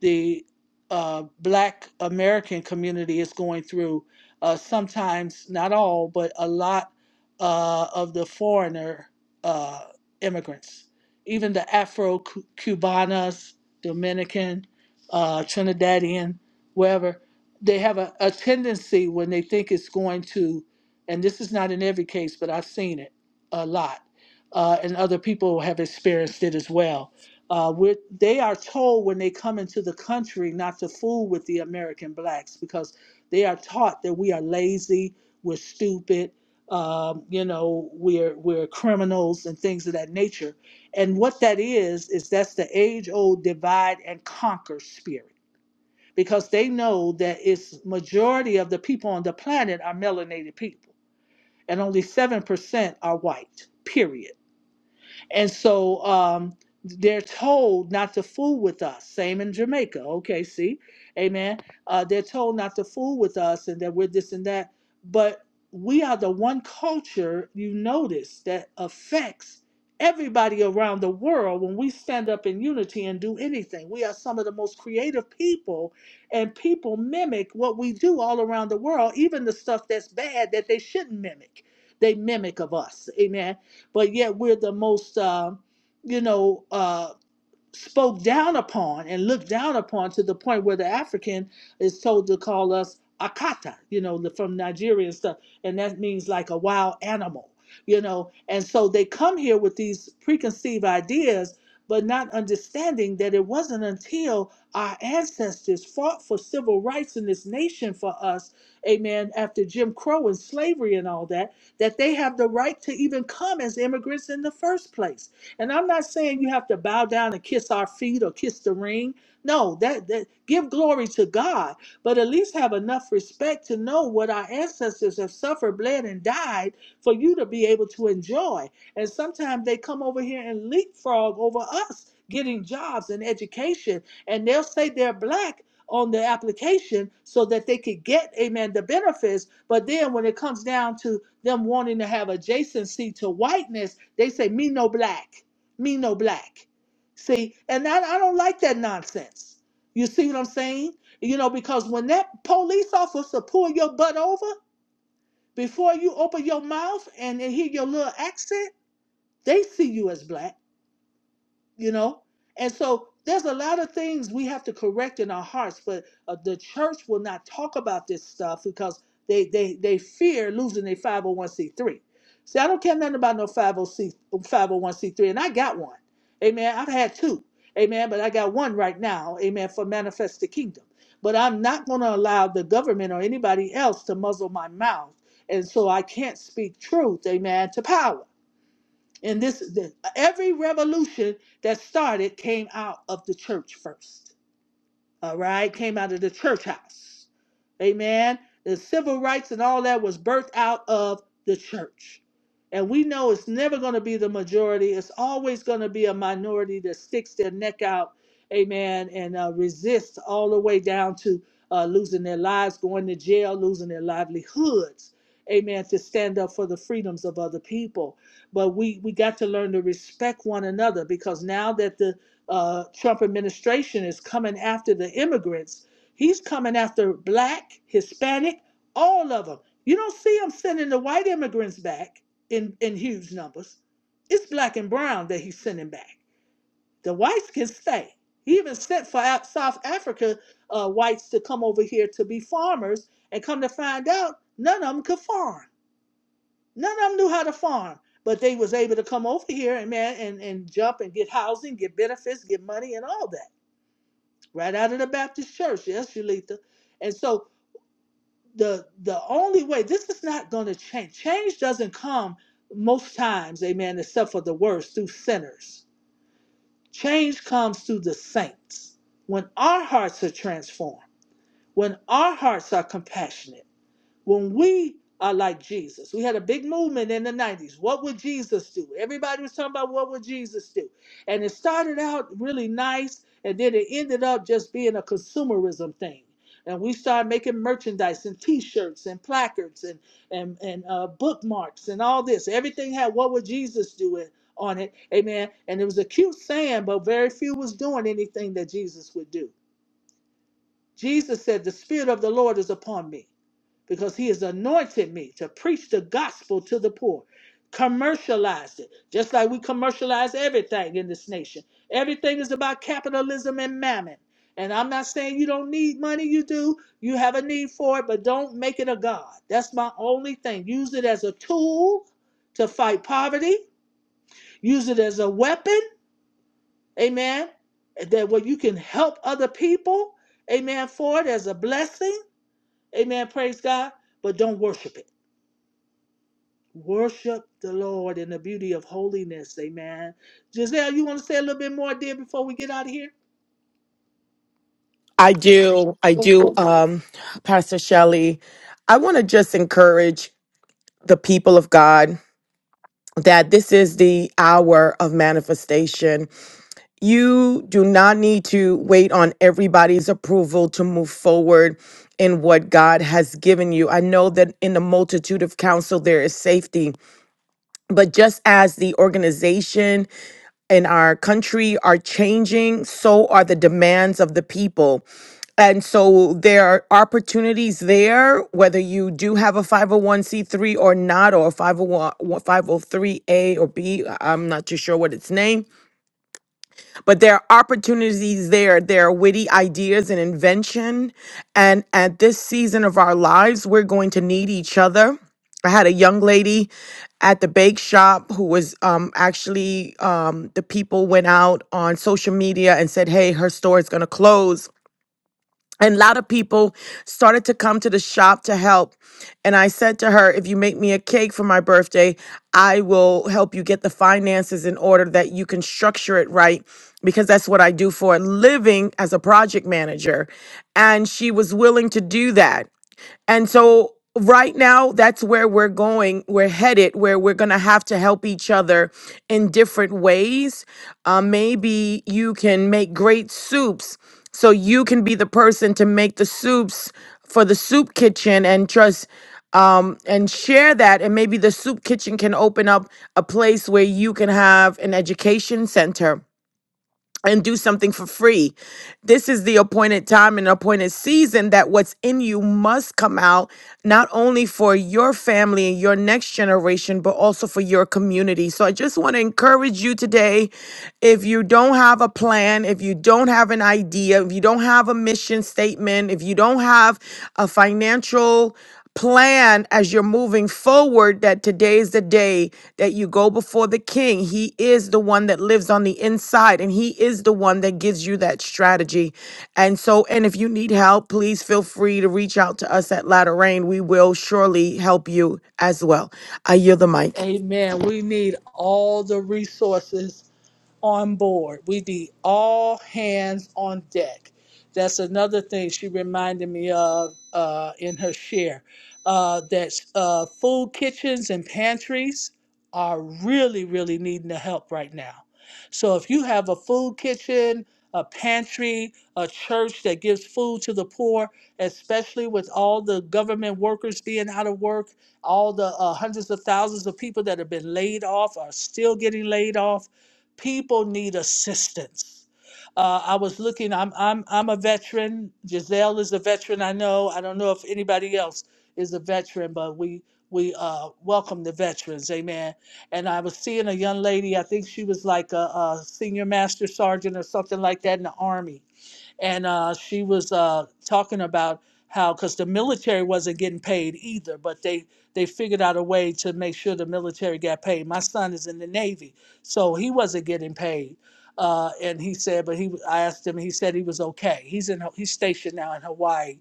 the uh, Black American community is going through uh, sometimes, not all, but a lot uh, of the foreigner uh, immigrants, even the Afro Cubanas, Dominican, uh, Trinidadian, wherever, they have a, a tendency when they think it's going to and this is not in every case, but I've seen it a lot, uh, and other people have experienced it as well. Uh, we're- they are told when they come into the country not to fool with the American blacks because they are taught that we are lazy, we're stupid, um, you know, we're we're criminals and things of that nature. And what that is is that's the age-old divide and conquer spirit because they know that it's majority of the people on the planet are melanated people and only 7% are white, period. And so um, they're told not to fool with us. Same in Jamaica. Okay, see? Amen. Uh, they're told not to fool with us and that we're this and that. But we are the one culture, you notice, that affects everybody around the world when we stand up in unity and do anything. We are some of the most creative people, and people mimic what we do all around the world, even the stuff that's bad that they shouldn't mimic. They mimic of us. Amen but yet we're the most, uh, you know, uh, spoke down upon and looked down upon to the point where the African is told to call us akata, you know, the- from Nigeria and stuff, and that means like a wild animal, you know. And so they come here with these preconceived ideas, but not understanding that it wasn't until our ancestors fought for civil rights in this nation for us, amen, after Jim Crow and slavery and all that, that they have the right to even come as immigrants in the first place and I'm not saying you have to bow down and kiss our feet or kiss the ring. No, that, that give glory to God, but at least have enough respect to know what our ancestors have suffered, bled, and died for you to be able to enjoy. And sometimes they come over here and leapfrog over us getting jobs and education, and they'll say they're black on the application so that they could get, amen, the benefits. But then when it comes down to them wanting to have adjacency to whiteness, they say, me no black me no black. See, and I, I don't like that nonsense. You see what I'm saying? You know, because when that police officer pull your butt over before you open your mouth and they hear your little accent, they see you as black you know and so there's a lot of things we have to correct in our hearts but uh, the church will not talk about this stuff because they they they fear losing their 501c3 see i don't care nothing about no 501 501c3 and i got one amen i've had two amen but i got one right now amen for manifest the kingdom but i'm not going to allow the government or anybody else to muzzle my mouth and so i can't speak truth amen to power and this, the, every revolution that started came out of the church first all right, came out of the church house. Amen. The civil rights and all that was birthed out of the church. And we know it's never going to be the majority. It's always going to be a minority that sticks their neck out, amen, and uh, resists all the way down to uh, losing their lives, going to jail, losing their livelihoods, amen, to stand up for the freedoms of other people. But we, we got to learn to respect one another because now that the uh, Trump administration is coming after the immigrants. He's coming after black, Hispanic, all of them. You don't see him sending the white immigrants back in, in huge numbers. It's black and brown that he's sending back. The whites can stay. He even sent for out South Africa uh, whites to come over here to be farmers and come to find out none of them could farm. None of them knew how to farm, but they was able to come over here and man and, and jump and get housing, get benefits, get money and all that right out of the Baptist church. Yes, Shalita. And so the the only way this is not going to change. Change doesn't come most times, amen, except for the worst through sinners. Change comes through the saints when our hearts are transformed, when our hearts are compassionate when we are like Jesus. We had a big movement in the 90s. What would Jesus do? Everybody was talking about what would Jesus do. And it started out really nice, and then it ended up just being a consumerism thing. And we started making merchandise and T-shirts and placards and and and uh, bookmarks and all this. Everything had "What would Jesus do?" It, on it, Amen. And it was a cute saying, but very few was doing anything that Jesus would do. Jesus said, "The Spirit of the Lord is upon me." because he has anointed me to preach the gospel to the poor. Commercialized it, just like we commercialize everything in this nation. Everything is about capitalism and mammon. And I'm not saying you don't need money, you do. You have a need for it, but don't make it a God. That's my only thing. Use it as a tool to fight poverty, use it as a weapon, amen, that where you can help other people, amen, for it as a blessing, amen, praise God, but don't worship it. Worship the Lord in the beauty of holiness. Amen. Giselle, you want to say a little bit more, dear, before we get out of here?
I do. I do. Um, Pastor Shelley, I want to just encourage the people of God that this is the hour of manifestation. You do not need to wait on everybody's approval to move forward in what God has given you. I know that in the multitude of counsel, there is safety, but just as the organization in our country are changing, so are the demands of the people. And so there are opportunities there, whether you do have a 501c3 or not, or a 501, 503a or b. I- I'm not too sure what its name, but there are opportunities there. There are witty ideas and invention. And at this season of our lives, we're going to need each other. I had a young lady at the bake shop who was um, actually, um, the people went out on social media and said, Hey, her store is going to close and a lot of people started to come to the shop to help. And I said to her, if you make me a cake for my birthday, I will help you get the finances in order that you can structure it right because that's what I do for a living as a project manager. And she was willing to do that. And so right now that's where we're going we're headed where we're going to have to help each other in different ways uh, maybe you can make great soups so you can be the person to make the soups for the soup kitchen and trust um, and share that and maybe the soup kitchen can open up a place where you can have an education center and do something for free. This is the appointed time and appointed season that what's in you must come out, not only for your family and your next generation, but also for your community. So I just want to encourage you today if you don't have a plan, if you don't have an idea, if you don't have a mission statement, if you don't have a financial plan as you're moving forward that today is the day that you go before the king. He is the one that lives on the inside and he is the one that gives you that strategy. And so, and if you need help, please feel free to reach out to us at Latter Rain. We will surely help you as well. I yield the mic.
Amen. We need all the resources on board. We need all hands on deck. That's another thing she reminded me of uh, in her share. Uh, that uh, food kitchens and pantries are really, really needing the help right now. So if you have a food kitchen, a pantry, a church that gives food to the poor, especially with all the government workers being out of work, all the uh, hundreds of thousands of people that have been laid off are still getting laid off People need assistance. Uh, I was looking. I'm I'm I'm a veteran. Giselle is a veteran. I know. I don't know if anybody else is a veteran, but we we uh, welcome the veterans. Amen. And I was seeing a young lady. I think she was like a, a senior master sergeant or something like that in the army and uh, she was uh, talking about how because the military wasn't getting paid either, but they they figured out a way to make sure the military got paid. My son is in the Navy, so he wasn't getting paid. Uh, and he said, but he, I asked him, he said he was okay. He's in, he's stationed now in Hawaii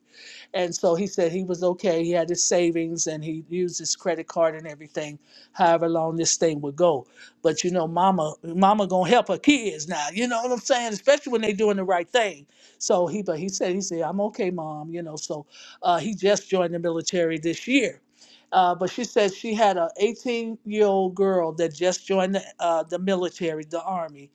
and so he said he was okay. He had his savings and he used his credit card and everything, however long this thing would go. But you know, mama, mama gonna help her kids now. You know what I'm saying? Especially when they doing the right thing. So he, but he said, he said, I'm okay, mom. You know, so uh, he just joined the military this year. Uh, but she said she had a 18 year old girl that just joined the, uh, the military, the army,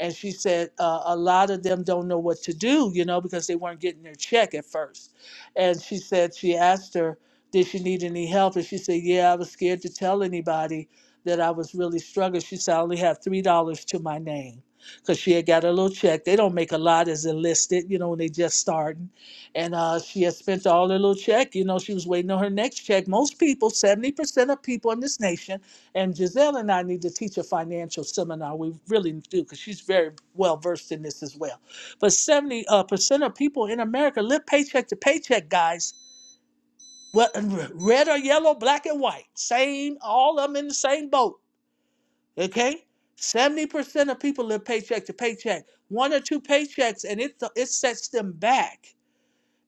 and she said uh, a lot of them don't know what to do, you know, because they weren't getting their check at first. And she said, she asked her, did she need any help? And she said, yeah, I was scared to tell anybody that I was really struggling. She said, I only had $3 to my name because she had got a little check. They don't make a lot as enlisted, you know, when they just starting. And uh, she had spent all her little check. You know, she was waiting on her next check. Most people, 70% of people in this nation, and Giselle and I need to teach a financial seminar. We really do because she's very well versed in this as well but 70% uh, percent of people in America live paycheck to paycheck, guys. Well, red or yellow, black and white. Same, all of them in the same boat. Okay? 70% of people live paycheck to paycheck. One or two paychecks, and it, it sets them back.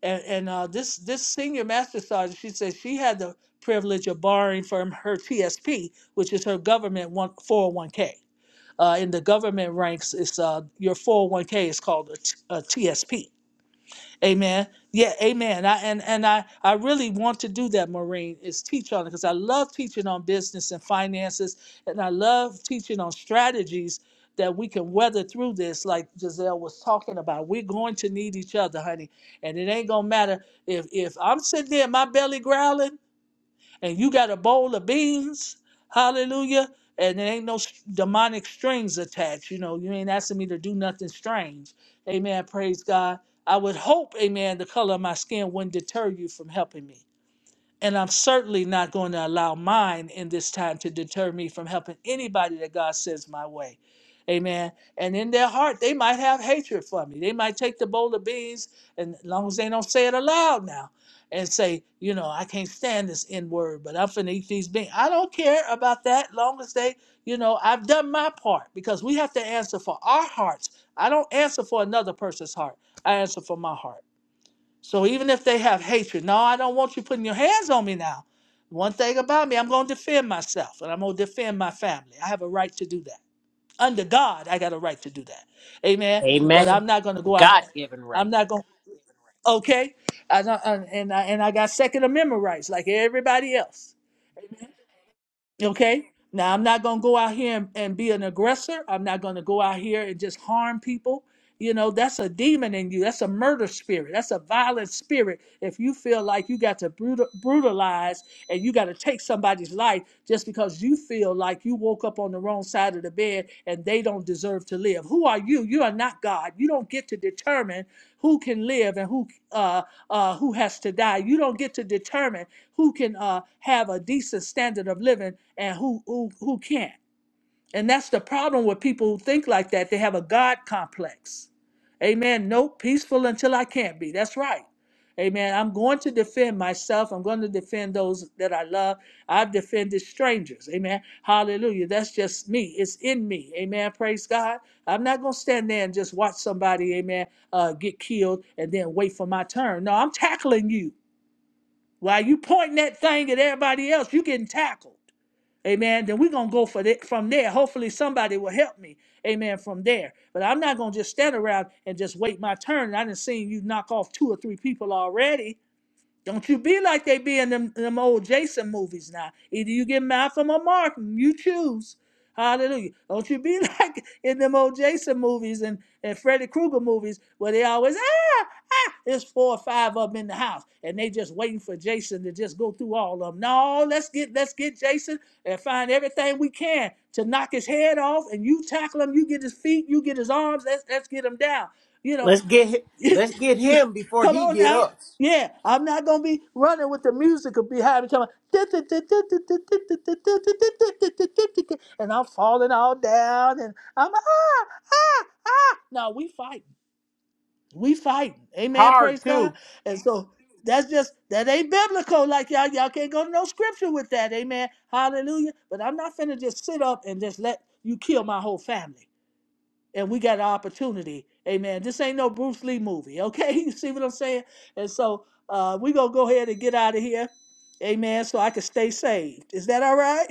And, and uh, this, this senior master sergeant, she said she had the privilege of borrowing from her TSP, which is her government one, four oh one k Uh, in the government ranks, it's, uh, your 401k is called a, a t- a TSP Amen. Yeah, amen. I, and and I, I really want to do that, Maureen, is teach on it because I love teaching on business and finances, and I love teaching on strategies that we can weather through this, like Giselle was talking about. We're going to need each other, honey. And it ain't gonna matter if if I'm sitting there, my belly growling and you got a bowl of beans, hallelujah, and there ain't no s- demonic strings attached. You know, you ain't asking me to do nothing strange. Amen. Praise God. I would hope, amen, the color of my skin wouldn't deter you from helping me. And I'm certainly not going to allow mine in this time to deter me from helping anybody that God sends my way. Amen. And in their heart, they might have hatred for me. They might take the bowl of beans, and as long as they don't say it aloud now, and say, you know, I can't stand this N word, but I'm finna eat these beans. I don't care about that. Long as they, you know, I've done my part because we have to answer for our hearts. I don't answer for another person's heart. I answer for my heart. So even if they have hatred, no, I don't want you putting your hands on me now. One thing about me, I'm going to defend myself and I'm going to defend my family. I have a right to do that. Under God, I got a right to do that. Amen. But I'm
Amen.
not going to go out.
God
here-
given
I'm
right.
not going. Okay. I don't, and I and I got Second Amendment rights like everybody else. Okay. Now, I'm not going to go out here and, and be an aggressor. I'm not going to go out here and just harm people. You know, that's a demon in you. That's a murder spirit. That's a violent spirit. If you feel like you got to brutal, brutalize and you got to take somebody's life just because you feel like you woke up on the wrong side of the bed and they don't deserve to live. Who are you? You are not God. You don't get to determine who can live and who uh, uh, who has to die. You don't get to determine who can uh, have a decent standard of living and who who, who can't. And that's the problem with people who think like that. They have a God complex. Amen. Nope, peaceful until I can't be. That's right. Amen. I'm going to defend myself. I'm going to defend those that I love. I've defended strangers. Amen. Hallelujah. That's just me. It's in me. Amen. Praise God. I'm not going to stand there and just watch somebody, amen, uh, get killed and then wait for my turn. No, I'm tackling you. While you pointing that thing at everybody else, you getting tackled. Amen. Then we're going to go for the, from there. Hopefully somebody will help me. Amen. From there. But I'm not going to just stand around and just wait my turn. I done seen you knock off two or three people already. Don't you be like they be in them, them old Jason movies now. Either you get Malcolm or Mark, you choose. Hallelujah. Don't you be [LAUGHS] like in them old Jason movies and, and Freddy Krueger movies where they always, ah, ah, there's four or five of them in the house and they just waiting for Jason to just go through all of them. No, let's get let's get Jason and find everything we can to knock his head off and you tackle him, you get his feet, you get his arms, let's let's get him down. You know,
Let's get hi-
[LAUGHS]
let's get him before
Come
he
on
get
now.
us.
Yeah, I'm not gonna be running with the music of behind me coming and I'm falling all down and I'm ah ah No, we fighting. We fighting. Amen,
Hard
praise God.
too.
And so that's just that ain't biblical like y'all y'all can't go to no scripture with that, amen. Hallelujah. But I'm not finna just sit up and just let you kill my whole family and we got an opportunity. Amen. This ain't no Bruce Lee movie, okay? [LAUGHS] You see what I'm saying? And so uh, we gonna go ahead and get out of here. Amen. So I can stay saved. Is that all right? [LAUGHS]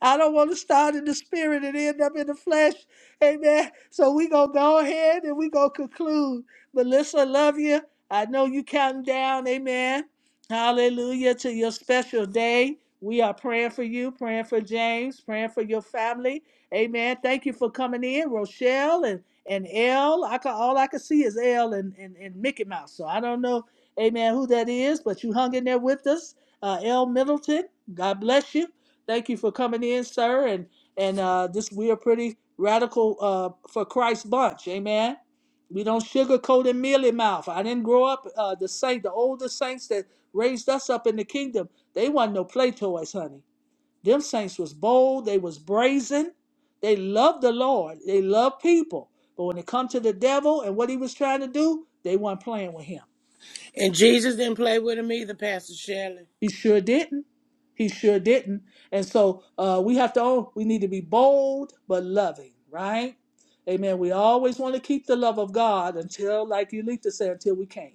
I don't want to start in the spirit and end up in the flesh. Amen. So we gonna go ahead and we gonna conclude. Melissa, I love you. I know you counting down. Amen. Hallelujah to your special day. We are praying for you, praying for James, praying for your family. Amen. Thank you for coming in, Rochelle and and L. I can, all I can see is L and, and and Mickey Mouse. So I don't know, Amen, who that is, but you hung in there with us, uh, L Middleton. God bless you. Thank you for coming in, sir. And and uh, this we are pretty radical uh, for Christ bunch. Amen. We don't sugarcoat and mealy mouth. I didn't grow up uh, the saint, the older saints that raised us up in the kingdom. They wasn't no play toys, honey. Them saints was bold. They was brazen. They loved the Lord. They loved people. But when it come to the devil and what he was trying to do, they weren't playing with him.
And Jesus didn't play with him either, Pastor Shelley.
He sure didn't. He sure didn't. And so uh, we have to own, we need to be bold but loving, right? Amen. We always want to keep the love of God until, like Elita said, until we can't.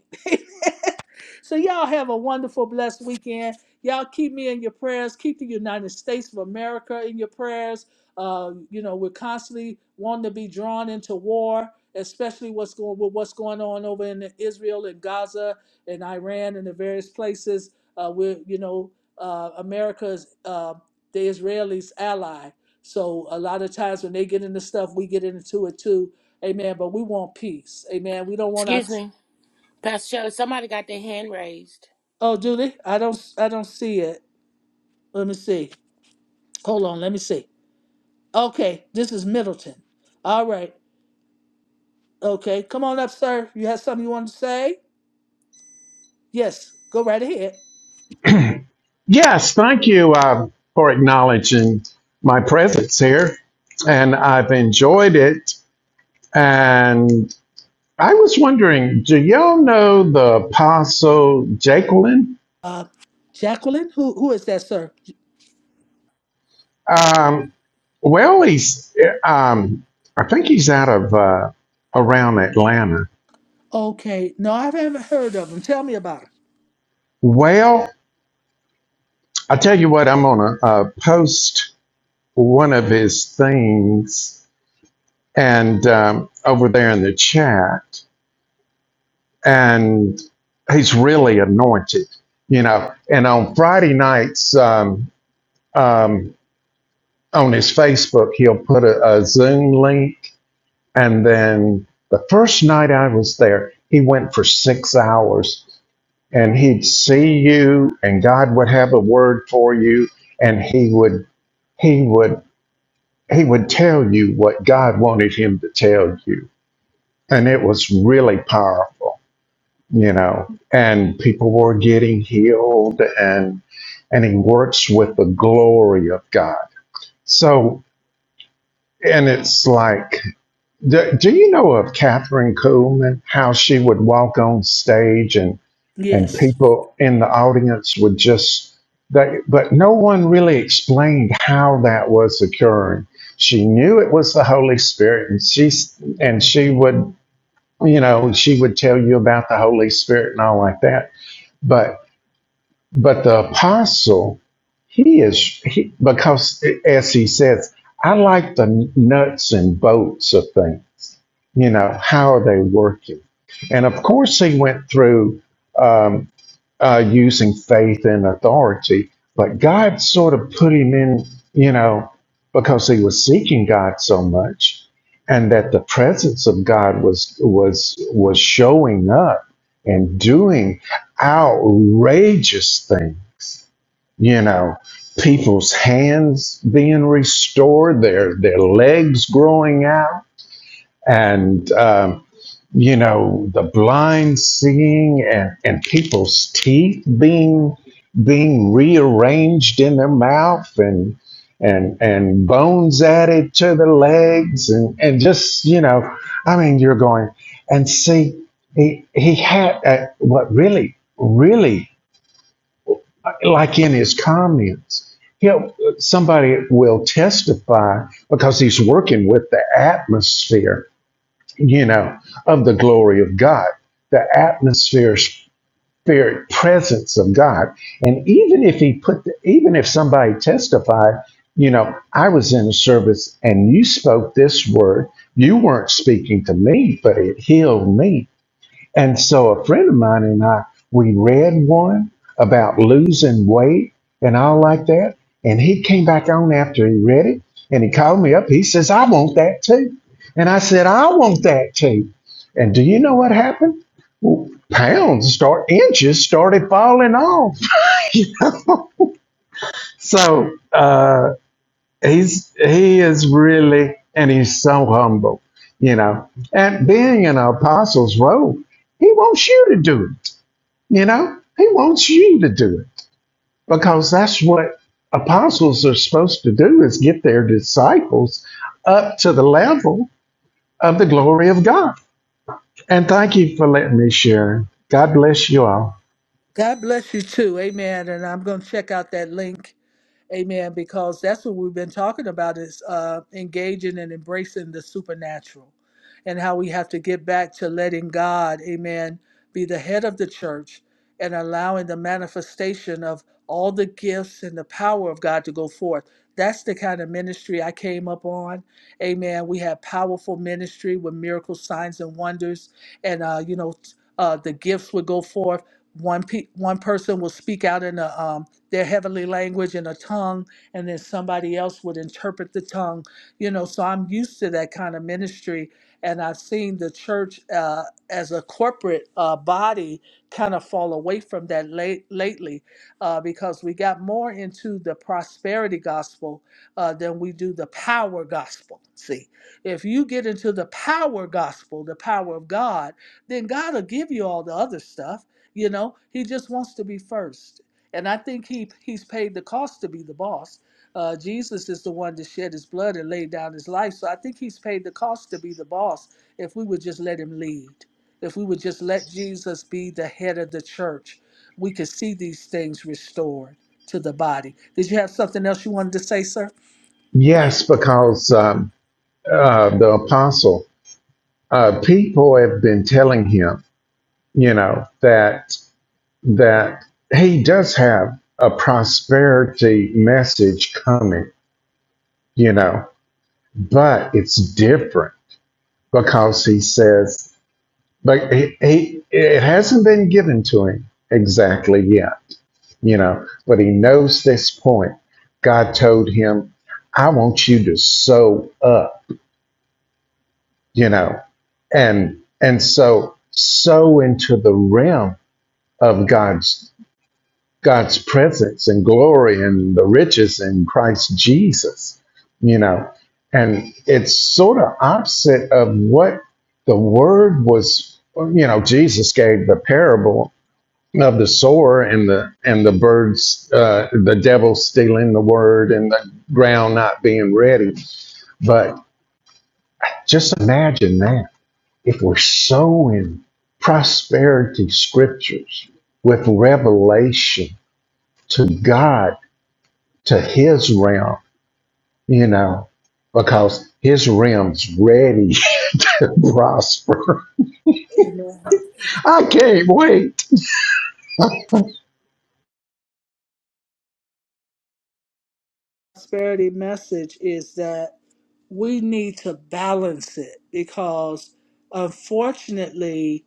So y'all have a wonderful, blessed weekend. Y'all keep me in your prayers. Keep the United States of America in your prayers. Uh, you know, we're constantly wanting to be drawn into war, especially what's going with what's going on over in Israel and Gaza and Iran and the various places. Uh, we're, you know, uh, America's uh, the Israelis' ally. So a lot of times when they get into stuff, we get into it too. Amen. But we want peace. Amen. We don't want our.
Excuse me. Pastor Shelley, somebody got their hand raised.
Oh, do they? I don't. I don't see it. Let me see. Hold on. Let me see. Okay, this is Middleton. All right. Okay, come on up, sir. You have something you want to say? Yes, go right ahead.
Yes, thank you uh, for acknowledging my presence here. And I've enjoyed it. And I was wondering do y'all know the Apostle Jacqueline?
Uh, Jacqueline, who who is that, sir?
Um, well, he's, um, I think he's out of uh, around Atlanta.
Okay, no, I haven't heard of him. Tell me about him.
Well, i tell you what, I'm going to uh, post one of his things and um, over there in the chat. and he's really anointed, you know. And on Friday nights, um, um, on his Facebook, he'll put a, a Zoom link. And then the first night I was there, he went for six hours and he'd see you and God would have a word for you and he would, he would, he would tell you what God wanted him to tell you. And it was really powerful. you know, and people were getting healed and and he works with the glory of God. So and it's like, do, do you know of Catherine Kuhlman? How she would walk on stage and and
Yes.
people in the audience would just they, but no one really explained how that was occurring. She knew it was the Holy Spirit, and she and she would, you know, she would tell you about the Holy Spirit and all like that. but. But the apostle, he is he, because as he says, I like the nuts and bolts of things. You know, how are they working? And of course, he went through um, uh, using faith and authority, but God sort of put him in, you know, because he was seeking God so much, and that the presence of God was was was showing up and doing outrageous things you know people's hands being restored their their legs growing out and um, you know the blind seeing and, and people's teeth being being rearranged in their mouth and and and bones added to the legs and and just you know i mean you're going and see he he had uh, what really really like in his comments, he'll, somebody will testify because he's working with the atmosphere, you know, of the glory of God, the atmosphere, spirit, presence of God. And even if he put, the, even if somebody testified, you know, I was in a service and you spoke this word, you weren't speaking to me, but it healed me and so a friend of mine and I, we read one about losing weight and all like that. And he came back on after he read it and he called me up. He says, I want that too. And I said, I want that too. And do you know what happened? Well, Pounds start inches started falling off. So uh, he's he is really and he's so humble, you know. And being an apostle's role, he wants you to do it. You know, he wants you to do it because that's what apostles are supposed to do is get their disciples up to the level of the glory of God. And thank you for letting me share. God bless you all.
God bless you too. Amen. And I'm going to check out that link. Amen. Because that's what we've been talking about is uh, engaging and embracing the supernatural and how we have to get back to letting God, amen, be the head of the church and allowing the manifestation of all the gifts and the power of God to go forth. That's the kind of ministry I came up on. Amen. We had powerful ministry with miracles, signs, and wonders and uh, you know uh, the gifts would go forth. One pe- one person will speak out in a, um, their heavenly language in a tongue, and then somebody else would interpret the tongue. You know, so I'm used to that kind of ministry, and I've seen the church uh, as a corporate uh, body kind of fall away from that late lately, uh, because we got more into the prosperity gospel uh, than we do the power gospel. See, if you get into the power gospel, the power of God, then God will give you all the other stuff. You know, He just wants to be first. And I think he, He's paid the cost to be the boss. Uh, Jesus is the one that shed His blood and laid down His life. So I think He's paid the cost to be the boss if we would just let Him lead. If we would just let Jesus be the head of the church, we could see these things restored to the body. Did you have something else you wanted to say, sir?
Yes, because um, uh, the apostle, uh, people have been telling him, you know, that that he does have a prosperity message coming, you know, but it's different because he says, but he, he it hasn't been given to him exactly yet, you know, but he knows this point. God told him, I want you to sow up, you know, and and so sow into the realm of God's God's presence and glory and the riches in Christ Jesus, you know. And it's sort of opposite of what the word was, you know, Jesus gave the parable of the sower and the and the birds uh, the devil stealing the word and the ground not being ready but just imagine that if we're sowing prosperity scriptures with revelation to God to his realm, you know, because his realm's ready [LAUGHS] to prosper. I can't wait.
prosperity message is that we need to balance it because unfortunately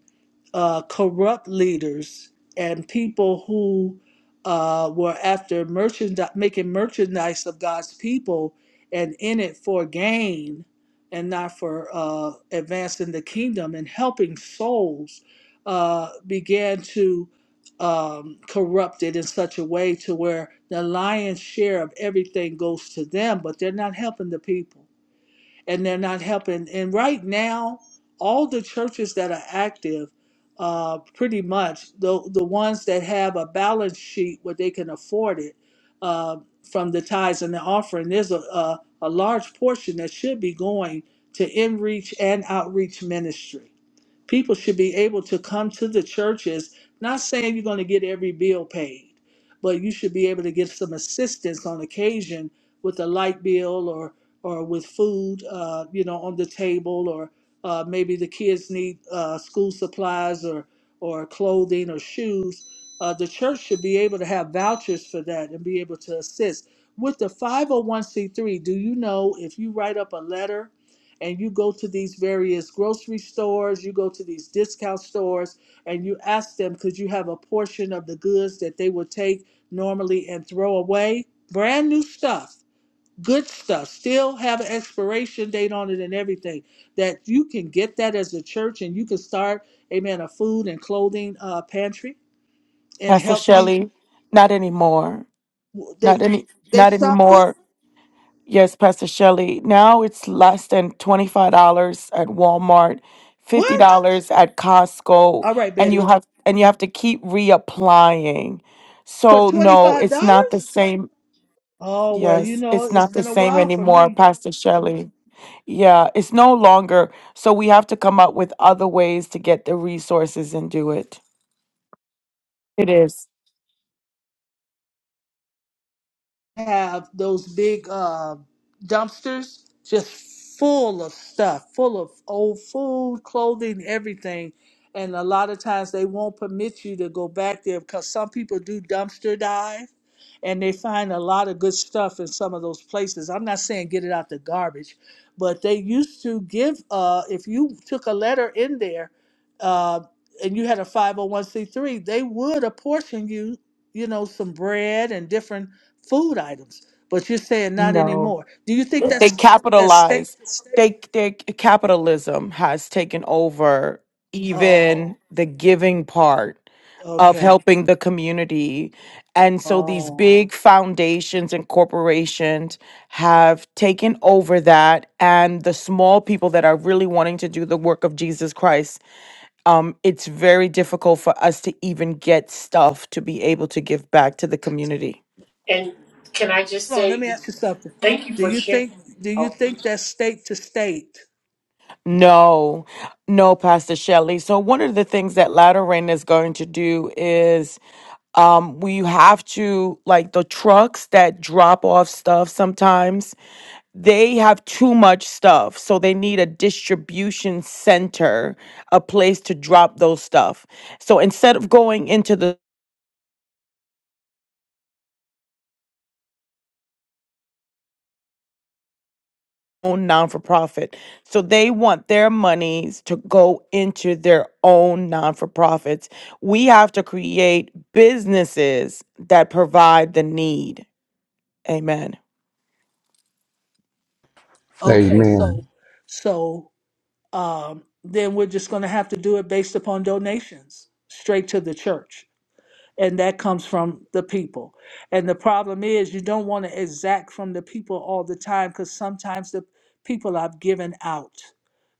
uh, corrupt leaders and people who uh, were after merchandi- making merchandise of god's people and in it for gain and not for uh, advancing the kingdom and helping souls uh, began to um, corrupt it in such a way to where the lion's share of everything goes to them but they're not helping the people and they're not helping. And right now, all the churches that are active, uh, pretty much the the ones that have a balance sheet where they can afford it uh, from the tithes and the offering, there's a, a a large portion that should be going to in reach and outreach ministry People should be able to come to the churches, not saying you're going to get every bill paid, but you should be able to get some assistance on occasion with a light bill or or with food, uh, you know, on the table, or uh, maybe the kids need uh, school supplies or or clothing or shoes. Uh, the church should be able to have vouchers for that and be able to assist. With the 501c3, do you know if you write up a letter and you go to these various grocery stores, you go to these discount stores, and you ask them, could you have a portion of the goods that they would take normally and throw away? Brand new stuff, good stuff, still have an expiration date on it and everything. That you can get that as a church and you can start, amen, a food and clothing uh, pantry and
Pastor
help Yes. people.
Shelley, not anymore. Not
They
any
they
not
stopped it?
anymore. Yes, Pastor Shelley. Now it's less than $25 at Walmart, $50
What?
at Costco,
All right,
and you
Betty.
have and you have to keep reapplying.
For
So no,
$25?
it's not the same.
Oh, well, you
Yes,
know,
it's
it's
not the
been a
same
while for
anymore,
me.
Pastor Shelley. Yeah, it's no longer. So we have to come up with other ways to get the resources and do it. It is.
have those big uh, dumpsters just full of stuff, full of old food, clothing, everything. And a lot of times they won't permit you to go back there because some people do dumpster dive and they find a lot of good stuff in some of those places. I'm not saying get it out the garbage, but they used to give, uh, if you took a letter in there uh, and you had a 501c3, they would apportion you, you know, some bread and different food items. But you're saying not
No.
anymore. Do you think
they
that's as state
capitalize
to state?
they they capitalism has taken over
Oh,
even the giving part of
okay.
helping the community and so these
Oh,
big foundations and corporations have taken over that and the small people that are really wanting to do the work of jesus christ um, it's very difficult for us to even get stuff to be able to give back to the community
And can I just
hold on. Let me
say
ask you something.
thank you
Do
for
you
sharing?
think do you
Oh,
think that's state to state?
No, no, Pastor Shelley. So one of the things that Latter Rain is going to do is um we have to like the trucks that drop off stuff sometimes they have too much stuff so they need a distribution center a place to drop those stuff so instead of going into the own non for profit. So they want their monies to go into their own non for profits. We have to create businesses that provide the need. Amen.
Okay,
Amen.
so so um, then we're just going to have to do it based upon donations straight to the church. and that comes from the people. And the problem is, you don't want to exact from the people all the time because sometimes the people are given out.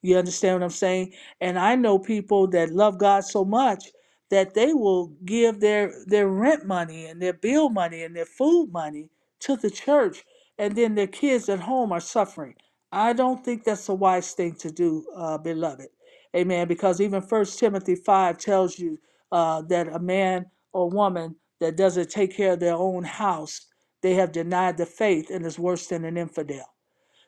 You understand what I'm saying? And I know people that love God so much that they will give their their rent money and their bill money and their food money to the church, and then their kids at home are suffering. I don't think that's a wise thing to do, uh, beloved. Amen. Because even First Timothy five tells you uh, that a man or woman that doesn't take care of their own house, they have denied the faith and is worse than an infidel.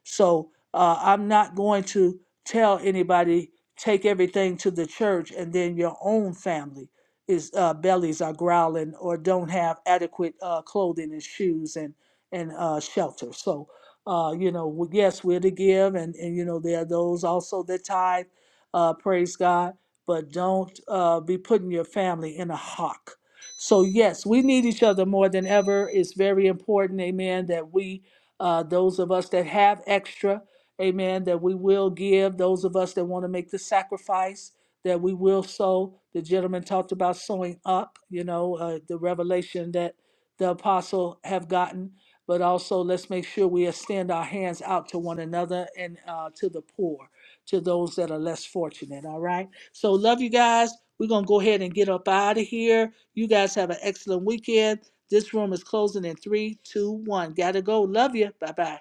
So uh, I'm not going to tell anybody take everything to the church and then your own family is uh, bellies are growling or don't have adequate uh, clothing and shoes and and uh, shelter. So uh, you know, w- yes, we're to give, and and you know there are those also that tithe. Uh, praise God, but don't uh, be putting your family in a hock. So yes, we need each other more than ever. It's very important, Amen, that we uh, those of us that have extra, amen, that we will give. Those of us that want to make the sacrifice, that we will sow. The gentleman talked about sowing up, you know, uh, the revelation that the apostle have gotten. But also, let's make sure we extend our hands out to one another and uh, to the poor, to those that are less fortunate. All right. So, love you guys. We're going to go ahead and get up out of here. You guys have an excellent weekend. This room is closing in three, two, one. Gotta go. Love you. Bye bye.